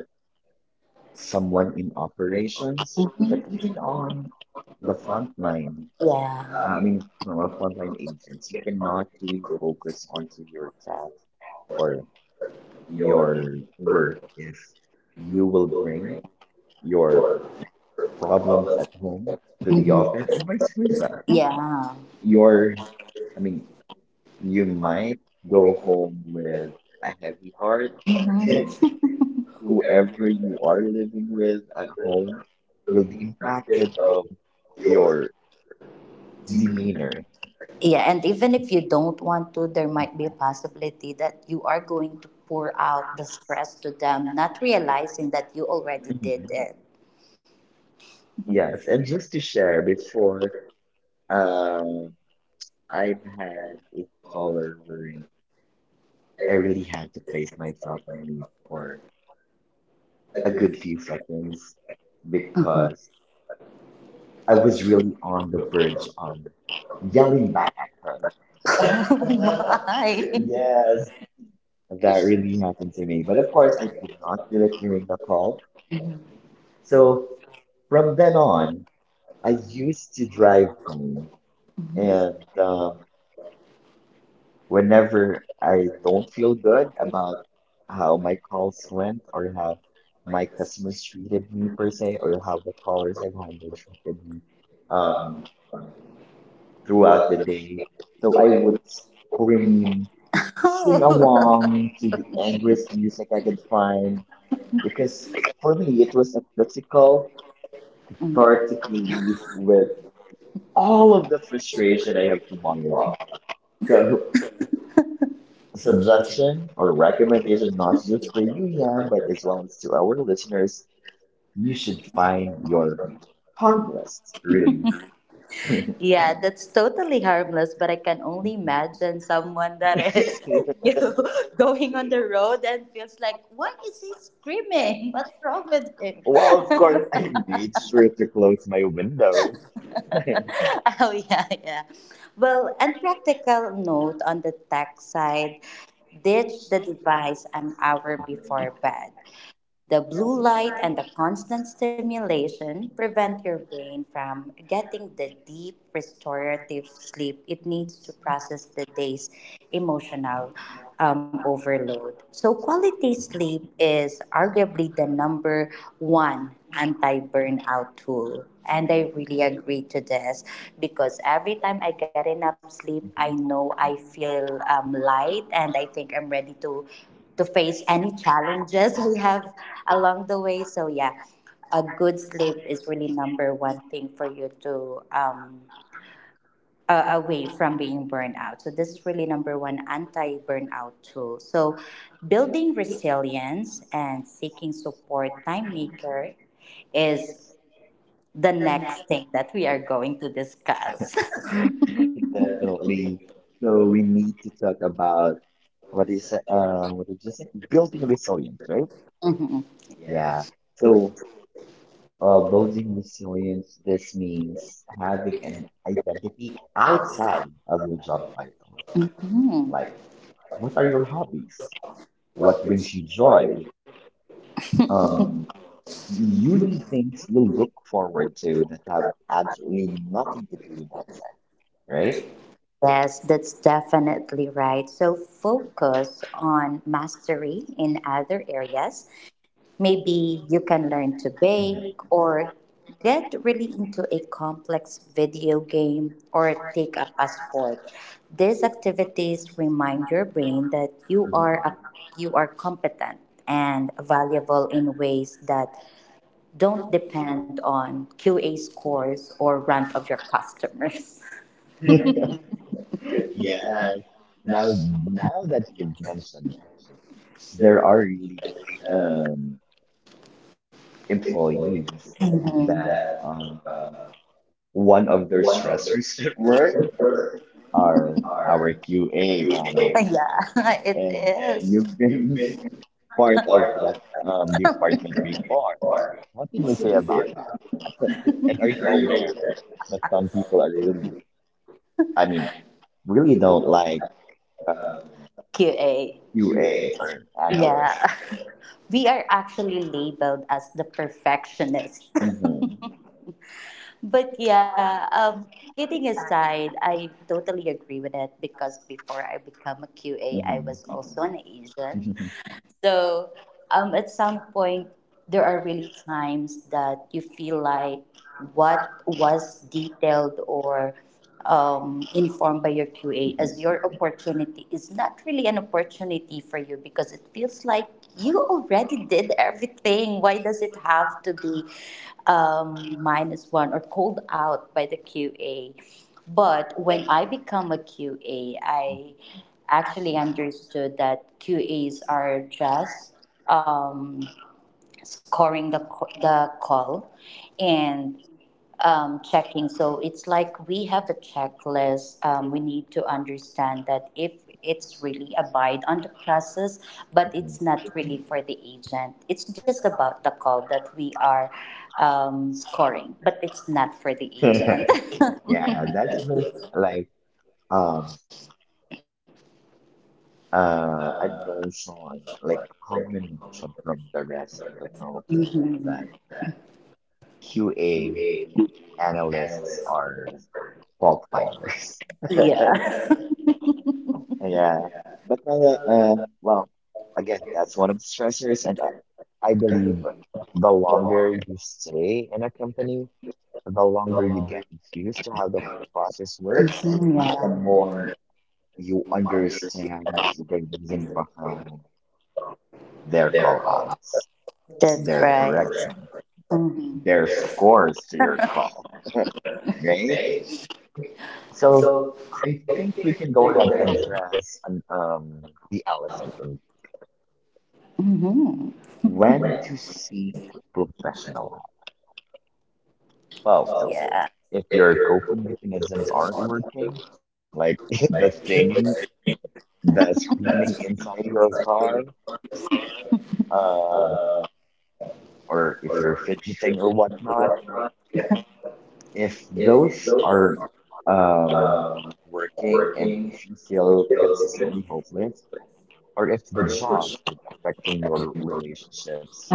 [SPEAKER 1] someone
[SPEAKER 2] someone in
[SPEAKER 1] very
[SPEAKER 2] operations, but even on
[SPEAKER 1] the
[SPEAKER 2] the
[SPEAKER 1] one
[SPEAKER 2] front
[SPEAKER 1] that.
[SPEAKER 2] line.
[SPEAKER 1] Yeah.
[SPEAKER 2] I mean, from a frontline agents, you
[SPEAKER 1] Your,
[SPEAKER 2] cannot really focus onto your job or
[SPEAKER 1] your
[SPEAKER 2] your
[SPEAKER 1] work,
[SPEAKER 2] work is
[SPEAKER 1] you
[SPEAKER 2] you
[SPEAKER 1] will
[SPEAKER 2] will
[SPEAKER 1] bring.
[SPEAKER 2] bring your problems at home to
[SPEAKER 1] Hmm.
[SPEAKER 2] the office and vice versa.
[SPEAKER 1] Yeah. Your,
[SPEAKER 2] Your, I
[SPEAKER 1] I mean,
[SPEAKER 2] mean,
[SPEAKER 1] you
[SPEAKER 2] you
[SPEAKER 1] might
[SPEAKER 2] might
[SPEAKER 1] go
[SPEAKER 2] go
[SPEAKER 1] to
[SPEAKER 2] home
[SPEAKER 1] the.
[SPEAKER 2] with a heavy heart,
[SPEAKER 1] Mhm.
[SPEAKER 2] and
[SPEAKER 1] *laughs*
[SPEAKER 2] *laughs*
[SPEAKER 1] whoever
[SPEAKER 2] whoever
[SPEAKER 1] you
[SPEAKER 2] you are
[SPEAKER 1] are
[SPEAKER 2] living with at home
[SPEAKER 1] will
[SPEAKER 2] will
[SPEAKER 1] be
[SPEAKER 2] be
[SPEAKER 1] impacted
[SPEAKER 2] impacted
[SPEAKER 1] by
[SPEAKER 2] of
[SPEAKER 1] your
[SPEAKER 2] your
[SPEAKER 1] demeanor.
[SPEAKER 2] demeanor. *clears throat*
[SPEAKER 1] Yeah, and even if you don't want to, there might be a possibility that you are going to pour out the stress to them, not realizing that you already did
[SPEAKER 2] Mhm.
[SPEAKER 1] it. Yes,
[SPEAKER 2] Yes,
[SPEAKER 1] it's
[SPEAKER 2] and just to
[SPEAKER 1] very
[SPEAKER 2] share before,
[SPEAKER 1] important. Uh,
[SPEAKER 2] um,
[SPEAKER 1] I think
[SPEAKER 2] I've
[SPEAKER 1] that
[SPEAKER 2] had a
[SPEAKER 1] all of
[SPEAKER 2] caller I
[SPEAKER 1] everything
[SPEAKER 2] really had to
[SPEAKER 1] is
[SPEAKER 2] place myself on
[SPEAKER 1] something
[SPEAKER 2] mute
[SPEAKER 1] for
[SPEAKER 2] for a
[SPEAKER 1] a good
[SPEAKER 2] good few
[SPEAKER 1] feeling
[SPEAKER 2] seconds
[SPEAKER 1] because
[SPEAKER 2] because I
[SPEAKER 1] I
[SPEAKER 2] was
[SPEAKER 1] was really
[SPEAKER 2] really on the verge of
[SPEAKER 1] yelling
[SPEAKER 2] yelling
[SPEAKER 1] back.
[SPEAKER 2] back at
[SPEAKER 1] *laughs*
[SPEAKER 2] her.
[SPEAKER 1] *laughs* Why? Yes,
[SPEAKER 2] Yes, that
[SPEAKER 1] very.
[SPEAKER 2] really happened to me. But
[SPEAKER 1] But
[SPEAKER 2] of
[SPEAKER 1] of
[SPEAKER 2] course,
[SPEAKER 1] course,
[SPEAKER 2] I
[SPEAKER 1] I
[SPEAKER 2] did not
[SPEAKER 1] can
[SPEAKER 2] do
[SPEAKER 1] do
[SPEAKER 2] it
[SPEAKER 1] it for you.
[SPEAKER 2] during the
[SPEAKER 1] All.
[SPEAKER 2] call. So
[SPEAKER 1] So
[SPEAKER 2] from
[SPEAKER 1] from
[SPEAKER 2] then
[SPEAKER 1] then on,
[SPEAKER 2] on,
[SPEAKER 1] I
[SPEAKER 2] I
[SPEAKER 1] used
[SPEAKER 2] used to
[SPEAKER 1] to
[SPEAKER 2] drive
[SPEAKER 1] drive
[SPEAKER 2] home and
[SPEAKER 1] and
[SPEAKER 2] um,
[SPEAKER 1] um, whenever I
[SPEAKER 2] whenever I don't feel
[SPEAKER 1] feel good
[SPEAKER 2] good
[SPEAKER 1] I talk
[SPEAKER 2] about
[SPEAKER 1] about
[SPEAKER 2] how
[SPEAKER 1] how
[SPEAKER 2] my
[SPEAKER 1] my
[SPEAKER 2] calls went or how my
[SPEAKER 1] my customers
[SPEAKER 2] customers treated me per se or how the callers I've handled treated me
[SPEAKER 1] um,
[SPEAKER 2] um throughout
[SPEAKER 1] throughout
[SPEAKER 2] the
[SPEAKER 1] the
[SPEAKER 2] day. So
[SPEAKER 1] so
[SPEAKER 2] I
[SPEAKER 1] I would
[SPEAKER 2] would
[SPEAKER 1] bring
[SPEAKER 2] scream,
[SPEAKER 1] *laughs*
[SPEAKER 2] sing
[SPEAKER 1] single Oh, one
[SPEAKER 2] along to
[SPEAKER 1] and
[SPEAKER 2] the
[SPEAKER 1] bring
[SPEAKER 2] angriest music I
[SPEAKER 1] single
[SPEAKER 2] could find
[SPEAKER 1] one
[SPEAKER 2] because
[SPEAKER 1] because
[SPEAKER 2] for me
[SPEAKER 1] really
[SPEAKER 2] it
[SPEAKER 1] it's
[SPEAKER 2] was a physical
[SPEAKER 1] difficult for
[SPEAKER 2] cathartic
[SPEAKER 1] to compete
[SPEAKER 2] relief with
[SPEAKER 1] with
[SPEAKER 2] all
[SPEAKER 1] all
[SPEAKER 2] of
[SPEAKER 1] of
[SPEAKER 2] the
[SPEAKER 1] the things
[SPEAKER 2] frustration I
[SPEAKER 1] that.
[SPEAKER 2] have to bottle up.
[SPEAKER 1] *laughs*
[SPEAKER 2] So
[SPEAKER 1] So so that's
[SPEAKER 2] suggestion
[SPEAKER 1] for
[SPEAKER 2] or
[SPEAKER 1] private.
[SPEAKER 2] recommendation, not just for you, Yam, but as well as to our listeners, you
[SPEAKER 1] You should
[SPEAKER 2] should find your
[SPEAKER 1] find out.
[SPEAKER 2] harmless, really.
[SPEAKER 1] *laughs*
[SPEAKER 2] *laughs*
[SPEAKER 1] Yeah, that's totally harmless, but I can only imagine someone that is *laughs* you know, going on the road and feels like, why is he screaming? What's wrong with him?
[SPEAKER 2] Well, of course, I made sure to close my window. *laughs*
[SPEAKER 1] *laughs* oh, yeah, yeah. Well, and practical note on the tech side ditch the device an hour before bed. The blue light and the constant stimulation prevent your brain from getting the deep restorative sleep it needs to process the day's emotional um, overload. So, quality sleep is arguably the number one anti burnout tool. And I really agree to this because every time I get enough sleep, I know I feel um, light and I think I'm ready to to face any challenges *laughs* we have along the way. So yeah, a good sleep is really number one thing for you to um uh, away from being burned out. So this is really number one anti-burnout tool. So building resilience and seeking support time maker is the next thing that we are going to discuss. *laughs*
[SPEAKER 2] Definitely. So we need to talk about what is uh what did you say? Building resilience, right?
[SPEAKER 1] Mhm.
[SPEAKER 2] Yeah. So Uh, building resilience, this means having an identity outside of your job title.
[SPEAKER 1] Mhm.
[SPEAKER 2] Like, what are your hobbies? What brings you joy? Um,
[SPEAKER 1] Um,
[SPEAKER 2] you need things you look forward to that have absolutely nothing to do with that set, right?
[SPEAKER 1] Yes, that's definitely right. So focus on mastery in other areas.
[SPEAKER 2] Mhm.
[SPEAKER 1] Maybe you can learn to bake or get really into a complex video game or take up a sport. These activities remind your brain that you are a, you are competent and valuable in ways that don't depend on Q A scores or rant of your customers. *laughs*
[SPEAKER 2] Mhm. *laughs* Yes.
[SPEAKER 1] Yeah, that
[SPEAKER 2] Now,
[SPEAKER 1] was
[SPEAKER 2] now
[SPEAKER 1] that's
[SPEAKER 2] that
[SPEAKER 1] a good
[SPEAKER 2] you've
[SPEAKER 1] point.
[SPEAKER 2] mentioned it,
[SPEAKER 1] There
[SPEAKER 2] there are
[SPEAKER 1] are
[SPEAKER 2] really
[SPEAKER 1] uh,
[SPEAKER 2] um
[SPEAKER 1] employees.
[SPEAKER 2] employees
[SPEAKER 1] Mhm.
[SPEAKER 2] that
[SPEAKER 1] That uh,
[SPEAKER 2] uh,
[SPEAKER 1] one
[SPEAKER 2] one
[SPEAKER 1] of
[SPEAKER 2] of their
[SPEAKER 1] their
[SPEAKER 2] stressors *laughs* at work
[SPEAKER 1] work
[SPEAKER 2] are
[SPEAKER 1] are
[SPEAKER 2] our
[SPEAKER 1] you
[SPEAKER 2] Q A
[SPEAKER 1] think,
[SPEAKER 2] analyst.
[SPEAKER 1] yeah, *laughs* it
[SPEAKER 2] And
[SPEAKER 1] is.
[SPEAKER 2] you've
[SPEAKER 1] You've been
[SPEAKER 2] been *laughs* part
[SPEAKER 1] part
[SPEAKER 2] of
[SPEAKER 1] of
[SPEAKER 2] that um,
[SPEAKER 1] that
[SPEAKER 2] department before.
[SPEAKER 1] before.
[SPEAKER 2] What
[SPEAKER 1] What can
[SPEAKER 2] can you
[SPEAKER 1] you
[SPEAKER 2] say
[SPEAKER 1] say
[SPEAKER 2] about
[SPEAKER 1] about
[SPEAKER 2] that?
[SPEAKER 1] it? And
[SPEAKER 2] And are
[SPEAKER 1] are
[SPEAKER 2] you
[SPEAKER 1] you
[SPEAKER 2] aware
[SPEAKER 1] aware
[SPEAKER 2] that
[SPEAKER 1] that
[SPEAKER 2] some people are
[SPEAKER 1] some
[SPEAKER 2] really,
[SPEAKER 1] people
[SPEAKER 2] I mean, really
[SPEAKER 1] really
[SPEAKER 2] don't
[SPEAKER 1] don't?
[SPEAKER 2] like
[SPEAKER 1] um,
[SPEAKER 2] um,
[SPEAKER 1] Q A. Q A.
[SPEAKER 2] Q As or analysts?
[SPEAKER 1] Yeah. *laughs* We are actually labeled as the perfectionist. *laughs*
[SPEAKER 2] Mm-hmm.
[SPEAKER 1] But yeah, um, kidding aside, I totally agree with it because before I become a Q A, I was also an agent.
[SPEAKER 2] Mm-hmm. *laughs*
[SPEAKER 1] So um, at some point, there are really times that you feel like what was detailed or um, informed by your Q A as
[SPEAKER 2] Yes.
[SPEAKER 1] your opportunity is not really an opportunity for you because it feels like you already did everything. Why does it have to be um, minus one or called out by the Q A? But when I become a Q A, I actually understood that Q As are just um, scoring the, c- the call and um, checking. So it's like we have a checklist. Um, we need to understand that if it's really abide on the process, but it's not really for the agent. It's just about the call that we are um, scoring, but it's not for the
[SPEAKER 2] Mhm.
[SPEAKER 1] agent.
[SPEAKER 2] *laughs* Yeah, that's just like um Uh,
[SPEAKER 1] *laughs*
[SPEAKER 2] and also, like a combination from the rest of the notes
[SPEAKER 1] Mhm.
[SPEAKER 2] that Q A
[SPEAKER 1] Q A
[SPEAKER 2] analysts
[SPEAKER 1] analyst.
[SPEAKER 2] are fault finders. *laughs*
[SPEAKER 1] Yeah. *laughs*
[SPEAKER 2] Yeah,
[SPEAKER 1] Yeah.
[SPEAKER 2] but uh, um,
[SPEAKER 1] Uh,
[SPEAKER 2] well, again, that's one of the
[SPEAKER 1] that's
[SPEAKER 2] stressors, and I, I believe
[SPEAKER 1] I.
[SPEAKER 2] the longer you stay in a company, the longer you get used to how the process works,
[SPEAKER 1] Mhm,
[SPEAKER 2] the more
[SPEAKER 1] yeah.
[SPEAKER 2] you understand the reason behind their call outs,
[SPEAKER 1] That's
[SPEAKER 2] their
[SPEAKER 1] right.
[SPEAKER 2] correction,
[SPEAKER 1] Hmm.
[SPEAKER 2] their scores to your call, right? So I think we can go ahead and address an, um, the elephant in
[SPEAKER 1] Hmm. *laughs*
[SPEAKER 2] when to seek professional help. Oh, so
[SPEAKER 1] Yeah.
[SPEAKER 2] if your coping mechanisms aren't working, like *laughs*
[SPEAKER 1] Like
[SPEAKER 2] the stinging, the
[SPEAKER 1] that's
[SPEAKER 2] screaming inside your
[SPEAKER 1] reconstructed,
[SPEAKER 2] car, um,
[SPEAKER 1] uh,
[SPEAKER 2] or if
[SPEAKER 1] or
[SPEAKER 2] you're fidgeting or
[SPEAKER 1] or
[SPEAKER 2] whatnot
[SPEAKER 1] whatnot.
[SPEAKER 2] if
[SPEAKER 1] If
[SPEAKER 2] those
[SPEAKER 1] those
[SPEAKER 2] are um,
[SPEAKER 1] um,
[SPEAKER 2] working and
[SPEAKER 1] working,
[SPEAKER 2] if you feel
[SPEAKER 1] they'll
[SPEAKER 2] consistently hopeless, or if the
[SPEAKER 1] or if the
[SPEAKER 2] job is
[SPEAKER 1] job
[SPEAKER 2] affecting your relationships,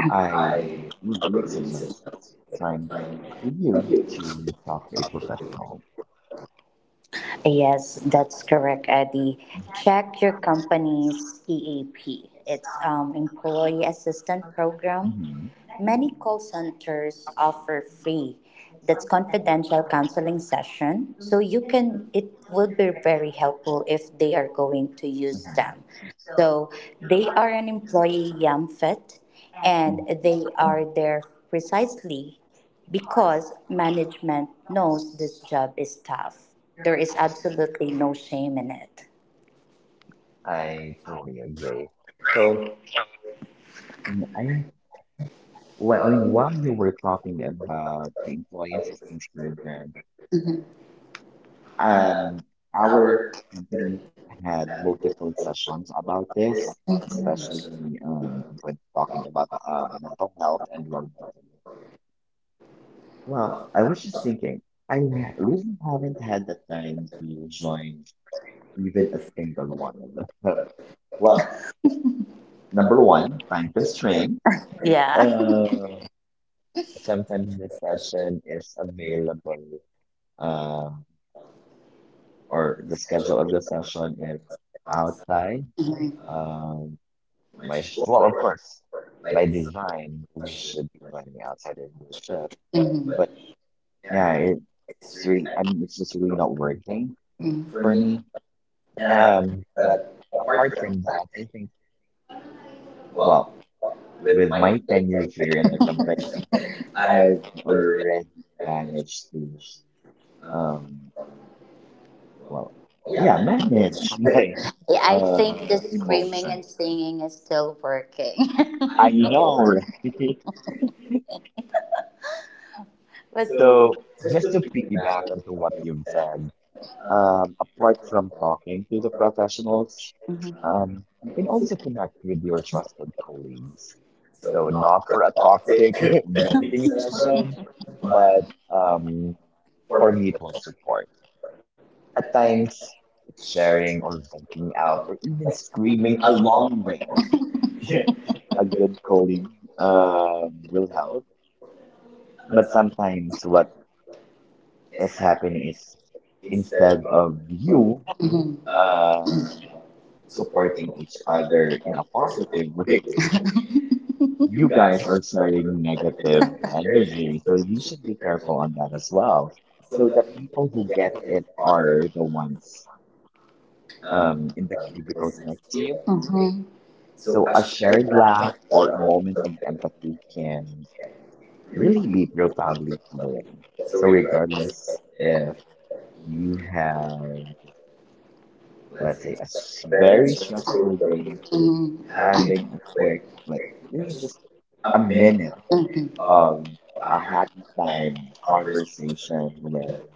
[SPEAKER 2] I
[SPEAKER 1] I
[SPEAKER 2] would really
[SPEAKER 1] really suggest
[SPEAKER 2] suggest it's time
[SPEAKER 1] time.
[SPEAKER 2] for you
[SPEAKER 1] Thank you.
[SPEAKER 2] to talk to a professional.
[SPEAKER 1] Yes, that's correct, Eddie. Check your company's E A P. It's um, Employee Assistant Program.
[SPEAKER 2] Hmm.
[SPEAKER 1] Many call centers offer free that's confidential counseling session so you can it would be very helpful if they are going to use them so they are an employee yamfet and they are there precisely because management knows this job is tough. There is absolutely no shame in
[SPEAKER 2] I totally agree. So um, I
[SPEAKER 1] it.
[SPEAKER 2] well, while you were talking about the employee assistance program,
[SPEAKER 1] um,
[SPEAKER 2] Um, our
[SPEAKER 1] our thirty,
[SPEAKER 2] company had
[SPEAKER 1] um, is
[SPEAKER 2] multiple sessions about this,
[SPEAKER 1] is-
[SPEAKER 2] especially
[SPEAKER 1] is-
[SPEAKER 2] um, when talking about um, mental health and well being. Well,
[SPEAKER 1] well,
[SPEAKER 2] I was just thinking, I ha- really haven't had the time to join even a
[SPEAKER 1] business.
[SPEAKER 2] single one of them. *laughs*
[SPEAKER 1] Well,
[SPEAKER 2] Well, number
[SPEAKER 1] number one,
[SPEAKER 2] one, time
[SPEAKER 1] this point.
[SPEAKER 2] constraint.
[SPEAKER 1] Yeah. *laughs* um,
[SPEAKER 2] Uh,
[SPEAKER 1] Sometimes
[SPEAKER 2] Sometimes the
[SPEAKER 1] discussion,
[SPEAKER 2] session is available,
[SPEAKER 1] uh,
[SPEAKER 2] uh,
[SPEAKER 1] or
[SPEAKER 2] or
[SPEAKER 1] the
[SPEAKER 2] the
[SPEAKER 1] special
[SPEAKER 2] schedule of the session is
[SPEAKER 1] cause.
[SPEAKER 2] outside.
[SPEAKER 1] Mhm,
[SPEAKER 2] Um.
[SPEAKER 1] might
[SPEAKER 2] My
[SPEAKER 1] just
[SPEAKER 2] sh-
[SPEAKER 1] go
[SPEAKER 2] well, of
[SPEAKER 1] over,
[SPEAKER 2] course,
[SPEAKER 1] or like
[SPEAKER 2] by
[SPEAKER 1] is a
[SPEAKER 2] design, we
[SPEAKER 1] question.
[SPEAKER 2] should be
[SPEAKER 1] Or
[SPEAKER 2] planning outside of the
[SPEAKER 1] question.
[SPEAKER 2] trip.
[SPEAKER 1] Mhm.
[SPEAKER 2] But
[SPEAKER 1] But yeah,
[SPEAKER 2] yeah,
[SPEAKER 1] it- it's
[SPEAKER 2] it's
[SPEAKER 1] really,
[SPEAKER 2] really,
[SPEAKER 1] I
[SPEAKER 2] I
[SPEAKER 1] don't
[SPEAKER 2] mean, it's just really
[SPEAKER 1] know,
[SPEAKER 2] not working
[SPEAKER 1] mhm, for
[SPEAKER 2] for
[SPEAKER 1] me,
[SPEAKER 2] me.
[SPEAKER 1] um,
[SPEAKER 2] Um, but
[SPEAKER 1] but
[SPEAKER 2] apart
[SPEAKER 1] apart from,
[SPEAKER 2] from that, I think,
[SPEAKER 1] well,
[SPEAKER 2] well,
[SPEAKER 1] with
[SPEAKER 2] with
[SPEAKER 1] my
[SPEAKER 2] my tenure here in the company,
[SPEAKER 1] I've
[SPEAKER 2] I've
[SPEAKER 1] heard
[SPEAKER 2] already
[SPEAKER 1] that is,
[SPEAKER 2] managed to,
[SPEAKER 1] um,
[SPEAKER 2] um,
[SPEAKER 1] well,
[SPEAKER 2] well,
[SPEAKER 1] yeah,
[SPEAKER 2] yeah,
[SPEAKER 1] man.
[SPEAKER 2] manage *laughs* my
[SPEAKER 1] Yeah, I think the
[SPEAKER 2] uh
[SPEAKER 1] screaming
[SPEAKER 2] emotion.
[SPEAKER 1] and singing is still working. *laughs*
[SPEAKER 2] I
[SPEAKER 1] I know,
[SPEAKER 2] know,
[SPEAKER 1] right?
[SPEAKER 2] right? *laughs*
[SPEAKER 1] but So
[SPEAKER 2] So
[SPEAKER 1] just to
[SPEAKER 2] just to
[SPEAKER 1] piggyback
[SPEAKER 2] piggyback
[SPEAKER 1] on
[SPEAKER 2] onto
[SPEAKER 1] what
[SPEAKER 2] what
[SPEAKER 1] you
[SPEAKER 2] you've
[SPEAKER 1] said,
[SPEAKER 2] said.
[SPEAKER 1] um,
[SPEAKER 2] Um, apart
[SPEAKER 1] reference
[SPEAKER 2] from
[SPEAKER 1] law.
[SPEAKER 2] talking to the professionals,
[SPEAKER 1] Mhm.
[SPEAKER 2] um, you can
[SPEAKER 1] Um,
[SPEAKER 2] also connect with your trusted colleagues.
[SPEAKER 1] so
[SPEAKER 2] So
[SPEAKER 1] not
[SPEAKER 2] not for a toxic *laughs*
[SPEAKER 1] robotic,
[SPEAKER 2] venting session,
[SPEAKER 1] *laughs*
[SPEAKER 2] but
[SPEAKER 1] but um,
[SPEAKER 2] um, for
[SPEAKER 1] for people,
[SPEAKER 2] mutual support.
[SPEAKER 1] I
[SPEAKER 2] At
[SPEAKER 1] think
[SPEAKER 2] times, it's
[SPEAKER 1] sharing
[SPEAKER 2] sharing or venting out
[SPEAKER 1] how
[SPEAKER 2] or even
[SPEAKER 1] screaming
[SPEAKER 2] screaming
[SPEAKER 1] along.
[SPEAKER 2] along with *laughs*
[SPEAKER 1] Yeah. *laughs*
[SPEAKER 2] a
[SPEAKER 1] That's
[SPEAKER 2] good
[SPEAKER 1] good for you.
[SPEAKER 2] colleague
[SPEAKER 1] Uh,
[SPEAKER 2] um,
[SPEAKER 1] you
[SPEAKER 2] will
[SPEAKER 1] know,
[SPEAKER 2] help.
[SPEAKER 1] but
[SPEAKER 2] But
[SPEAKER 1] something
[SPEAKER 2] sometimes what
[SPEAKER 1] has
[SPEAKER 2] is
[SPEAKER 1] happened
[SPEAKER 2] happening is
[SPEAKER 1] instead
[SPEAKER 2] instead
[SPEAKER 1] of.
[SPEAKER 2] of you
[SPEAKER 1] Mhm.
[SPEAKER 2] uh,
[SPEAKER 1] Supporting
[SPEAKER 2] supporting
[SPEAKER 1] each
[SPEAKER 2] each
[SPEAKER 1] other in
[SPEAKER 2] other
[SPEAKER 1] a
[SPEAKER 2] in a
[SPEAKER 1] positive
[SPEAKER 2] positive
[SPEAKER 1] way.
[SPEAKER 2] way. *laughs*
[SPEAKER 1] *laughs* You
[SPEAKER 2] You
[SPEAKER 1] guys
[SPEAKER 2] guys
[SPEAKER 1] are
[SPEAKER 2] are
[SPEAKER 1] starting
[SPEAKER 2] sharing negative
[SPEAKER 1] to encouraging,
[SPEAKER 2] energy,
[SPEAKER 1] so
[SPEAKER 2] so you
[SPEAKER 1] you should
[SPEAKER 2] should
[SPEAKER 1] be
[SPEAKER 2] be
[SPEAKER 1] careful.
[SPEAKER 2] careful on that as well.
[SPEAKER 1] So
[SPEAKER 2] So
[SPEAKER 1] the
[SPEAKER 2] the
[SPEAKER 1] things
[SPEAKER 2] people
[SPEAKER 1] that
[SPEAKER 2] who
[SPEAKER 1] we
[SPEAKER 2] get
[SPEAKER 1] get is
[SPEAKER 2] it
[SPEAKER 1] our
[SPEAKER 2] are the ones
[SPEAKER 1] um,
[SPEAKER 2] um, in the
[SPEAKER 1] um,
[SPEAKER 2] cubicles
[SPEAKER 1] business
[SPEAKER 2] next to
[SPEAKER 1] team.
[SPEAKER 2] you.
[SPEAKER 1] Mhm. So
[SPEAKER 2] So
[SPEAKER 1] I
[SPEAKER 2] a
[SPEAKER 1] shared
[SPEAKER 2] shared laugh
[SPEAKER 1] that
[SPEAKER 2] or a moment
[SPEAKER 1] of
[SPEAKER 2] of empathy can really
[SPEAKER 1] really.
[SPEAKER 2] be profoundly healing.
[SPEAKER 1] So
[SPEAKER 2] So
[SPEAKER 1] regardless
[SPEAKER 2] regardless
[SPEAKER 1] if
[SPEAKER 2] if
[SPEAKER 1] you
[SPEAKER 2] you have, let's say, a s- very
[SPEAKER 1] parents who,
[SPEAKER 2] stressful day,
[SPEAKER 1] mm-hmm, having like,
[SPEAKER 2] having a quick, like
[SPEAKER 1] like
[SPEAKER 2] even
[SPEAKER 1] just
[SPEAKER 2] just a
[SPEAKER 1] a minute,
[SPEAKER 2] minute
[SPEAKER 1] mm-hmm, of
[SPEAKER 2] Um,
[SPEAKER 1] a
[SPEAKER 2] a
[SPEAKER 1] happy
[SPEAKER 2] happy
[SPEAKER 1] time
[SPEAKER 2] time
[SPEAKER 1] conversation
[SPEAKER 2] conversation
[SPEAKER 1] with them.
[SPEAKER 2] with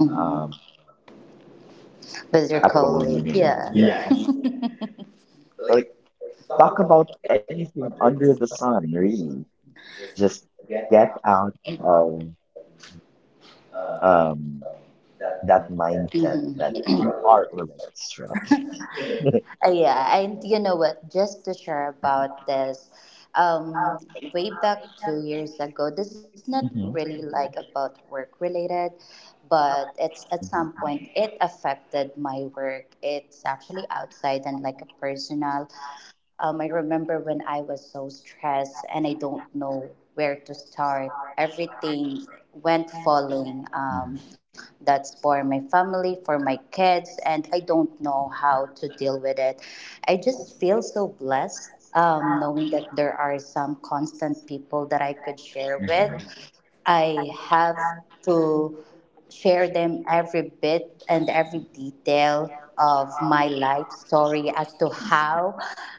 [SPEAKER 1] Um,
[SPEAKER 2] um
[SPEAKER 1] With your
[SPEAKER 2] a colleague
[SPEAKER 1] colleague,
[SPEAKER 2] of yours.
[SPEAKER 1] yeah,
[SPEAKER 2] Yeah,
[SPEAKER 1] yeah, *laughs*
[SPEAKER 2] like
[SPEAKER 1] like talk
[SPEAKER 2] talk
[SPEAKER 1] about
[SPEAKER 2] about
[SPEAKER 1] like
[SPEAKER 2] anything
[SPEAKER 1] under
[SPEAKER 2] under
[SPEAKER 1] the
[SPEAKER 2] the
[SPEAKER 1] sun,
[SPEAKER 2] sun, really.
[SPEAKER 1] just
[SPEAKER 2] Just
[SPEAKER 1] get
[SPEAKER 2] get
[SPEAKER 1] out
[SPEAKER 2] out
[SPEAKER 1] from um,
[SPEAKER 2] of
[SPEAKER 1] um,
[SPEAKER 2] um that
[SPEAKER 1] that mindset,
[SPEAKER 2] mindset that
[SPEAKER 1] mm-hmm, that
[SPEAKER 2] you
[SPEAKER 1] you
[SPEAKER 2] are
[SPEAKER 1] are
[SPEAKER 2] already
[SPEAKER 1] living.
[SPEAKER 2] stretched. *laughs* hmm
[SPEAKER 1] Uh, yeah, and you know what? Just to share about this, um, way back two years ago, this is not
[SPEAKER 2] hmm
[SPEAKER 1] really like about work related, but it's at some
[SPEAKER 2] hmm
[SPEAKER 1] point it affected my work. It's actually outside and like a personal. Um, I remember when I was so stressed and I don't know where to start. Everything went falling.
[SPEAKER 2] hmm hmm *laughs*
[SPEAKER 1] Um, that's for my family, for my kids, and I don't know how to deal with it. I just feel so blessed, um, knowing that there are some constant people that I could share with. I have to share them every bit and every detail of my life story as to how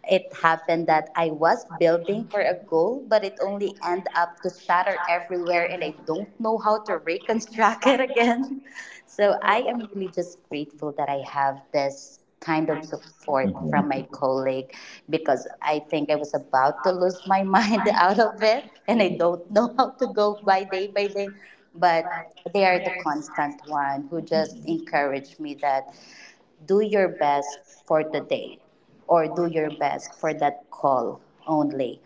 [SPEAKER 1] it happened that I was building for a goal, but it only ended up to shatter everywhere, and I don't know how to reconstruct *laughs* it again. So I am really just grateful that I have this kind of support from my *laughs* colleague because I think I was about to lose my *laughs* mind out of it and I don't know how to go by day by day. But they are the constant one who just encouraged me that do your best for the day or do your best for that call only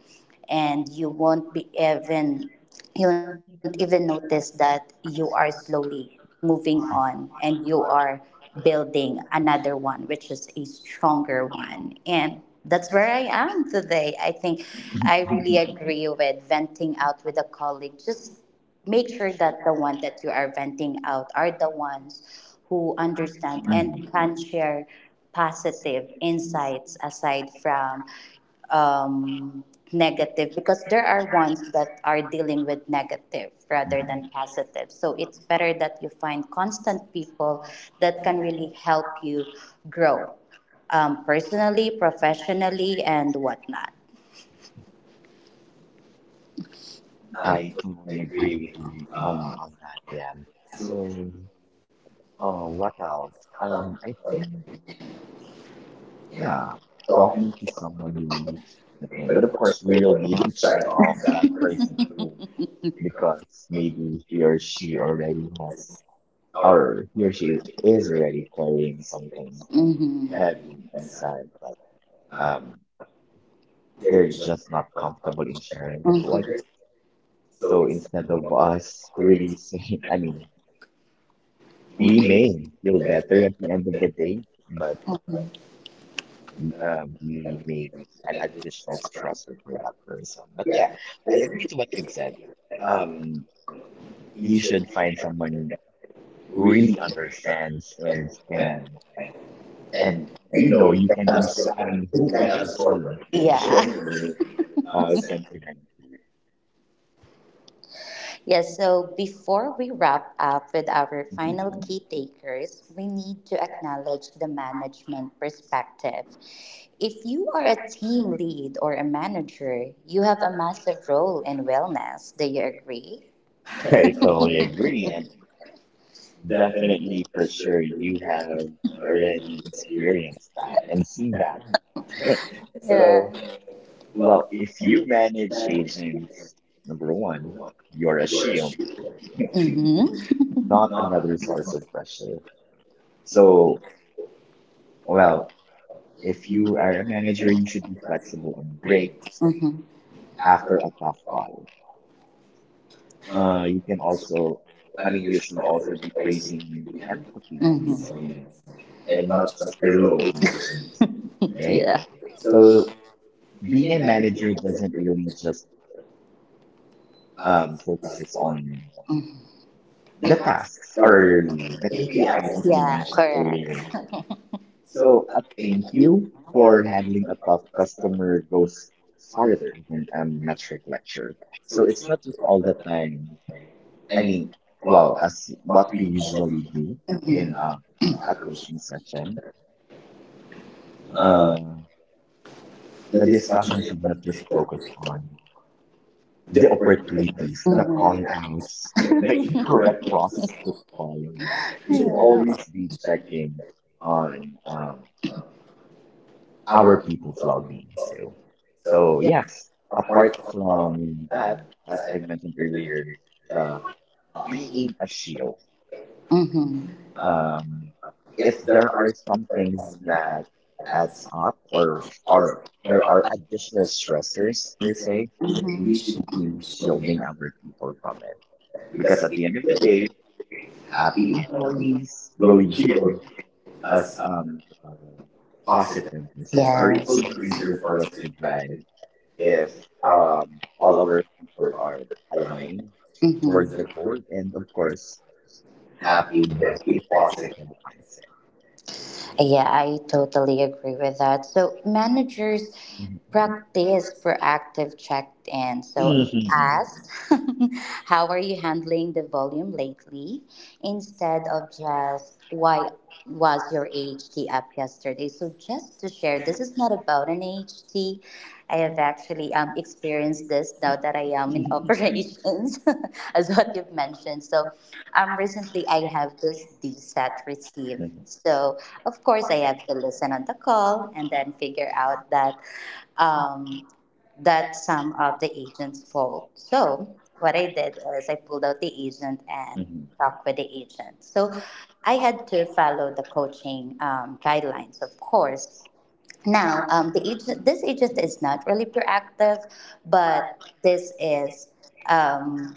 [SPEAKER 1] and you won't be even you won't even notice that you are slowly moving on and you are building another one which is a stronger one, and that's where I am today. I think I really agree with venting out with a colleague. Just make sure that the one that you are venting out are the ones who understand and
[SPEAKER 2] Mhm.
[SPEAKER 1] can share positive insights aside from um, negative, because there are ones that are dealing with negative rather
[SPEAKER 2] Mhm.
[SPEAKER 1] than positive. So it's better that you find constant people that can really help you grow, um, personally, professionally, and whatnot. I
[SPEAKER 2] I
[SPEAKER 1] totally
[SPEAKER 2] totally agree
[SPEAKER 1] agree.
[SPEAKER 2] with you um,
[SPEAKER 1] Uh,
[SPEAKER 2] on that, yeah.
[SPEAKER 1] so
[SPEAKER 2] So, uh,
[SPEAKER 1] Um,
[SPEAKER 2] what else?
[SPEAKER 1] um,
[SPEAKER 2] Um, I
[SPEAKER 1] um,
[SPEAKER 2] think, yeah,
[SPEAKER 1] Yeah. So,
[SPEAKER 2] talking to someone relieves the pain.
[SPEAKER 1] but
[SPEAKER 2] But
[SPEAKER 1] of
[SPEAKER 2] of
[SPEAKER 1] course,
[SPEAKER 2] course,
[SPEAKER 1] we we
[SPEAKER 2] we will
[SPEAKER 1] don't
[SPEAKER 2] need to
[SPEAKER 1] that
[SPEAKER 2] shut off that
[SPEAKER 1] person
[SPEAKER 2] person too,
[SPEAKER 1] *laughs* because
[SPEAKER 2] because maybe
[SPEAKER 1] we
[SPEAKER 2] he or she
[SPEAKER 1] already
[SPEAKER 2] already has,
[SPEAKER 1] our,
[SPEAKER 2] or he or she is already carrying something
[SPEAKER 1] mm-hmm, heavy.
[SPEAKER 2] heavy
[SPEAKER 1] And
[SPEAKER 2] inside, but
[SPEAKER 1] um,
[SPEAKER 2] um,
[SPEAKER 1] they're
[SPEAKER 2] they're
[SPEAKER 1] just
[SPEAKER 2] just not
[SPEAKER 1] from our
[SPEAKER 2] comfortable in
[SPEAKER 1] perspective.
[SPEAKER 2] sharing it to others.
[SPEAKER 1] Mhm. So.
[SPEAKER 2] So instead of us really *laughs* saying, I mean, we
[SPEAKER 1] Mm-hmm.
[SPEAKER 2] may feel better at the end of the day, but um, we may be an additional stressor for that person. But yeah, I agree to what you've said. Um, you should find
[SPEAKER 1] Mm-hmm.
[SPEAKER 2] someone who really
[SPEAKER 1] Mm-hmm.
[SPEAKER 2] understands and can,
[SPEAKER 1] And
[SPEAKER 2] and
[SPEAKER 1] you
[SPEAKER 2] you
[SPEAKER 1] know
[SPEAKER 2] know,
[SPEAKER 1] you
[SPEAKER 2] you
[SPEAKER 1] can't
[SPEAKER 2] can absorb, I
[SPEAKER 1] absorb,
[SPEAKER 2] mean,
[SPEAKER 1] you
[SPEAKER 2] who can
[SPEAKER 1] can't absorb
[SPEAKER 2] absorb
[SPEAKER 1] it.
[SPEAKER 2] *laughs* your
[SPEAKER 1] *laughs*
[SPEAKER 2] uh,
[SPEAKER 1] Yeah.
[SPEAKER 2] sentiment. *laughs*
[SPEAKER 1] Yes, so before we wrap up with our final
[SPEAKER 2] Mhm.
[SPEAKER 1] key takers, we need to acknowledge the management perspective. If you are a team lead or a manager, you have a massive role in wellness. Do you agree?
[SPEAKER 2] I
[SPEAKER 1] *laughs*
[SPEAKER 2] totally agree. And definitely for
[SPEAKER 1] Definitely.
[SPEAKER 2] sure, you have
[SPEAKER 1] Already
[SPEAKER 2] already
[SPEAKER 1] experienced
[SPEAKER 2] experienced that and seen
[SPEAKER 1] that.
[SPEAKER 2] that. *laughs*
[SPEAKER 1] Yeah.
[SPEAKER 2] So,
[SPEAKER 1] Well,
[SPEAKER 2] well,
[SPEAKER 1] if
[SPEAKER 2] if
[SPEAKER 1] you
[SPEAKER 2] you
[SPEAKER 1] had
[SPEAKER 2] manage
[SPEAKER 1] everything,
[SPEAKER 2] agents,
[SPEAKER 1] number
[SPEAKER 2] number
[SPEAKER 1] one,
[SPEAKER 2] one,
[SPEAKER 1] you're
[SPEAKER 2] you're
[SPEAKER 1] a
[SPEAKER 2] a
[SPEAKER 1] shooter.
[SPEAKER 2] shield, *laughs*
[SPEAKER 1] Mm-hmm.
[SPEAKER 2] not
[SPEAKER 1] Not a
[SPEAKER 2] another
[SPEAKER 1] number one.
[SPEAKER 2] source of pressure.
[SPEAKER 1] So,
[SPEAKER 2] So,
[SPEAKER 1] well,
[SPEAKER 2] well,
[SPEAKER 1] if
[SPEAKER 2] if
[SPEAKER 1] you
[SPEAKER 2] you are
[SPEAKER 1] are
[SPEAKER 2] a manager, you should be
[SPEAKER 1] flexible,
[SPEAKER 2] flexible on
[SPEAKER 1] great.
[SPEAKER 2] breaks
[SPEAKER 1] Mm-hmm. After,
[SPEAKER 2] after
[SPEAKER 1] uh,
[SPEAKER 2] a tough call. Uh, you can also,
[SPEAKER 1] I
[SPEAKER 2] I
[SPEAKER 1] mean,
[SPEAKER 2] mean,
[SPEAKER 1] you
[SPEAKER 2] you
[SPEAKER 1] should
[SPEAKER 2] should
[SPEAKER 1] also
[SPEAKER 2] also
[SPEAKER 1] be
[SPEAKER 2] be praising
[SPEAKER 1] facing you
[SPEAKER 2] the
[SPEAKER 1] can,
[SPEAKER 2] empathy and
[SPEAKER 1] mm-hmm,
[SPEAKER 2] resilience
[SPEAKER 1] resilience and
[SPEAKER 2] and
[SPEAKER 1] not
[SPEAKER 2] not
[SPEAKER 1] just
[SPEAKER 2] just your
[SPEAKER 1] your role,
[SPEAKER 2] low
[SPEAKER 1] right?
[SPEAKER 2] energy,
[SPEAKER 1] *laughs*
[SPEAKER 2] right?
[SPEAKER 1] Yeah. So,
[SPEAKER 2] So
[SPEAKER 1] being
[SPEAKER 2] being
[SPEAKER 1] a
[SPEAKER 2] a
[SPEAKER 1] manager,
[SPEAKER 2] manager doesn't really just
[SPEAKER 1] uh,
[SPEAKER 2] um
[SPEAKER 1] is
[SPEAKER 2] focuses
[SPEAKER 1] one.
[SPEAKER 2] on the
[SPEAKER 1] The
[SPEAKER 2] tasks or the K P I
[SPEAKER 1] K P Is.
[SPEAKER 2] that you
[SPEAKER 1] Yeah,
[SPEAKER 2] mentioned earlier.
[SPEAKER 1] correct. So
[SPEAKER 2] So
[SPEAKER 1] uh,
[SPEAKER 2] a thank
[SPEAKER 1] thank you
[SPEAKER 2] you
[SPEAKER 1] for
[SPEAKER 2] for
[SPEAKER 1] having
[SPEAKER 2] handling
[SPEAKER 1] the
[SPEAKER 2] a
[SPEAKER 1] problem
[SPEAKER 2] tough
[SPEAKER 1] us
[SPEAKER 2] customer goes
[SPEAKER 1] monitoring.
[SPEAKER 2] farther than a metric lecture.
[SPEAKER 1] So
[SPEAKER 2] So
[SPEAKER 1] it's
[SPEAKER 2] it's
[SPEAKER 1] not,
[SPEAKER 2] not just all the time.
[SPEAKER 1] I
[SPEAKER 2] I
[SPEAKER 1] mean,
[SPEAKER 2] mean,
[SPEAKER 1] well,
[SPEAKER 2] well,
[SPEAKER 1] that's
[SPEAKER 2] as
[SPEAKER 1] what
[SPEAKER 2] what we
[SPEAKER 1] we call
[SPEAKER 2] usually do
[SPEAKER 1] in
[SPEAKER 2] in
[SPEAKER 1] uh,
[SPEAKER 2] uh, a
[SPEAKER 1] approach.
[SPEAKER 2] coaching session,
[SPEAKER 1] Uh,
[SPEAKER 2] uh,
[SPEAKER 1] the
[SPEAKER 2] the
[SPEAKER 1] discussion
[SPEAKER 2] discussion should not just
[SPEAKER 1] of
[SPEAKER 2] focus on
[SPEAKER 1] the
[SPEAKER 2] the
[SPEAKER 1] operating methods
[SPEAKER 2] opportunities,
[SPEAKER 1] that,
[SPEAKER 2] the
[SPEAKER 1] mhm, all
[SPEAKER 2] con outs,
[SPEAKER 1] that
[SPEAKER 2] the
[SPEAKER 1] they
[SPEAKER 2] incorrect
[SPEAKER 1] correct
[SPEAKER 2] process
[SPEAKER 1] process.
[SPEAKER 2] to follow.
[SPEAKER 1] We
[SPEAKER 2] We
[SPEAKER 1] should
[SPEAKER 2] could
[SPEAKER 1] always
[SPEAKER 2] always be
[SPEAKER 1] stagnate
[SPEAKER 2] checking
[SPEAKER 1] on
[SPEAKER 2] on
[SPEAKER 1] um,
[SPEAKER 2] um,
[SPEAKER 1] our
[SPEAKER 2] our people's
[SPEAKER 1] people.
[SPEAKER 2] well-being
[SPEAKER 1] So,
[SPEAKER 2] too.
[SPEAKER 1] so,
[SPEAKER 2] So
[SPEAKER 1] yeah,
[SPEAKER 2] yes, apart
[SPEAKER 1] apart from
[SPEAKER 2] from that,
[SPEAKER 1] that, as
[SPEAKER 2] as
[SPEAKER 1] I
[SPEAKER 2] I mentioned
[SPEAKER 1] mentioned earlier,
[SPEAKER 2] earlier,
[SPEAKER 1] the
[SPEAKER 2] the
[SPEAKER 1] reading,
[SPEAKER 2] being a shield.
[SPEAKER 1] mm-hmm, uh,
[SPEAKER 2] Um,
[SPEAKER 1] if
[SPEAKER 2] if
[SPEAKER 1] there
[SPEAKER 2] there
[SPEAKER 1] are
[SPEAKER 2] are
[SPEAKER 1] some
[SPEAKER 2] something
[SPEAKER 1] things that
[SPEAKER 2] that
[SPEAKER 1] as
[SPEAKER 2] adds up or or
[SPEAKER 1] or there
[SPEAKER 2] there
[SPEAKER 1] are
[SPEAKER 2] are
[SPEAKER 1] additional
[SPEAKER 2] additional
[SPEAKER 1] structures,
[SPEAKER 2] stressors
[SPEAKER 1] we
[SPEAKER 2] per
[SPEAKER 1] say,
[SPEAKER 2] se,
[SPEAKER 1] mm-hmm, we
[SPEAKER 2] we
[SPEAKER 1] should
[SPEAKER 2] should
[SPEAKER 1] be
[SPEAKER 2] be
[SPEAKER 1] looking
[SPEAKER 2] shielding
[SPEAKER 1] at
[SPEAKER 2] our people from it
[SPEAKER 1] it because
[SPEAKER 2] because
[SPEAKER 1] at
[SPEAKER 2] at
[SPEAKER 1] the
[SPEAKER 2] the end of
[SPEAKER 1] end
[SPEAKER 2] the
[SPEAKER 1] of the
[SPEAKER 2] day,
[SPEAKER 1] day, we're happy
[SPEAKER 2] happy
[SPEAKER 1] families
[SPEAKER 2] employees
[SPEAKER 1] will
[SPEAKER 2] will
[SPEAKER 1] give
[SPEAKER 2] yield
[SPEAKER 1] us
[SPEAKER 2] us
[SPEAKER 1] a
[SPEAKER 2] um, uh,
[SPEAKER 1] positive,
[SPEAKER 2] positive
[SPEAKER 1] a,
[SPEAKER 2] results, or it
[SPEAKER 1] yes,
[SPEAKER 2] will
[SPEAKER 1] real
[SPEAKER 2] be
[SPEAKER 1] creature
[SPEAKER 2] easier
[SPEAKER 1] for
[SPEAKER 2] for
[SPEAKER 1] us
[SPEAKER 2] us
[SPEAKER 1] to
[SPEAKER 2] to
[SPEAKER 1] try
[SPEAKER 2] drive
[SPEAKER 1] if
[SPEAKER 2] if
[SPEAKER 1] our
[SPEAKER 2] our um, all
[SPEAKER 1] followers
[SPEAKER 2] our people
[SPEAKER 1] are
[SPEAKER 2] are
[SPEAKER 1] aligned,
[SPEAKER 2] aligned
[SPEAKER 1] mm-hmm,
[SPEAKER 2] towards the
[SPEAKER 1] with
[SPEAKER 2] goal, and of course,
[SPEAKER 1] happy
[SPEAKER 2] happy with a
[SPEAKER 1] with it.
[SPEAKER 2] positive mindset.
[SPEAKER 1] Yeah, I totally agree with that. So managers
[SPEAKER 2] Mhm. Mhm.
[SPEAKER 1] practice proactive check-in. So, mhm, ask, *laughs* how are you handling the volume lately? Instead of just, why was your A H T up yesterday? So just to share, this is not about an A H T. I have actually um, experienced this now that I am in *laughs*
[SPEAKER 2] Mhm.
[SPEAKER 1] operations, *laughs* as what you've mentioned. So um, recently I have this D S A T receive.
[SPEAKER 2] Mhm.
[SPEAKER 1] So of course I have to listen on the call and then figure out that um, that's some of the agent's fault. So what I did is I pulled out the agent and talked with the agent. So I had to follow the coaching, um, guidelines, of course. Now, um, the agent, this agent is not really proactive, but this is um,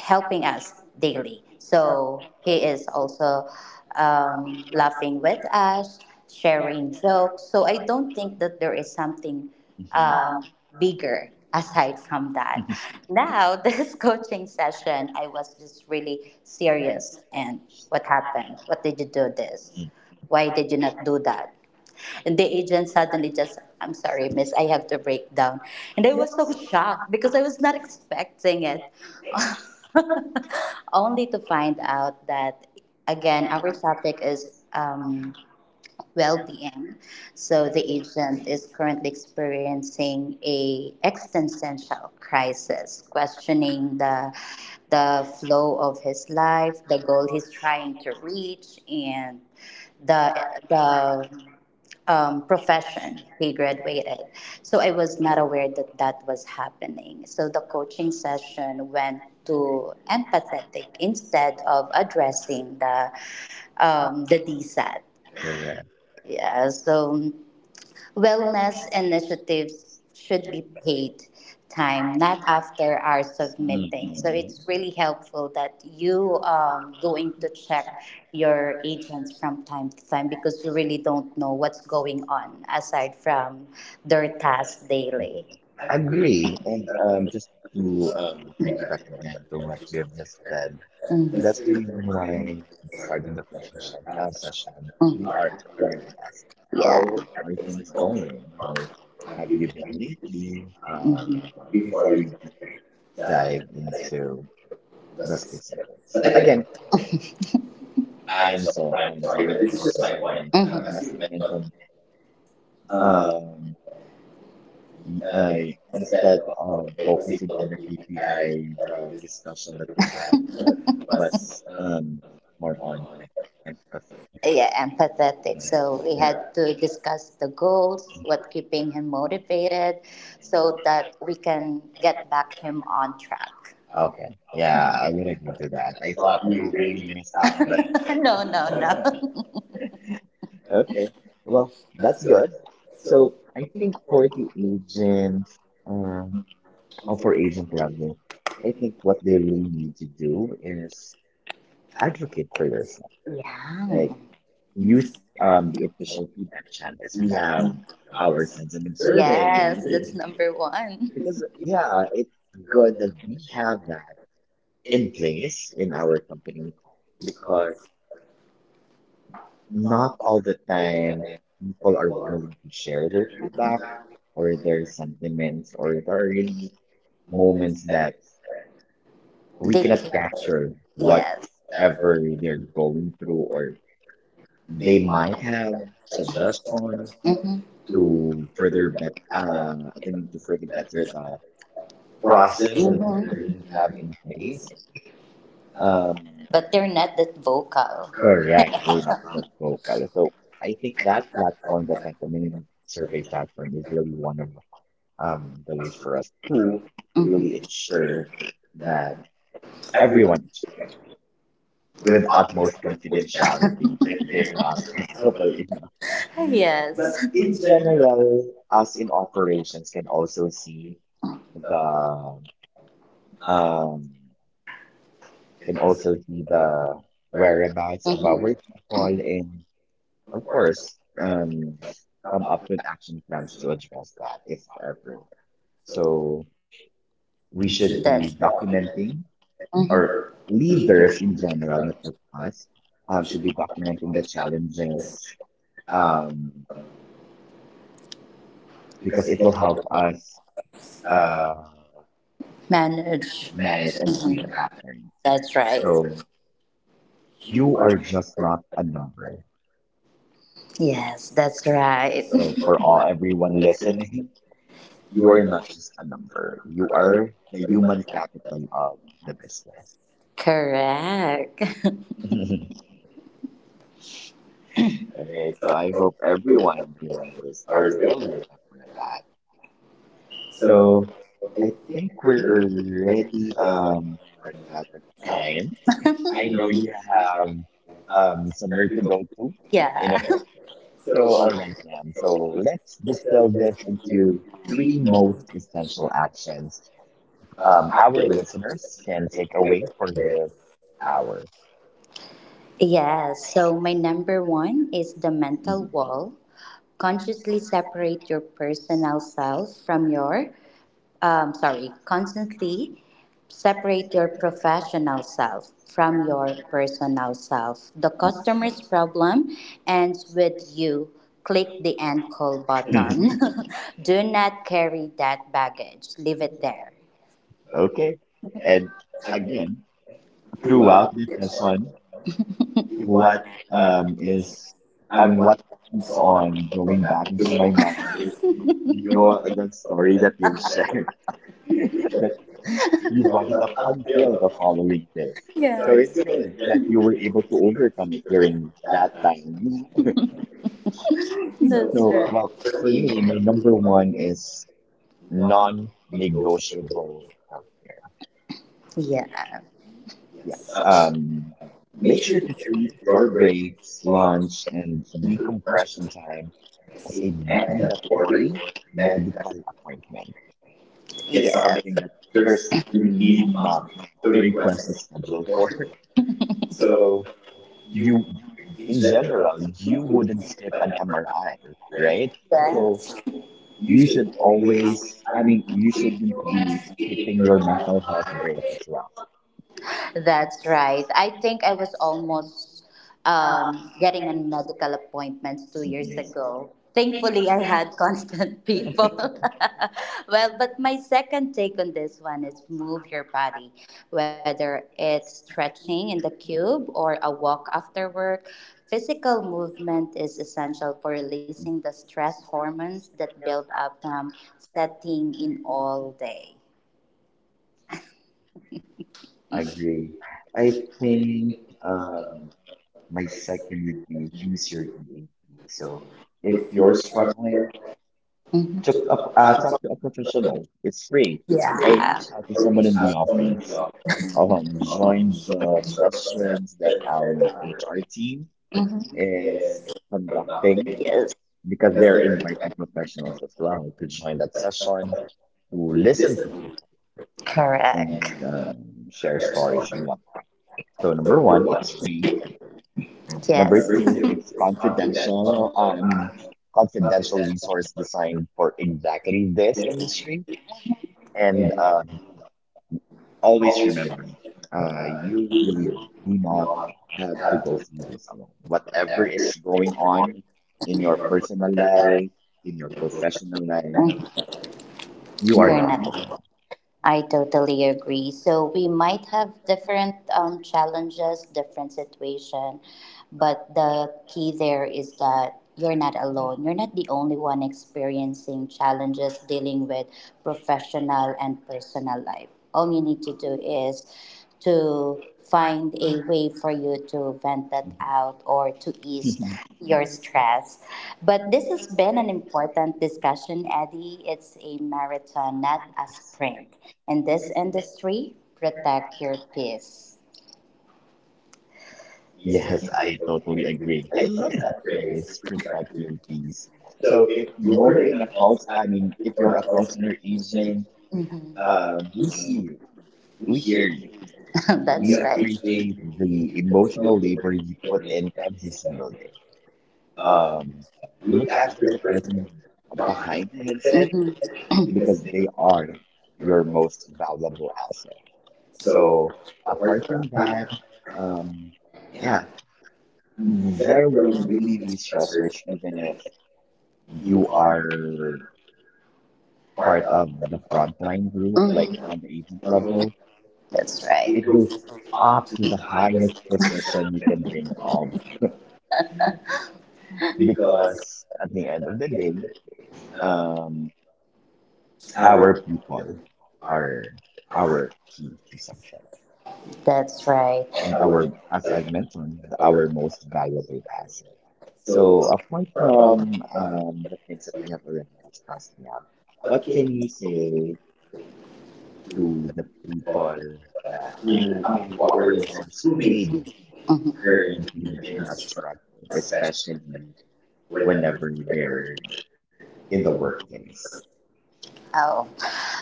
[SPEAKER 1] helping us daily. So he is also um, laughing with us, sharing jokes. So I don't think that there is something
[SPEAKER 2] Mhm.
[SPEAKER 1] um, bigger aside from that.
[SPEAKER 2] Mhm.
[SPEAKER 1] Now, *laughs* this coaching session, I was just really serious. And what happened? What did you do this?
[SPEAKER 2] *laughs*
[SPEAKER 1] Why did you not do that? And the agent suddenly just, I'm sorry, miss, I have to break down. And I was so shocked because I was not expecting it. *laughs* Only to find out that again our topic is um, well-being, so the agent is currently experiencing a existential crisis questioning the the flow of his life, the goal he's trying to reach, and the the um, profession he graduated. So I was not aware that that was happening. So the coaching session went to empathetic instead of addressing the um, the
[SPEAKER 2] Correct.
[SPEAKER 1] D S A T. Yeah, so wellness initiatives should be paid time, not after hours of meeting. So
[SPEAKER 2] Mhm.
[SPEAKER 1] it's really helpful that you um, going to check your agents from time to time because you really don't know what's going on aside from their tasks
[SPEAKER 2] Mhm.
[SPEAKER 1] daily.
[SPEAKER 2] Agree. And um, just to um, piggyback again to what you have just said, that's the reason
[SPEAKER 1] Mm.
[SPEAKER 2] why at the start of the coaching session, uh, session,
[SPEAKER 1] Mm.
[SPEAKER 2] we are already asked, how are things going? How have you
[SPEAKER 1] Yeah.
[SPEAKER 2] been lately? Um,
[SPEAKER 1] Mhm. Before
[SPEAKER 2] before
[SPEAKER 1] we
[SPEAKER 2] we
[SPEAKER 1] dive
[SPEAKER 2] dive
[SPEAKER 1] into
[SPEAKER 2] into the
[SPEAKER 1] justice.
[SPEAKER 2] specifics.
[SPEAKER 1] But
[SPEAKER 2] But
[SPEAKER 1] again,
[SPEAKER 2] again,
[SPEAKER 1] I'm
[SPEAKER 2] I'm
[SPEAKER 1] so
[SPEAKER 2] so
[SPEAKER 1] I'm
[SPEAKER 2] I'm
[SPEAKER 1] sorry,
[SPEAKER 2] sorry,
[SPEAKER 1] but
[SPEAKER 2] but
[SPEAKER 1] this is
[SPEAKER 2] this is
[SPEAKER 1] just
[SPEAKER 2] just
[SPEAKER 1] my
[SPEAKER 2] my
[SPEAKER 1] point.
[SPEAKER 2] point.
[SPEAKER 1] Mhm. Uh, Mhm.
[SPEAKER 2] Um,
[SPEAKER 1] As
[SPEAKER 2] as
[SPEAKER 1] you
[SPEAKER 2] you
[SPEAKER 1] mentioned,
[SPEAKER 2] mentioned, um,
[SPEAKER 1] uh,
[SPEAKER 2] I
[SPEAKER 1] instead
[SPEAKER 2] instead
[SPEAKER 1] of
[SPEAKER 2] of
[SPEAKER 1] the
[SPEAKER 2] focusing
[SPEAKER 1] possible
[SPEAKER 2] on the
[SPEAKER 1] that you guys
[SPEAKER 2] K P I,
[SPEAKER 1] or
[SPEAKER 2] the discussion that you've had
[SPEAKER 1] *laughs* was
[SPEAKER 2] was
[SPEAKER 1] um,
[SPEAKER 2] um
[SPEAKER 1] more
[SPEAKER 2] more
[SPEAKER 1] on.
[SPEAKER 2] on like empathy.
[SPEAKER 1] Yeah, empathetic. So we had
[SPEAKER 2] Correct.
[SPEAKER 1] to discuss the goals, what keeping him motivated, so that we can get back him on track.
[SPEAKER 2] Okay. Yeah, I would agree to that. I thought you
[SPEAKER 1] *laughs*
[SPEAKER 2] really missed out by
[SPEAKER 1] No, no,
[SPEAKER 2] *laughs*
[SPEAKER 1] no.
[SPEAKER 2] Okay. Well, that's good.
[SPEAKER 1] So,
[SPEAKER 2] So I think for the agents, uh, or for agent level, I think what they really need to do is advocate for yourself.
[SPEAKER 1] yeah.
[SPEAKER 2] Like use
[SPEAKER 1] um,
[SPEAKER 2] um the official feedback channels. We have our sentiment survey
[SPEAKER 1] Yes, that's number one.
[SPEAKER 2] *laughs* because yeah, it's good that we have
[SPEAKER 1] *laughs*
[SPEAKER 2] that in place in our company because not
[SPEAKER 1] Not
[SPEAKER 2] all the
[SPEAKER 1] that they,
[SPEAKER 2] time
[SPEAKER 1] people
[SPEAKER 2] people
[SPEAKER 1] are
[SPEAKER 2] are willing to share
[SPEAKER 1] shared
[SPEAKER 2] their feedback
[SPEAKER 1] exactly or
[SPEAKER 2] or
[SPEAKER 1] there's
[SPEAKER 2] their sentiments or there are really
[SPEAKER 1] moments
[SPEAKER 2] moments
[SPEAKER 1] that
[SPEAKER 2] that
[SPEAKER 1] we.
[SPEAKER 2] we
[SPEAKER 1] They can.
[SPEAKER 2] cannot
[SPEAKER 1] Culture,
[SPEAKER 2] capture
[SPEAKER 1] yes, whatever
[SPEAKER 2] whatever they're going through or they
[SPEAKER 1] they might
[SPEAKER 2] might have
[SPEAKER 1] have, such as
[SPEAKER 2] suggestion
[SPEAKER 1] sometimes, hmm, to
[SPEAKER 2] to further bet
[SPEAKER 1] uh,
[SPEAKER 2] uh, I think to further
[SPEAKER 1] that
[SPEAKER 2] better the
[SPEAKER 1] process,
[SPEAKER 2] process that we
[SPEAKER 1] hmm,
[SPEAKER 2] currently have
[SPEAKER 1] having
[SPEAKER 2] in
[SPEAKER 1] is,
[SPEAKER 2] place.
[SPEAKER 1] uh,
[SPEAKER 2] Um,
[SPEAKER 1] but they're not that vocal. Correct.
[SPEAKER 2] correct, we're not that vocal. So I think that platform, the Pentamin survey platform, is really one of um, the ways for us
[SPEAKER 1] *laughs* Hmm.
[SPEAKER 2] to really ensure that
[SPEAKER 1] That. Everyone
[SPEAKER 2] everyone is
[SPEAKER 1] with
[SPEAKER 2] with utmost
[SPEAKER 1] autistic voice *laughs* *laughs*
[SPEAKER 2] confidentiality if they're not comfortable enough.
[SPEAKER 1] yes.
[SPEAKER 2] But
[SPEAKER 1] But in
[SPEAKER 2] in
[SPEAKER 1] general,
[SPEAKER 2] general, us in operations can also see the Um, can
[SPEAKER 1] it was,
[SPEAKER 2] also see
[SPEAKER 1] uh,
[SPEAKER 2] the
[SPEAKER 1] where,
[SPEAKER 2] whereabouts
[SPEAKER 1] uh,
[SPEAKER 2] of our
[SPEAKER 1] mhm,
[SPEAKER 2] people and of
[SPEAKER 1] of course,
[SPEAKER 2] course,
[SPEAKER 1] um,
[SPEAKER 2] um, come
[SPEAKER 1] come
[SPEAKER 2] up
[SPEAKER 1] up
[SPEAKER 2] with
[SPEAKER 1] with that.
[SPEAKER 2] action plans to address that if ever. So
[SPEAKER 1] So
[SPEAKER 2] we
[SPEAKER 1] we should,
[SPEAKER 2] should be
[SPEAKER 1] that's be right, document,
[SPEAKER 2] documenting
[SPEAKER 1] mm-hmm,
[SPEAKER 2] or
[SPEAKER 1] or leaders,
[SPEAKER 2] leaders in general,
[SPEAKER 1] um,
[SPEAKER 2] not just us, um,
[SPEAKER 1] um,
[SPEAKER 2] should
[SPEAKER 1] should
[SPEAKER 2] be
[SPEAKER 1] be documenting
[SPEAKER 2] documenting the
[SPEAKER 1] the
[SPEAKER 2] challenges, um, because
[SPEAKER 1] because it
[SPEAKER 2] it will
[SPEAKER 1] will
[SPEAKER 2] help us uh,
[SPEAKER 1] manage, manage
[SPEAKER 2] manage
[SPEAKER 1] it.
[SPEAKER 2] and see the
[SPEAKER 1] Mhm.
[SPEAKER 2] pattern.
[SPEAKER 1] That's right. So
[SPEAKER 2] So
[SPEAKER 1] you
[SPEAKER 2] you
[SPEAKER 1] are.
[SPEAKER 2] are just not a number.
[SPEAKER 1] Yes, that's right.
[SPEAKER 2] So for all everyone
[SPEAKER 1] *laughs*
[SPEAKER 2] listening,
[SPEAKER 1] You
[SPEAKER 2] you
[SPEAKER 1] are
[SPEAKER 2] are not
[SPEAKER 1] enough.
[SPEAKER 2] just a number. You are the human
[SPEAKER 1] 而人们感.
[SPEAKER 2] capital of the business.
[SPEAKER 1] Correct. *laughs*
[SPEAKER 2] *laughs*
[SPEAKER 1] And
[SPEAKER 2] All
[SPEAKER 1] then
[SPEAKER 2] right. So I
[SPEAKER 1] so
[SPEAKER 2] hope
[SPEAKER 1] I feel
[SPEAKER 2] everyone
[SPEAKER 1] comfortable
[SPEAKER 2] remembers
[SPEAKER 1] or
[SPEAKER 2] or will remember
[SPEAKER 1] really.
[SPEAKER 2] that.
[SPEAKER 1] So
[SPEAKER 2] So
[SPEAKER 1] I
[SPEAKER 2] I
[SPEAKER 1] think
[SPEAKER 2] think
[SPEAKER 1] we're
[SPEAKER 2] we're
[SPEAKER 1] getting
[SPEAKER 2] already
[SPEAKER 1] uh,
[SPEAKER 2] um running out of
[SPEAKER 1] time.
[SPEAKER 2] time. I
[SPEAKER 1] I know
[SPEAKER 2] know you
[SPEAKER 1] you have
[SPEAKER 2] have
[SPEAKER 1] um
[SPEAKER 2] um
[SPEAKER 1] somewhere
[SPEAKER 2] somewhere
[SPEAKER 1] to
[SPEAKER 2] to
[SPEAKER 1] go.
[SPEAKER 2] go to in a
[SPEAKER 1] Yeah.
[SPEAKER 2] bit.
[SPEAKER 1] So
[SPEAKER 2] So
[SPEAKER 1] all
[SPEAKER 2] all
[SPEAKER 1] right.
[SPEAKER 2] right, ma'am. So
[SPEAKER 1] So
[SPEAKER 2] let's
[SPEAKER 1] let's sell
[SPEAKER 2] distill
[SPEAKER 1] this
[SPEAKER 2] this
[SPEAKER 1] into
[SPEAKER 2] into
[SPEAKER 1] three
[SPEAKER 2] three
[SPEAKER 1] most
[SPEAKER 2] most
[SPEAKER 1] essential.
[SPEAKER 2] essential actions
[SPEAKER 1] Um,
[SPEAKER 2] um
[SPEAKER 1] how
[SPEAKER 2] our
[SPEAKER 1] will this person
[SPEAKER 2] listeners can take
[SPEAKER 1] make
[SPEAKER 2] away for
[SPEAKER 1] this
[SPEAKER 2] this
[SPEAKER 1] hour?
[SPEAKER 2] hour.
[SPEAKER 1] Yes. So my number one is the mental
[SPEAKER 2] Mhm.
[SPEAKER 1] wall. Consciously separate your personal self from your um, sorry, constantly separate your professional self from your personal self. The customer's problem ends with you. Click the end call button.
[SPEAKER 2] Mhm.
[SPEAKER 1] *laughs* Do not carry that baggage. Leave it there.
[SPEAKER 2] *laughs* Okay. And
[SPEAKER 1] Okay.
[SPEAKER 2] again,
[SPEAKER 1] Drew, uh,
[SPEAKER 2] throughout this
[SPEAKER 1] next one.
[SPEAKER 2] lesson,
[SPEAKER 1] You
[SPEAKER 2] what
[SPEAKER 1] want, um,
[SPEAKER 2] um is I
[SPEAKER 1] I'm
[SPEAKER 2] mean
[SPEAKER 1] one
[SPEAKER 2] what
[SPEAKER 1] that's
[SPEAKER 2] keeps
[SPEAKER 1] on
[SPEAKER 2] on
[SPEAKER 1] from
[SPEAKER 2] going back
[SPEAKER 1] that. You
[SPEAKER 2] into my mind is
[SPEAKER 1] shared.
[SPEAKER 2] your
[SPEAKER 1] You're
[SPEAKER 2] the story that you've shared *laughs* that you brought it up
[SPEAKER 1] a
[SPEAKER 2] until the
[SPEAKER 1] field.
[SPEAKER 2] following day.
[SPEAKER 1] Yeah. So
[SPEAKER 2] So
[SPEAKER 1] it's
[SPEAKER 2] it's
[SPEAKER 1] good
[SPEAKER 2] good
[SPEAKER 1] that
[SPEAKER 2] that
[SPEAKER 1] you
[SPEAKER 2] you
[SPEAKER 1] were
[SPEAKER 2] were
[SPEAKER 1] able
[SPEAKER 2] able
[SPEAKER 1] to
[SPEAKER 2] to
[SPEAKER 1] introduce
[SPEAKER 2] overcome it during that
[SPEAKER 1] that.
[SPEAKER 2] time. *laughs*
[SPEAKER 1] That's so,
[SPEAKER 2] So, well,
[SPEAKER 1] right. Well,
[SPEAKER 2] for
[SPEAKER 1] for me,
[SPEAKER 2] me, my number one is
[SPEAKER 1] non-negotiable.
[SPEAKER 2] non-negotiable.
[SPEAKER 1] Yeah. Yes.
[SPEAKER 2] Yes.
[SPEAKER 1] Uh,
[SPEAKER 2] Um,
[SPEAKER 1] make
[SPEAKER 2] make
[SPEAKER 1] sure
[SPEAKER 2] sure
[SPEAKER 1] to
[SPEAKER 2] to treat
[SPEAKER 1] keep your
[SPEAKER 2] your
[SPEAKER 1] grades
[SPEAKER 2] breaks,
[SPEAKER 1] on
[SPEAKER 2] lunch, and decompression
[SPEAKER 1] international
[SPEAKER 2] time
[SPEAKER 1] as
[SPEAKER 2] as
[SPEAKER 1] a
[SPEAKER 2] a
[SPEAKER 1] magnet
[SPEAKER 2] mandatory
[SPEAKER 1] that. You. Have
[SPEAKER 2] medical appointment.
[SPEAKER 1] it's, yeah,
[SPEAKER 2] It's
[SPEAKER 1] something
[SPEAKER 2] something
[SPEAKER 1] that
[SPEAKER 2] that
[SPEAKER 1] there's
[SPEAKER 2] there's
[SPEAKER 1] you
[SPEAKER 2] we need
[SPEAKER 1] need
[SPEAKER 2] not
[SPEAKER 1] um, the
[SPEAKER 2] to request a
[SPEAKER 1] request for
[SPEAKER 2] schedule for. *laughs*
[SPEAKER 1] reporting. So
[SPEAKER 2] So
[SPEAKER 1] you
[SPEAKER 2] you,
[SPEAKER 1] in
[SPEAKER 2] in
[SPEAKER 1] general
[SPEAKER 2] general,
[SPEAKER 1] you
[SPEAKER 2] you
[SPEAKER 1] would
[SPEAKER 2] wouldn't skip an
[SPEAKER 1] whatever,
[SPEAKER 2] M R I, right?
[SPEAKER 1] right? Yeah.
[SPEAKER 2] So
[SPEAKER 1] So you
[SPEAKER 2] you should
[SPEAKER 1] should always
[SPEAKER 2] always, I
[SPEAKER 1] have an
[SPEAKER 2] mean, you
[SPEAKER 1] increase
[SPEAKER 2] shouldn't be
[SPEAKER 1] in
[SPEAKER 2] skipping your
[SPEAKER 1] your
[SPEAKER 2] mental health
[SPEAKER 1] life.
[SPEAKER 2] break as well.
[SPEAKER 1] That's right. I think I was almost um, getting a medical appointment two years
[SPEAKER 2] C P As.
[SPEAKER 1] ago. Thankfully, I had constant *laughs* people. *laughs* Well, but my second take on this one is move your body, whether it's stretching in the cube or a walk after work. Physical movement is essential for releasing the stress hormones that build up from setting in all day.
[SPEAKER 2] I agree. I think um, my
[SPEAKER 1] Licensed
[SPEAKER 2] second would be use your
[SPEAKER 1] student.
[SPEAKER 2] E A P. So
[SPEAKER 1] So
[SPEAKER 2] if
[SPEAKER 1] if
[SPEAKER 2] you're
[SPEAKER 1] your
[SPEAKER 2] struggling,
[SPEAKER 1] structure, hmm,
[SPEAKER 2] talk to a,
[SPEAKER 1] took up
[SPEAKER 2] uh, talk
[SPEAKER 1] laptop.
[SPEAKER 2] to a professional. It's free.
[SPEAKER 1] Yeah.
[SPEAKER 2] Or
[SPEAKER 1] Or
[SPEAKER 2] reach
[SPEAKER 1] reach
[SPEAKER 2] out to
[SPEAKER 1] out to
[SPEAKER 2] someone in
[SPEAKER 1] someone
[SPEAKER 2] the
[SPEAKER 1] in the office,
[SPEAKER 2] office. Um,
[SPEAKER 1] um,
[SPEAKER 2] join
[SPEAKER 1] showing her
[SPEAKER 2] the
[SPEAKER 1] a message
[SPEAKER 2] sessions that
[SPEAKER 1] that
[SPEAKER 2] our
[SPEAKER 1] they,
[SPEAKER 2] H R team
[SPEAKER 1] hmm,
[SPEAKER 2] is
[SPEAKER 1] is about
[SPEAKER 2] conducting
[SPEAKER 1] things. Yes.
[SPEAKER 2] because
[SPEAKER 1] Because
[SPEAKER 2] they're
[SPEAKER 1] they're in
[SPEAKER 2] inviting
[SPEAKER 1] fact
[SPEAKER 2] professionals as well to join that session to listen to
[SPEAKER 1] listen.
[SPEAKER 2] people
[SPEAKER 1] Correct.
[SPEAKER 2] and
[SPEAKER 1] And uh,
[SPEAKER 2] um, share
[SPEAKER 1] share
[SPEAKER 2] stories and
[SPEAKER 1] story.
[SPEAKER 2] whatnot.
[SPEAKER 1] So
[SPEAKER 2] So number
[SPEAKER 1] number
[SPEAKER 2] one,
[SPEAKER 1] one,
[SPEAKER 2] it's free.
[SPEAKER 1] yes,
[SPEAKER 2] Number
[SPEAKER 1] number
[SPEAKER 2] two,
[SPEAKER 1] two
[SPEAKER 2] it's
[SPEAKER 1] *laughs* is
[SPEAKER 2] confidential. Uh,
[SPEAKER 1] confidential.
[SPEAKER 2] I
[SPEAKER 1] uh,
[SPEAKER 2] mean, confidential
[SPEAKER 1] Confidential.
[SPEAKER 2] resource designed for exactly this industry. And
[SPEAKER 1] And uh,
[SPEAKER 2] um, always
[SPEAKER 1] always should,
[SPEAKER 2] remember, uh,
[SPEAKER 1] uh,
[SPEAKER 2] you really
[SPEAKER 1] you
[SPEAKER 2] do not
[SPEAKER 1] not
[SPEAKER 2] have to
[SPEAKER 1] have
[SPEAKER 2] go
[SPEAKER 1] to,
[SPEAKER 2] through this alone.
[SPEAKER 1] uh,
[SPEAKER 2] Whatever
[SPEAKER 1] have your,
[SPEAKER 2] is going on in
[SPEAKER 1] between
[SPEAKER 2] your
[SPEAKER 1] your.
[SPEAKER 2] personal
[SPEAKER 1] Right.
[SPEAKER 2] life, in your professional life, you are
[SPEAKER 1] Very
[SPEAKER 2] not
[SPEAKER 1] much.
[SPEAKER 2] alone.
[SPEAKER 1] I totally agree. So we might have different um, challenges, different situation, but the key there is that you're not alone. You're not the only one experiencing challenges dealing with professional and personal life. All you need to do is to find a way for you to vent that out or to ease
[SPEAKER 2] *laughs*
[SPEAKER 1] your stress. But this has been an important discussion, Eddie. It's a marathon, not a sprint. In this industry, protect your peace.
[SPEAKER 2] Yes, I
[SPEAKER 1] Mhm.
[SPEAKER 2] totally agree. I love that phrase, protect your peace. So if you're in a call, I mean, if you're a call center agent, uh, we see you, we hear you, we appreciate the emotional labor you put in
[SPEAKER 1] *laughs*
[SPEAKER 2] every single day.
[SPEAKER 1] That's right.
[SPEAKER 2] Um,
[SPEAKER 1] Look
[SPEAKER 2] look
[SPEAKER 1] after
[SPEAKER 2] after
[SPEAKER 1] the
[SPEAKER 2] the
[SPEAKER 1] person
[SPEAKER 2] person
[SPEAKER 1] behind
[SPEAKER 2] behind the headset
[SPEAKER 1] hmm because
[SPEAKER 2] because
[SPEAKER 1] they
[SPEAKER 2] they
[SPEAKER 1] are
[SPEAKER 2] are
[SPEAKER 1] your
[SPEAKER 2] your
[SPEAKER 1] most.
[SPEAKER 2] most valuable asset.
[SPEAKER 1] So
[SPEAKER 2] So
[SPEAKER 1] I work
[SPEAKER 2] apart from that,
[SPEAKER 1] that. Um,
[SPEAKER 2] um,
[SPEAKER 1] yeah,
[SPEAKER 2] yeah,
[SPEAKER 1] there are
[SPEAKER 2] there will
[SPEAKER 1] really
[SPEAKER 2] really
[SPEAKER 1] big
[SPEAKER 2] be
[SPEAKER 1] stressors,
[SPEAKER 2] stressors, even if
[SPEAKER 1] and
[SPEAKER 2] you
[SPEAKER 1] you are
[SPEAKER 2] are
[SPEAKER 1] part
[SPEAKER 2] part
[SPEAKER 1] of
[SPEAKER 2] of the
[SPEAKER 1] uh, like
[SPEAKER 2] frontline group, like
[SPEAKER 1] hmm
[SPEAKER 2] on the agent
[SPEAKER 1] uh, level.
[SPEAKER 2] level.
[SPEAKER 1] That's right. It
[SPEAKER 2] It
[SPEAKER 1] goes
[SPEAKER 2] goes
[SPEAKER 1] up
[SPEAKER 2] up
[SPEAKER 1] to
[SPEAKER 2] to
[SPEAKER 1] the
[SPEAKER 2] the highest
[SPEAKER 1] highest
[SPEAKER 2] position you can think of
[SPEAKER 1] person because
[SPEAKER 2] because at the
[SPEAKER 1] yeah,
[SPEAKER 2] end of the day,
[SPEAKER 1] uh,
[SPEAKER 2] um,
[SPEAKER 1] our
[SPEAKER 2] our people are our
[SPEAKER 1] our
[SPEAKER 2] key to success,
[SPEAKER 1] That's right.
[SPEAKER 2] and
[SPEAKER 1] our
[SPEAKER 2] our, as I mentioned,
[SPEAKER 1] our
[SPEAKER 2] our most valuable asset.
[SPEAKER 1] so
[SPEAKER 2] So apart
[SPEAKER 1] from
[SPEAKER 2] from
[SPEAKER 1] uh,
[SPEAKER 2] um, the things that we have already discussed now,
[SPEAKER 1] what
[SPEAKER 2] what
[SPEAKER 1] can you
[SPEAKER 2] can you
[SPEAKER 1] say
[SPEAKER 2] say
[SPEAKER 1] to
[SPEAKER 2] to
[SPEAKER 1] the
[SPEAKER 2] the
[SPEAKER 1] boy?
[SPEAKER 2] people uh,
[SPEAKER 1] Uh, who-
[SPEAKER 2] who,
[SPEAKER 1] I
[SPEAKER 2] I mean,
[SPEAKER 1] mean,
[SPEAKER 2] to
[SPEAKER 1] what were
[SPEAKER 2] our
[SPEAKER 1] the things?
[SPEAKER 2] listeners
[SPEAKER 1] Who
[SPEAKER 2] who may
[SPEAKER 1] made
[SPEAKER 2] be
[SPEAKER 1] you Mhm. her
[SPEAKER 2] currently
[SPEAKER 1] in
[SPEAKER 2] in
[SPEAKER 1] a
[SPEAKER 2] a
[SPEAKER 1] struggle,
[SPEAKER 2] struggle,
[SPEAKER 1] especially
[SPEAKER 2] especially
[SPEAKER 1] whenever
[SPEAKER 2] whenever
[SPEAKER 1] they're
[SPEAKER 2] they're
[SPEAKER 1] in
[SPEAKER 2] in
[SPEAKER 1] the
[SPEAKER 2] the
[SPEAKER 1] world?
[SPEAKER 2] workplace?
[SPEAKER 1] Oh,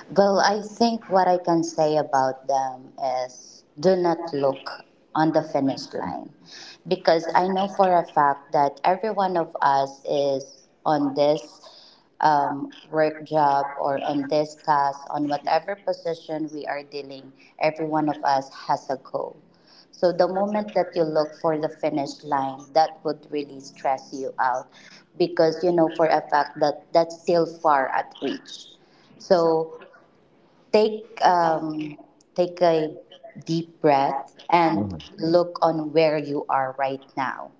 [SPEAKER 1] well, I think what I can say about them is do not look on the finish line
[SPEAKER 2] Mhm.
[SPEAKER 1] because I know for a fact that every one of us is on this um, work job or on this task, on whatever position we are dealing, every one of us has a goal. So the moment that you look for the finish line, that would really stress you out because you know for a fact that that's still far at reach. So take um, take a deep breath and
[SPEAKER 2] Oh,
[SPEAKER 1] look on where you are right now.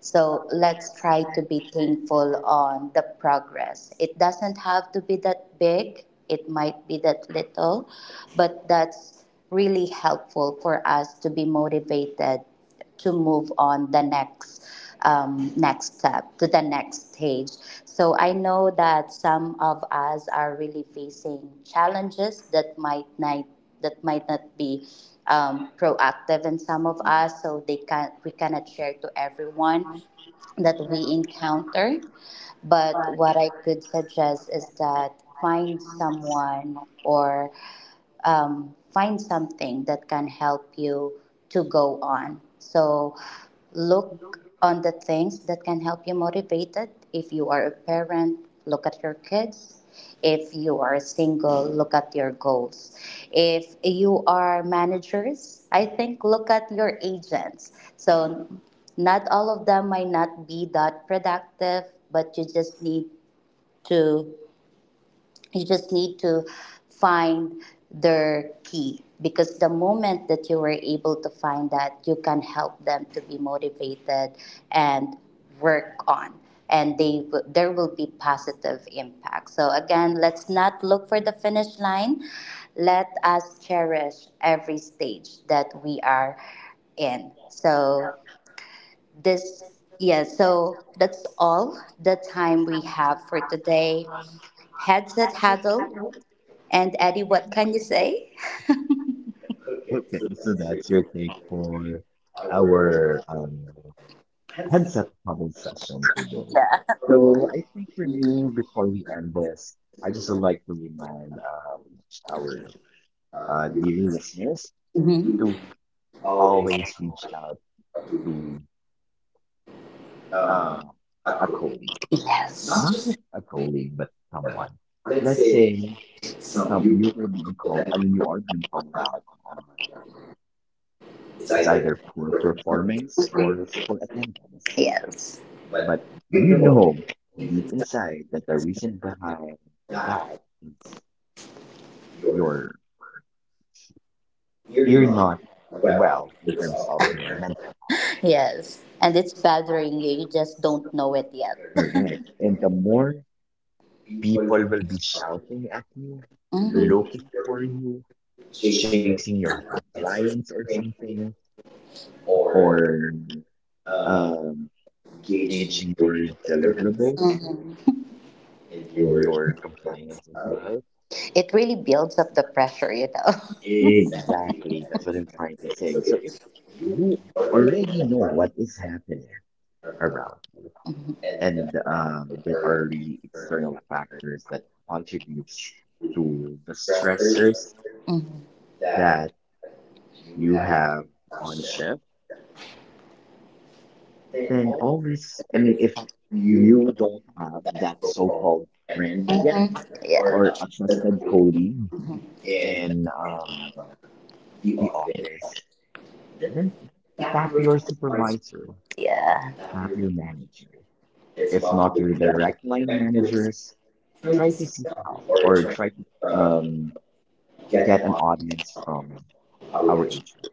[SPEAKER 1] So let's try to be thankful on the progress. It doesn't have to be that big. It might be that little, but that's really helpful for us to be motivated to move on the next um, next step to the next stage so i know that some of us are really facing challenges that might not that might not be um, proactive in some of us so they can we cannot share to everyone that we encounter but what I could suggest is that find someone or um, find something that can help you to go on. So look on the things that can help you motivated. If you are a parent, look at your kids. If you are single, look at your goals. If you are managers, I think look at your agents. So not all of them might not be that productive, but you just need to you just need to find their key because the moment that you were able to find that you can help them to be motivated and work on and they w- there will be positive impact so again let's not look for the finish line let us cherish every stage that we are in so this yeah so that's all the time we have for today headset huddle and Eddie, what can you say? Okay,
[SPEAKER 2] okay,
[SPEAKER 1] so
[SPEAKER 2] so
[SPEAKER 1] that's
[SPEAKER 2] that's
[SPEAKER 1] it.
[SPEAKER 2] your take for
[SPEAKER 1] Your
[SPEAKER 2] our
[SPEAKER 1] our
[SPEAKER 2] um
[SPEAKER 1] handsome.
[SPEAKER 2] Headset problem session
[SPEAKER 1] Yeah.
[SPEAKER 2] today.
[SPEAKER 1] So I
[SPEAKER 2] So I think for me, before we end this,
[SPEAKER 1] just
[SPEAKER 2] I
[SPEAKER 1] feel
[SPEAKER 2] just would
[SPEAKER 1] like
[SPEAKER 2] like to remind um, our
[SPEAKER 1] uh,
[SPEAKER 2] uh,
[SPEAKER 1] you
[SPEAKER 2] dear listeners
[SPEAKER 1] hmm
[SPEAKER 2] to
[SPEAKER 1] always
[SPEAKER 2] always reach out to
[SPEAKER 1] uh,
[SPEAKER 2] uh, a
[SPEAKER 1] echo.
[SPEAKER 2] colleague,
[SPEAKER 1] Yes. Not Yes.
[SPEAKER 2] not
[SPEAKER 1] just
[SPEAKER 2] just a colleague, but someone.
[SPEAKER 1] let's
[SPEAKER 2] Let's
[SPEAKER 1] say
[SPEAKER 2] say
[SPEAKER 1] some
[SPEAKER 2] some
[SPEAKER 1] you
[SPEAKER 2] you were being called.
[SPEAKER 1] and
[SPEAKER 2] I mean, you are being called out. Um,
[SPEAKER 1] it's
[SPEAKER 2] it's
[SPEAKER 1] either
[SPEAKER 2] either poor performance or
[SPEAKER 1] hmm
[SPEAKER 2] poor attendance.
[SPEAKER 1] Yes. but
[SPEAKER 2] But
[SPEAKER 1] you
[SPEAKER 2] you
[SPEAKER 1] know
[SPEAKER 2] know deep
[SPEAKER 1] it's
[SPEAKER 2] inside that the reason behind
[SPEAKER 1] that
[SPEAKER 2] that is
[SPEAKER 1] you're
[SPEAKER 2] your
[SPEAKER 1] you're
[SPEAKER 2] you're
[SPEAKER 1] not
[SPEAKER 2] not
[SPEAKER 1] well
[SPEAKER 2] well in terms
[SPEAKER 1] yourself.
[SPEAKER 2] of your
[SPEAKER 1] *laughs*
[SPEAKER 2] mental health.
[SPEAKER 1] Yes. And it's bothering you, you just don't know it yet.
[SPEAKER 2] Correct. And the
[SPEAKER 1] *laughs*
[SPEAKER 2] more people will be shouting at you,
[SPEAKER 1] Mhm.
[SPEAKER 2] looking for
[SPEAKER 1] Mhm.
[SPEAKER 2] you, chasing your compliance or something, or um, gauging your deliverables and your compliance as well.
[SPEAKER 1] It really builds up the pressure, you know.
[SPEAKER 2] Exactly. That's what I'm trying to say. So if you already know what is happening around you, and um, there are really external
[SPEAKER 1] *laughs*
[SPEAKER 2] factors that contribute
[SPEAKER 1] Mhm.
[SPEAKER 2] to the
[SPEAKER 1] stressors
[SPEAKER 2] stressors
[SPEAKER 1] Mhm. that
[SPEAKER 2] that
[SPEAKER 1] you
[SPEAKER 2] you
[SPEAKER 1] have
[SPEAKER 2] have on
[SPEAKER 1] constant.
[SPEAKER 2] shift,
[SPEAKER 1] Then
[SPEAKER 2] then
[SPEAKER 1] also
[SPEAKER 2] always, I mean,
[SPEAKER 1] if
[SPEAKER 2] if
[SPEAKER 1] you
[SPEAKER 2] you
[SPEAKER 1] want
[SPEAKER 2] don't have
[SPEAKER 1] that
[SPEAKER 2] that
[SPEAKER 1] so called
[SPEAKER 2] so-called
[SPEAKER 1] and
[SPEAKER 2] friend yet
[SPEAKER 1] Mhm. Yeah. or
[SPEAKER 2] or a trusted
[SPEAKER 1] accessibility
[SPEAKER 2] colleague
[SPEAKER 1] Mhm. in
[SPEAKER 2] in
[SPEAKER 1] um,
[SPEAKER 2] um,
[SPEAKER 1] the
[SPEAKER 2] the
[SPEAKER 1] office,
[SPEAKER 2] office,
[SPEAKER 1] then
[SPEAKER 2] then
[SPEAKER 1] tap
[SPEAKER 2] tap
[SPEAKER 1] your
[SPEAKER 2] your
[SPEAKER 1] voice,
[SPEAKER 2] supervisor,
[SPEAKER 1] Yeah. tap
[SPEAKER 2] tap
[SPEAKER 1] your
[SPEAKER 2] your
[SPEAKER 1] message.
[SPEAKER 2] manager.
[SPEAKER 1] It's
[SPEAKER 2] If
[SPEAKER 1] not
[SPEAKER 2] not
[SPEAKER 1] your
[SPEAKER 2] your
[SPEAKER 1] brand.
[SPEAKER 2] direct line managers,
[SPEAKER 1] Try to
[SPEAKER 2] try to
[SPEAKER 1] see
[SPEAKER 2] seek
[SPEAKER 1] them
[SPEAKER 2] help
[SPEAKER 1] or
[SPEAKER 2] or
[SPEAKER 1] try
[SPEAKER 2] try to
[SPEAKER 1] to um,
[SPEAKER 2] um,
[SPEAKER 1] get an
[SPEAKER 2] get an audience from our
[SPEAKER 1] outreach.
[SPEAKER 2] H R.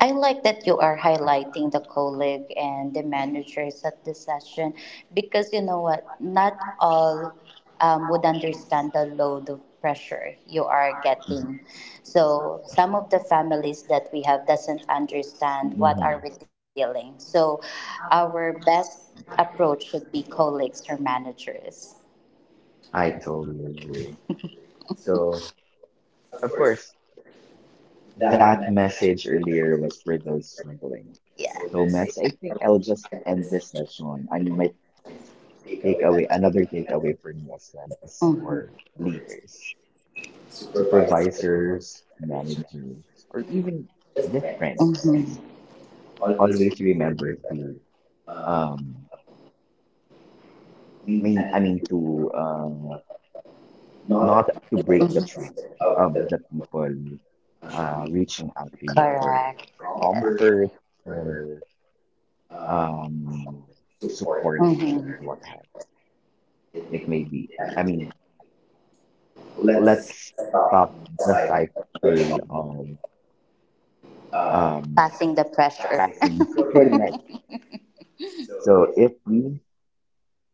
[SPEAKER 1] I like that you are highlighting the colleague and the managers at the session because you know what? Not all um, would understand the load of pressure you are getting. So some of the families that we have doesn't understand what are
[SPEAKER 2] Hmm.
[SPEAKER 1] we dealing. So our best approach should be colleagues or managers.
[SPEAKER 2] I
[SPEAKER 1] Title.
[SPEAKER 2] totally agree.
[SPEAKER 1] So
[SPEAKER 2] So,
[SPEAKER 1] of
[SPEAKER 2] of
[SPEAKER 1] course
[SPEAKER 2] course,
[SPEAKER 1] that
[SPEAKER 2] that
[SPEAKER 1] message.
[SPEAKER 2] message earlier
[SPEAKER 1] *laughs*
[SPEAKER 2] was for those struggling.
[SPEAKER 1] Yeah.
[SPEAKER 2] So, Mess, I think I'll just end this session. I mean, my
[SPEAKER 1] take away
[SPEAKER 2] takeaway,
[SPEAKER 1] another
[SPEAKER 2] another takeaway for me as well is
[SPEAKER 1] Mm-hmm.
[SPEAKER 2] for leaders,
[SPEAKER 1] supervise
[SPEAKER 2] supervisors,
[SPEAKER 1] management,
[SPEAKER 2] managers, or even
[SPEAKER 1] just
[SPEAKER 2] just
[SPEAKER 1] manage.
[SPEAKER 2] friends.
[SPEAKER 1] Mm-hmm. Always we
[SPEAKER 2] Always remember to
[SPEAKER 1] um,
[SPEAKER 2] um
[SPEAKER 1] we
[SPEAKER 2] me I
[SPEAKER 1] and
[SPEAKER 2] mean to uh not
[SPEAKER 1] not
[SPEAKER 2] to break the
[SPEAKER 1] hmm
[SPEAKER 2] trust
[SPEAKER 1] of
[SPEAKER 2] of
[SPEAKER 1] the
[SPEAKER 2] the people
[SPEAKER 1] uh,
[SPEAKER 2] uh
[SPEAKER 1] we
[SPEAKER 2] reaching out to you for
[SPEAKER 1] Correct. Yeah. offer
[SPEAKER 2] comfort
[SPEAKER 1] or
[SPEAKER 2] or
[SPEAKER 1] um,
[SPEAKER 2] um
[SPEAKER 1] support
[SPEAKER 2] support
[SPEAKER 1] Mm-hmm.
[SPEAKER 2] or what have
[SPEAKER 1] it may
[SPEAKER 2] it may
[SPEAKER 1] be.
[SPEAKER 2] be. I
[SPEAKER 1] And
[SPEAKER 2] mean,
[SPEAKER 1] let's
[SPEAKER 2] let's
[SPEAKER 1] stop
[SPEAKER 2] stop the
[SPEAKER 1] like
[SPEAKER 2] cycle of
[SPEAKER 1] um,
[SPEAKER 2] um
[SPEAKER 1] passing the pressure.
[SPEAKER 2] passing.
[SPEAKER 1] Passing. *laughs* Correct.
[SPEAKER 2] Correct.
[SPEAKER 1] So
[SPEAKER 2] So
[SPEAKER 1] if
[SPEAKER 2] if we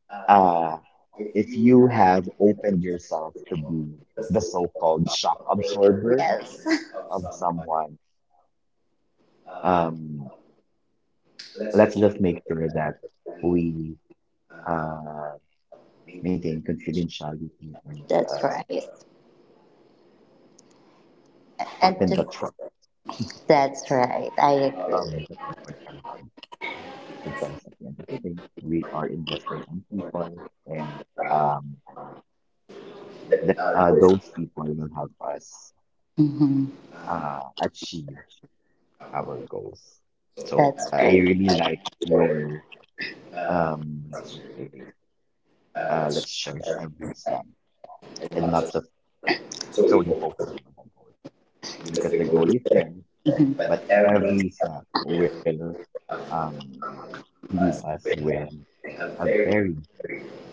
[SPEAKER 1] uh,
[SPEAKER 2] uh,
[SPEAKER 1] if
[SPEAKER 2] if
[SPEAKER 1] you
[SPEAKER 2] you
[SPEAKER 1] have
[SPEAKER 2] have opened yourself to be
[SPEAKER 1] just
[SPEAKER 2] the
[SPEAKER 1] the one
[SPEAKER 2] so-called
[SPEAKER 1] stop
[SPEAKER 2] shock
[SPEAKER 1] flavor
[SPEAKER 2] absorber
[SPEAKER 1] Yes. *laughs* of
[SPEAKER 2] of
[SPEAKER 1] some
[SPEAKER 2] someone,
[SPEAKER 1] um,
[SPEAKER 2] um,
[SPEAKER 1] let's
[SPEAKER 2] let's
[SPEAKER 1] just
[SPEAKER 2] just
[SPEAKER 1] make
[SPEAKER 2] make
[SPEAKER 1] sure
[SPEAKER 2] sure that
[SPEAKER 1] that we
[SPEAKER 2] we uh,
[SPEAKER 1] maintain consistent
[SPEAKER 2] maintain confidentiality and
[SPEAKER 1] That's
[SPEAKER 2] uh,
[SPEAKER 1] right. And
[SPEAKER 2] in the
[SPEAKER 1] th-
[SPEAKER 2] trust
[SPEAKER 1] that's right. I Uh,
[SPEAKER 2] of
[SPEAKER 1] agree.
[SPEAKER 2] the people around because at the end of the day, we are investing in people and um,
[SPEAKER 1] Uh,
[SPEAKER 2] th
[SPEAKER 1] that, uh,
[SPEAKER 2] uh,
[SPEAKER 1] there is
[SPEAKER 2] those people will help us
[SPEAKER 1] hmm
[SPEAKER 2] uh, achieve our goals.
[SPEAKER 1] so
[SPEAKER 2] So
[SPEAKER 1] That's
[SPEAKER 2] I
[SPEAKER 1] right.
[SPEAKER 2] really like your
[SPEAKER 1] or um,
[SPEAKER 2] um what I
[SPEAKER 1] uh,
[SPEAKER 2] said earlier. Uh,
[SPEAKER 1] let's
[SPEAKER 2] let's cherish
[SPEAKER 1] start
[SPEAKER 2] every step
[SPEAKER 1] and
[SPEAKER 2] and
[SPEAKER 1] not
[SPEAKER 2] not
[SPEAKER 1] just
[SPEAKER 2] just
[SPEAKER 1] solely
[SPEAKER 2] solely
[SPEAKER 1] focus
[SPEAKER 2] focusing on the goal
[SPEAKER 1] on just the
[SPEAKER 2] because the goal is
[SPEAKER 1] goal,
[SPEAKER 2] there,
[SPEAKER 1] hmm but
[SPEAKER 2] but
[SPEAKER 1] every.
[SPEAKER 2] every step will
[SPEAKER 1] um,
[SPEAKER 2] um leave
[SPEAKER 1] us
[SPEAKER 2] us
[SPEAKER 1] where
[SPEAKER 2] with
[SPEAKER 1] they have
[SPEAKER 2] a
[SPEAKER 1] very
[SPEAKER 2] very good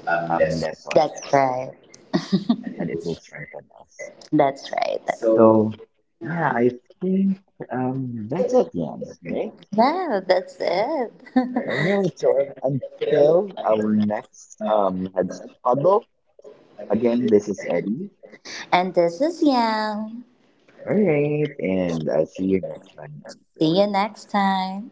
[SPEAKER 1] um,
[SPEAKER 2] um
[SPEAKER 1] less
[SPEAKER 2] lesson each
[SPEAKER 1] That's
[SPEAKER 2] day,
[SPEAKER 1] right. *laughs* and
[SPEAKER 2] and
[SPEAKER 1] it
[SPEAKER 2] it will
[SPEAKER 1] was
[SPEAKER 2] strengthen us.
[SPEAKER 1] That's right. so
[SPEAKER 2] So
[SPEAKER 1] yeah
[SPEAKER 2] yeah,
[SPEAKER 1] I
[SPEAKER 2] I think um that's it, Jan, right?
[SPEAKER 1] Yeah, that's it.
[SPEAKER 2] All
[SPEAKER 1] *laughs*
[SPEAKER 2] right, so
[SPEAKER 1] think
[SPEAKER 2] until our
[SPEAKER 1] um,
[SPEAKER 2] next
[SPEAKER 1] um,
[SPEAKER 2] um headset huddle.
[SPEAKER 1] again
[SPEAKER 2] Again,
[SPEAKER 1] this
[SPEAKER 2] this is Eddie.
[SPEAKER 1] and this is Yang.
[SPEAKER 2] All right, and I'll see you next time,
[SPEAKER 1] See you
[SPEAKER 2] everyone.
[SPEAKER 1] next time.